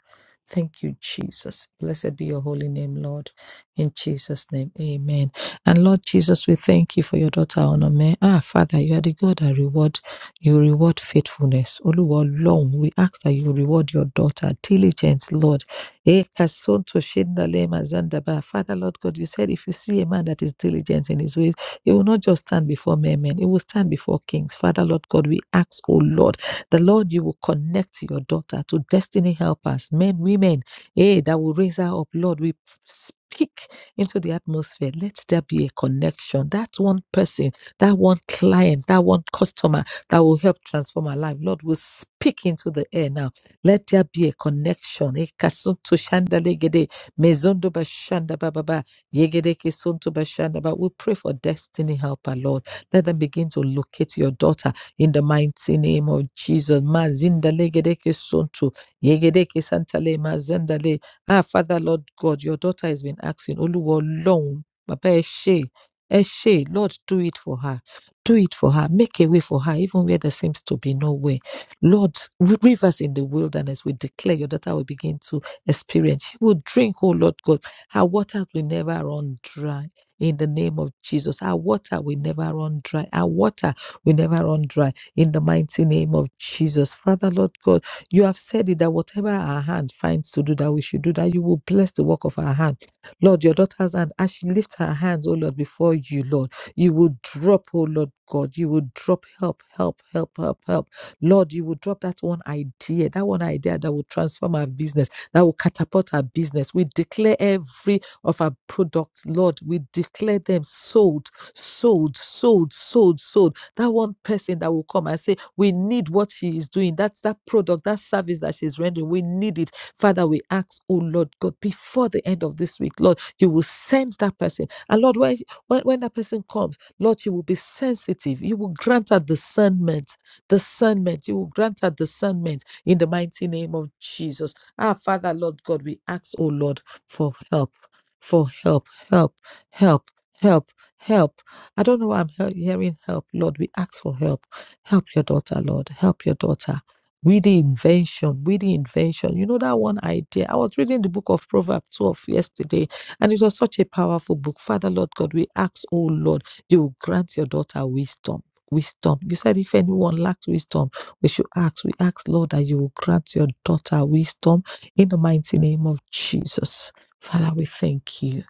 Thank you, Jesus. Blessed be your holy name, Lord. In Jesus' name, amen. And Lord Jesus, we thank you for your daughter, Onome. Ah, Father, you are the God that reward. You reward faithfulness. Oluwa long. We ask that you reward your daughter, diligence, Lord. Eh, kasonto shindale mazandaba. Father, Lord God, you said if you see a man that is diligent in his ways, it will not just stand before mere men, it will stand before kings. Father, Lord God, we ask, oh Lord, the Lord, you will connect your daughter to destiny helpers, men, women, eh, that will raise her up. Lord, we speak into the atmosphere. Let there be a connection. That one person, that one client, that one customer that will help transform our life. Lord, we speak into the air now. Let there be a connection. Eh, kasuntu shandalegede, mezondo bashanda bababa. Yegedeke Sonto Bashandaba. We pray for destiny helper, Lord. Let them begin to locate your daughter in the mighty name of Jesus. Mazinda Legedeke Sonto. Yegedeke Santale Mazendale. Ah, Father, Lord God, your daughter has been asking, Oluwa long, Baba Eshe. Eshe, Lord, do it for her. Do it for her. Make a way for her, even where there seems to be no way. Lord, rivers in the wilderness, we declare your daughter will begin to experience. She will drink, oh Lord God our waters will never run dry in the name of Jesus. Our water will never run dry. Our water will never run dry in the mighty name of Jesus. Father, Lord God, you have said it that whatever our hand finds to do, that we should do, that you will bless the work of our hand. Lord, your daughter's hand, as she lifts her hands, oh Lord, before you, Lord, you will drop, oh Lord God, you will drop help, help, help, help, help. Lord, you will drop that one idea, that one idea that will transform our business that will catapult our business. We declare every of our products, Lord, we declare them sold, sold, sold, sold, sold. That one person that will come and say, We need what she is doing. That's that product, that service that she's rendering. We need it. Father, we ask, oh Lord God, before the end of this week, Lord, you will send that person. And Lord, when, when, when that person comes, Lord, you will be sensitive. You will grant her discernment, discernment. You will grant her discernment in the mighty name of Jesus. Ah, Father, Lord God, we ask, oh Lord, for help, for help, help, help, help, help. I don't know why I'm he- hearing help, Lord. We ask for help. Help your daughter, Lord. Help your daughter. With the invention, with the invention. You know that one idea. I was reading the book of Proverbs 12 yesterday, and it was such a powerful book. Father, Lord God, we ask, oh Lord, you will grant your daughter wisdom. Wisdom. You said if anyone lacks wisdom, we should ask. We ask, Lord, that you will grant your daughter wisdom in the mighty name of Jesus, Father, we thank you.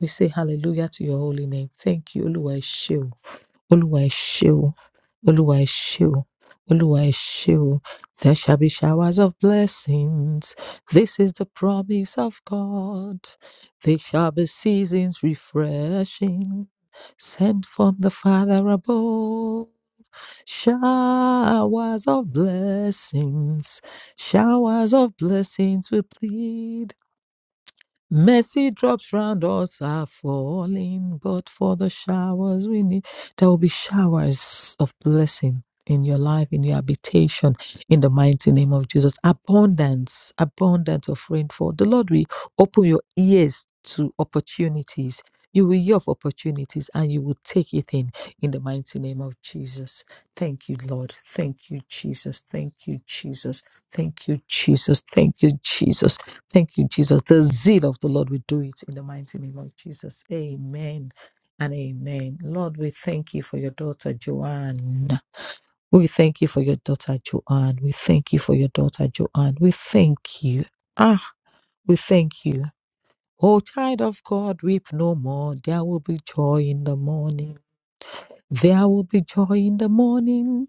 We say hallelujah to your holy name. Thank you, Oluwa Eshio olúwa ẹ ṣé o olúwa ẹ ṣé o olúwa ẹ ṣé o there shall be showers of blessings this is the promise of god there shall be seasons refreshing sent from the father above showers of blessings showers of blessings we plead Mercy drops round us are falling, but for the showers we need, there will be showers of blessing in your life, in your habitation, in the mighty name of Jesus. Abundance, abundance of rainfall. The Lord will open your ears to opportunities. You will hear of opportunities and you will take it in, in the mighty name of Jesus. Thank you, Lord. Thank you, Jesus. Thank you, Jesus. Thank you, Jesus. Thank you, Jesus. Thank you, Jesus. The zeal of the Lord will do it in the mighty name of Jesus. Amen and amen. Lord, we thank you for your daughter, Joanne. We thank you for your daughter, Joanne. We thank you for your daughter, Joanne. We thank you. Ah, we thank you. Oh, child of God, weep no more. There will be joy in the morning. There will be joy in the morning.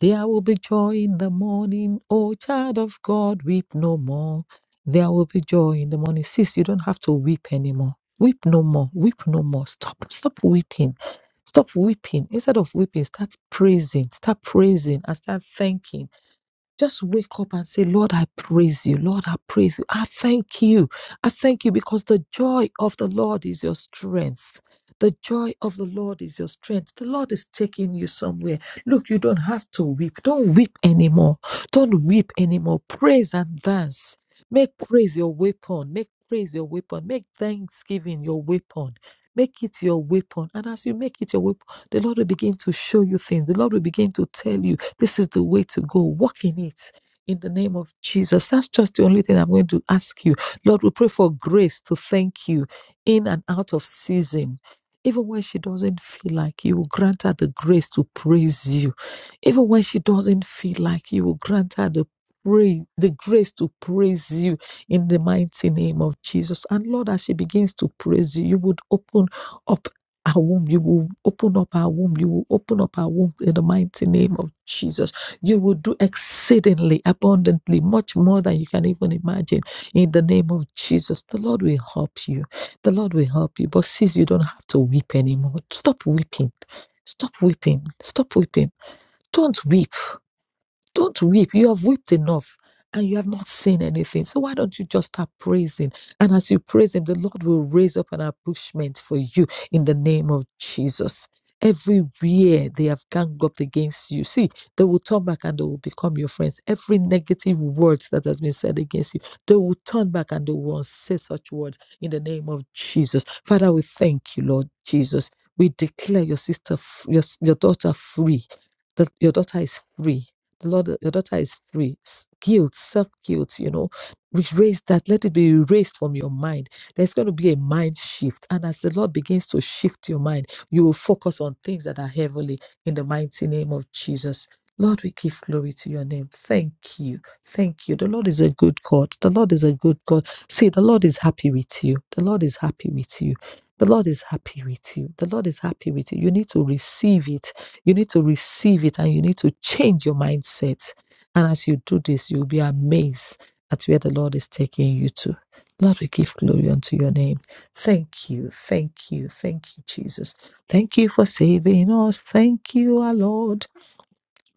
There will be joy in the morning. Oh, child of God, weep no more. There will be joy in the morning. Sis, you don't have to weep anymore. Weep no more. Weep no more. Stop. Stop weeping. Stop weeping. Instead of weeping, start praising. Start praising and start thanking just wake up and say, Lord, I praise you. Lord, I praise you. I thank you. I thank you because the joy of the Lord is your strength. The joy of the Lord is your strength. The Lord is taking you somewhere. Look, you don't have to weep. Don't weep anymore. Don't weep anymore. Praise and dance. Make praise your weapon. Make praise your weapon. Make thanksgiving your weapon. Make it your weapon. And as you make it your weapon, the Lord will begin to show you things. The Lord will begin to tell you. This is the way to go. Walk in it. In the name of Jesus. That's just the only thing I'm going to ask you. Lord, we pray for grace to thank you in and out of season. Even when she doesn't feel like you will grant her the grace to praise you. Even when she doesn't feel like you will grant her the praise, the grace to praise you in the mighty name of Jesus. And Lord, as she begins to praise you, you would open up our womb. You will open up our womb. You will open up our womb in the mighty name of Jesus. You will do exceedingly abundantly, much more than you can even imagine in the name of Jesus. The Lord will help you. The Lord will help you. But sis, you don't have to weep anymore. Stop weeping. Stop weeping. Stop weeping. Don't weep. Don't weep. You have wept enough and you have not seen anything. So why don't you just start praising? And as you praise Him, the Lord will raise up an ambushment for you in the name of Jesus. Everywhere they have ganged up against you, see, they will turn back and they will become your friends. Every negative word that has been said against you, they will turn back and they will say such words in the name of Jesus. Father, we thank you, Lord Jesus. We declare your sister, f- your, s- your daughter free, that your daughter is free the Lord, your daughter is free. S- Guilt, self guilt, you know, erase that. Let it be erased from your mind. There's going to be a mind shift. And as the Lord begins to shift your mind, you will focus on things that are heavenly in the mighty name of Jesus. Lord, we give glory to your name. Thank you. Thank you. The Lord is a good God. The Lord is a good God. See, the Lord is happy with you. The Lord is happy with you. The Lord is happy with you. The Lord is happy with you. You need to receive it you need to receive it and you need to change your mindset. And as you do this, you'll be amazed at where the Lord is taking you to. Lord, we give glory unto your name. Thank you, thank you, thank you, Jesus. Thank you for saving us. Thank you, our Lord.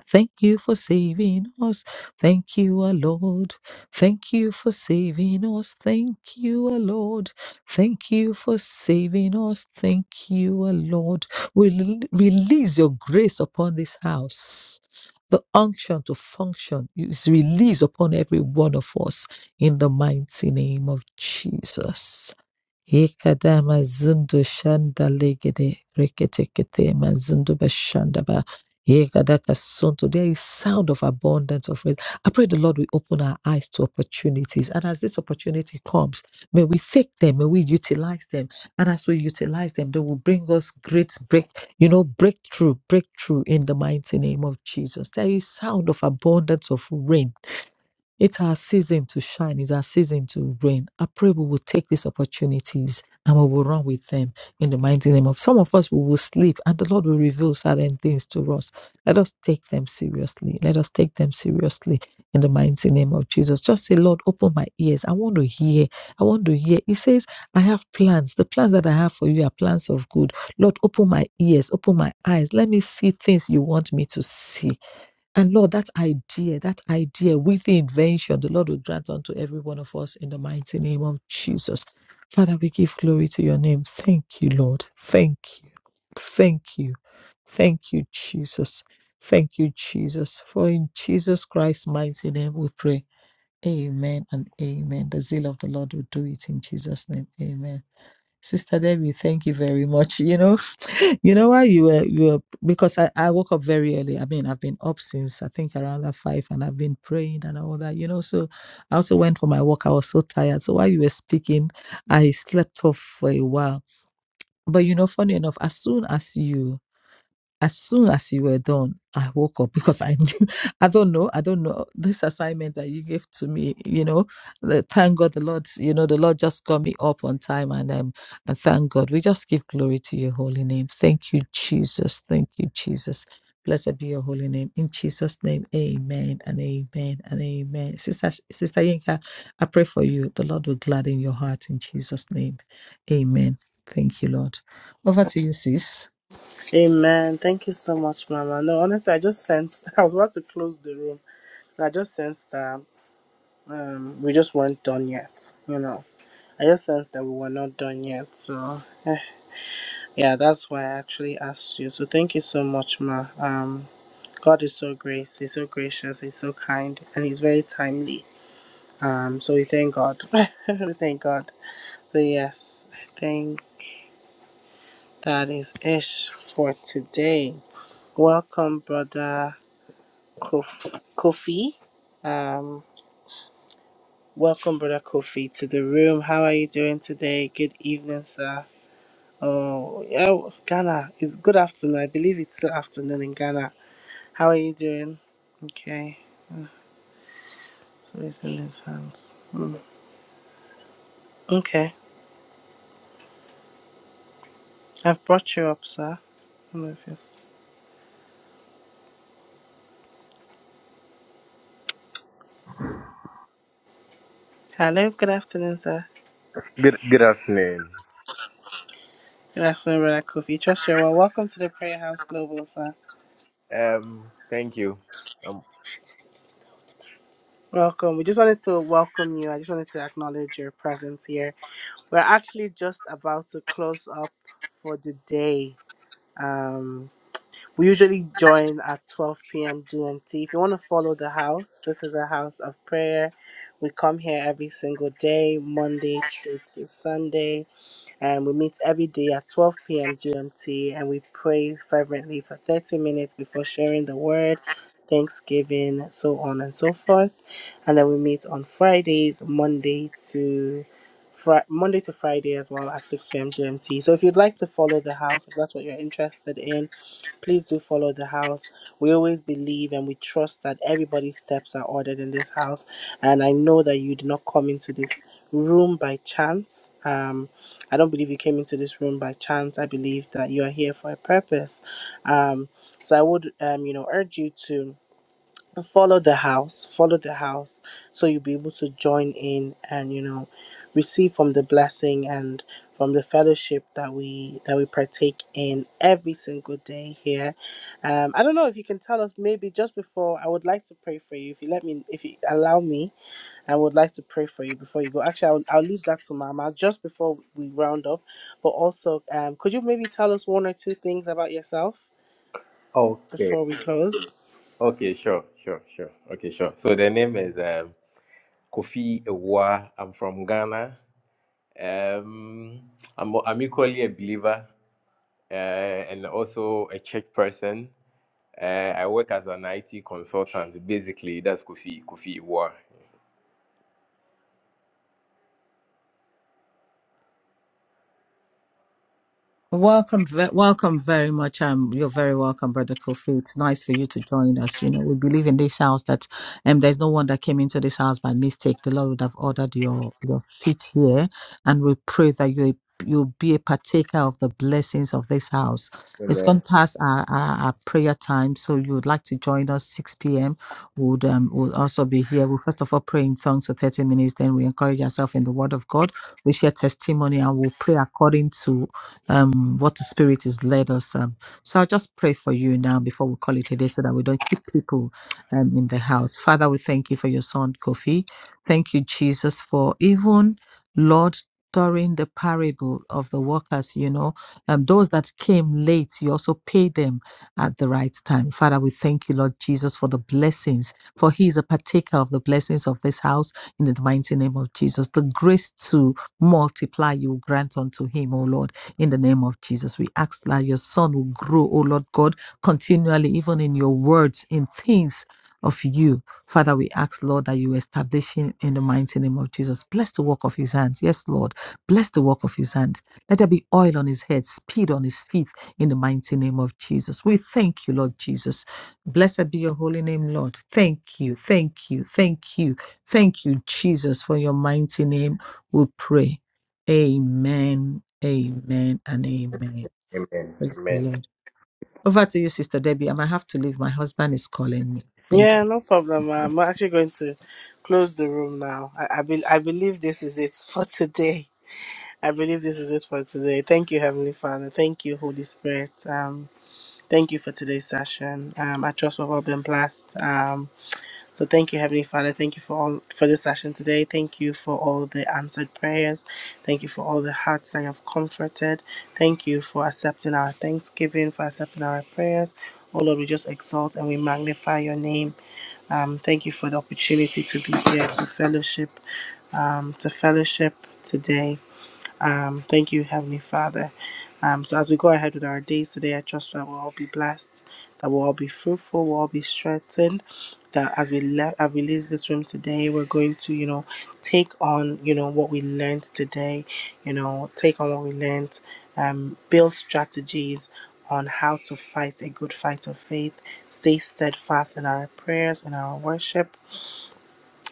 Thank you for saving us. Thank you, our Lord. Thank you for saving us. Thank you, our Lord. Thank you for saving us. Thank you, our Lord. We rel- release your grace upon this house. The unction to function is released upon every one of us in the mighty name of Jesus. Ekadama zindu shanda legede reketekete mazindu Yekadakasunto. There is sound of abundance of rain. I pray the Lord will open our eyes to opportunities. And as this opportunity comes, may we take them, may we utilize them. And as we utilize them, they will bring us great break, you know, breakthrough, breakthrough in the mighty name of Jesus. There is sound of abundance of rain it's our season to shine. It's our season to reign. I pray we will take these opportunities and we will run with them in the mighty name of some of us. We will sleep and the Lord will reveal certain things to us. Let us take them seriously. Let us take them seriously in the mighty name of Jesus. Just say, Lord, open my ears. I want to hear. I want to hear. He says, I have plans. The plans that I have for you are plans of good. Lord, open my ears, open my eyes. Let me see things you want me to see and Lord, that idea, that idea with the invention, the Lord will grant unto every one of us in the mighty name of Jesus. Father, we give glory to your name. Thank you, Lord. Thank you. Thank you. Thank you, Jesus. Thank you, Jesus. For in Jesus Christ's mighty name we pray. Amen and amen. The zeal of the Lord will do it in Jesus' name. Amen. Sister Debbie, thank you very much. You know, you know why you were you were because I, I woke up very early. I mean, I've been up since I think around that five and I've been praying and all that, you know. So I also went for my walk. I was so tired. So while you were speaking, I slept off for a while. But you know, funny enough, as soon as you as soon as you were done, I woke up because I knew I don't know, I don't know this assignment that you gave to me, you know. the- Thank God the Lord, you know, the Lord just got me up on time and um and thank God. We just give glory to your holy name. Thank you, Jesus. Thank you, Jesus. Blessed be your holy name. In Jesus' name, amen and amen and amen. Sister Sister Yinka, I pray for you. The Lord will gladden your heart in Jesus' name. Amen. Thank you, Lord. Over to you, sis. Amen. Thank you so much, Mama. No, honestly, I just sensed I was about to close the room. And I just sensed that um, we just weren't done yet. You know, I just sensed that we were not done yet. So. I Yeah, that's why I actually asked you. So thank you so much, Ma. Um, God is so grace. He's so gracious. He's so kind, and He's very timely. Um, so we thank God. we thank God. So yes, I think that is ish for today. Welcome, brother Kof- Kofi. Um, welcome, brother Kofi, to the room. How are you doing today? Good evening, sir. Oh, yeah, Ghana. It's good afternoon. I believe it's still afternoon in Ghana. How are you doing? Okay, so it's in his hands. Mm. Okay, I've brought you up, sir. Hello, if it's- Hello, good afternoon, sir. Good good afternoon. Good afternoon, Brother Kofi. Trust you. Well, welcome to the Prayer House Global, sir. Um, thank you. Um, Welcome. We just wanted to welcome you. I just wanted to acknowledge your presence here. We're actually just about to close up for the day. Um, We usually join at 12 p.m. GMT. If you want to follow the house, this is a house of prayer. We come here every single day, Monday through to Sunday, and we meet every day at 12 p.m. GMT and we pray fervently for 30 minutes before sharing the word, Thanksgiving, so on and so forth. And then we meet on Fridays, Monday to Fri Monday to Friday as well at 6 p.m. GMT. So if you'd like to follow the house, if that's what you're interested in, Please do follow the house. We always believe and we trust that everybody's steps are ordered in this house. And I know that you did not come into this room by chance. Um, I don't believe you came into this room by chance. I believe that you are here for a purpose. Um, so I would, um, you know, urge you to follow the house follow the house so you'll be able to join in and you know receive from the blessing and from the fellowship that we that we partake in every single day here um i don't know if you can tell us maybe just before i would like to pray for you if you let me if you allow me i would like to pray for you before you go actually i'll, I'll leave that to mama just before we round up but also um could you maybe tell us one or two things about yourself okay. before we close Okay, sure, sure, sure. Okay, sure. So the name is um, Kofi Ewa. I'm from Ghana. Um, I'm I'm equally a believer uh, and also a church person. Uh, I work as an IT consultant. Basically, that's Kofi Kofi Ewa. Welcome, ve- welcome very much. Um, you're very welcome, Brother Kofi. It's nice for you to join us. You know, we believe in this house that um, there's no one that came into this house by mistake. The Lord would have ordered your your feet here, and we pray that you you'll be a partaker of the blessings of this house. It's Amen. gone past our, our, our prayer time, so you would like to join us 6 p.m. Would um will also be here. We'll first of all pray in tongues for 30 minutes, then we encourage ourselves in the Word of God. We share testimony and we'll pray according to um, what the Spirit has led us. Um, so I'll just pray for you now before we call it a day so that we don't keep people um, in the house. Father, we thank you for your son, Kofi. Thank you, Jesus, for even, Lord, during the parable of the workers, you know, um, those that came late, you also paid them at the right time. Father, we thank you, Lord Jesus, for the blessings, for he is a partaker of the blessings of this house in the mighty name of Jesus. The grace to multiply you grant unto him, O Lord in the name of Jesus. We ask that your son will grow, O Lord God, continually, even in your words, in things of you. Father, we ask, Lord, that you establish him in the mighty name of Jesus. Bless the work of his hands. Yes, Lord. Bless the work of his hand. Let there be oil on his head, speed on his feet in the mighty name of Jesus. We thank you, Lord Jesus. Blessed be your holy name, Lord. Thank you, thank you, thank you, thank you, Jesus, for your mighty name. We pray. Amen, amen, and amen. Amen. Praise the Amen. Lord. Over to you, Sister Debbie. I might have to leave. My husband is calling me. Thank Yeah, you. no problem. I'm actually going to close the room now. I, I, be, I believe this is it for today. I believe this is it for today. Thank you, Heavenly Father. Thank you, Holy Spirit. Um, thank you for today's session. Um, I trust we've all been blessed. Um, so thank you, Heavenly Father. Thank you for all for this session today. Thank you for all the answered prayers. Thank you for all the hearts that you have comforted. Thank you for accepting our thanksgiving, for accepting our prayers. Oh Lord, we just exalt and we magnify your name. Um, thank you for the opportunity to be here to fellowship, um, to fellowship today. Um, thank you, Heavenly Father. Um, so as we go ahead with our days today, I trust that we'll all be blessed, that we'll all be fruitful, we'll all be strengthened. That as we le- as we leave this room today, we're going to, you know, take on, you know, what we learned today, you know, take on what we learned, um, build strategies on how to fight a good fight of faith, stay steadfast in our prayers and our worship,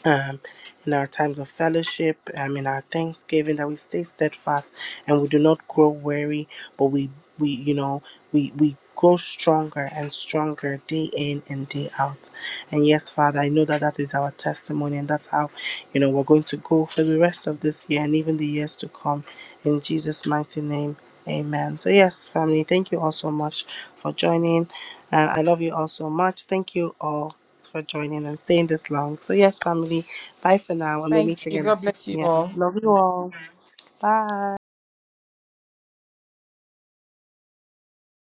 um, in our times of fellowship, um, in our thanksgiving, that we stay steadfast and we do not grow weary, but we, we you know, we, we grow stronger and stronger day in and day out. And yes, Father, I know that that is our testimony and that's how, you know, we're going to go for the rest of this year and even the years to come. In Jesus' mighty name, amen. So, yes, family, thank you all so much for joining. Uh, I love you all so much. Thank you all for joining and staying this long. So, yes, family, bye for now, and we'll meet again at 6 p.m. Love you all. Bye.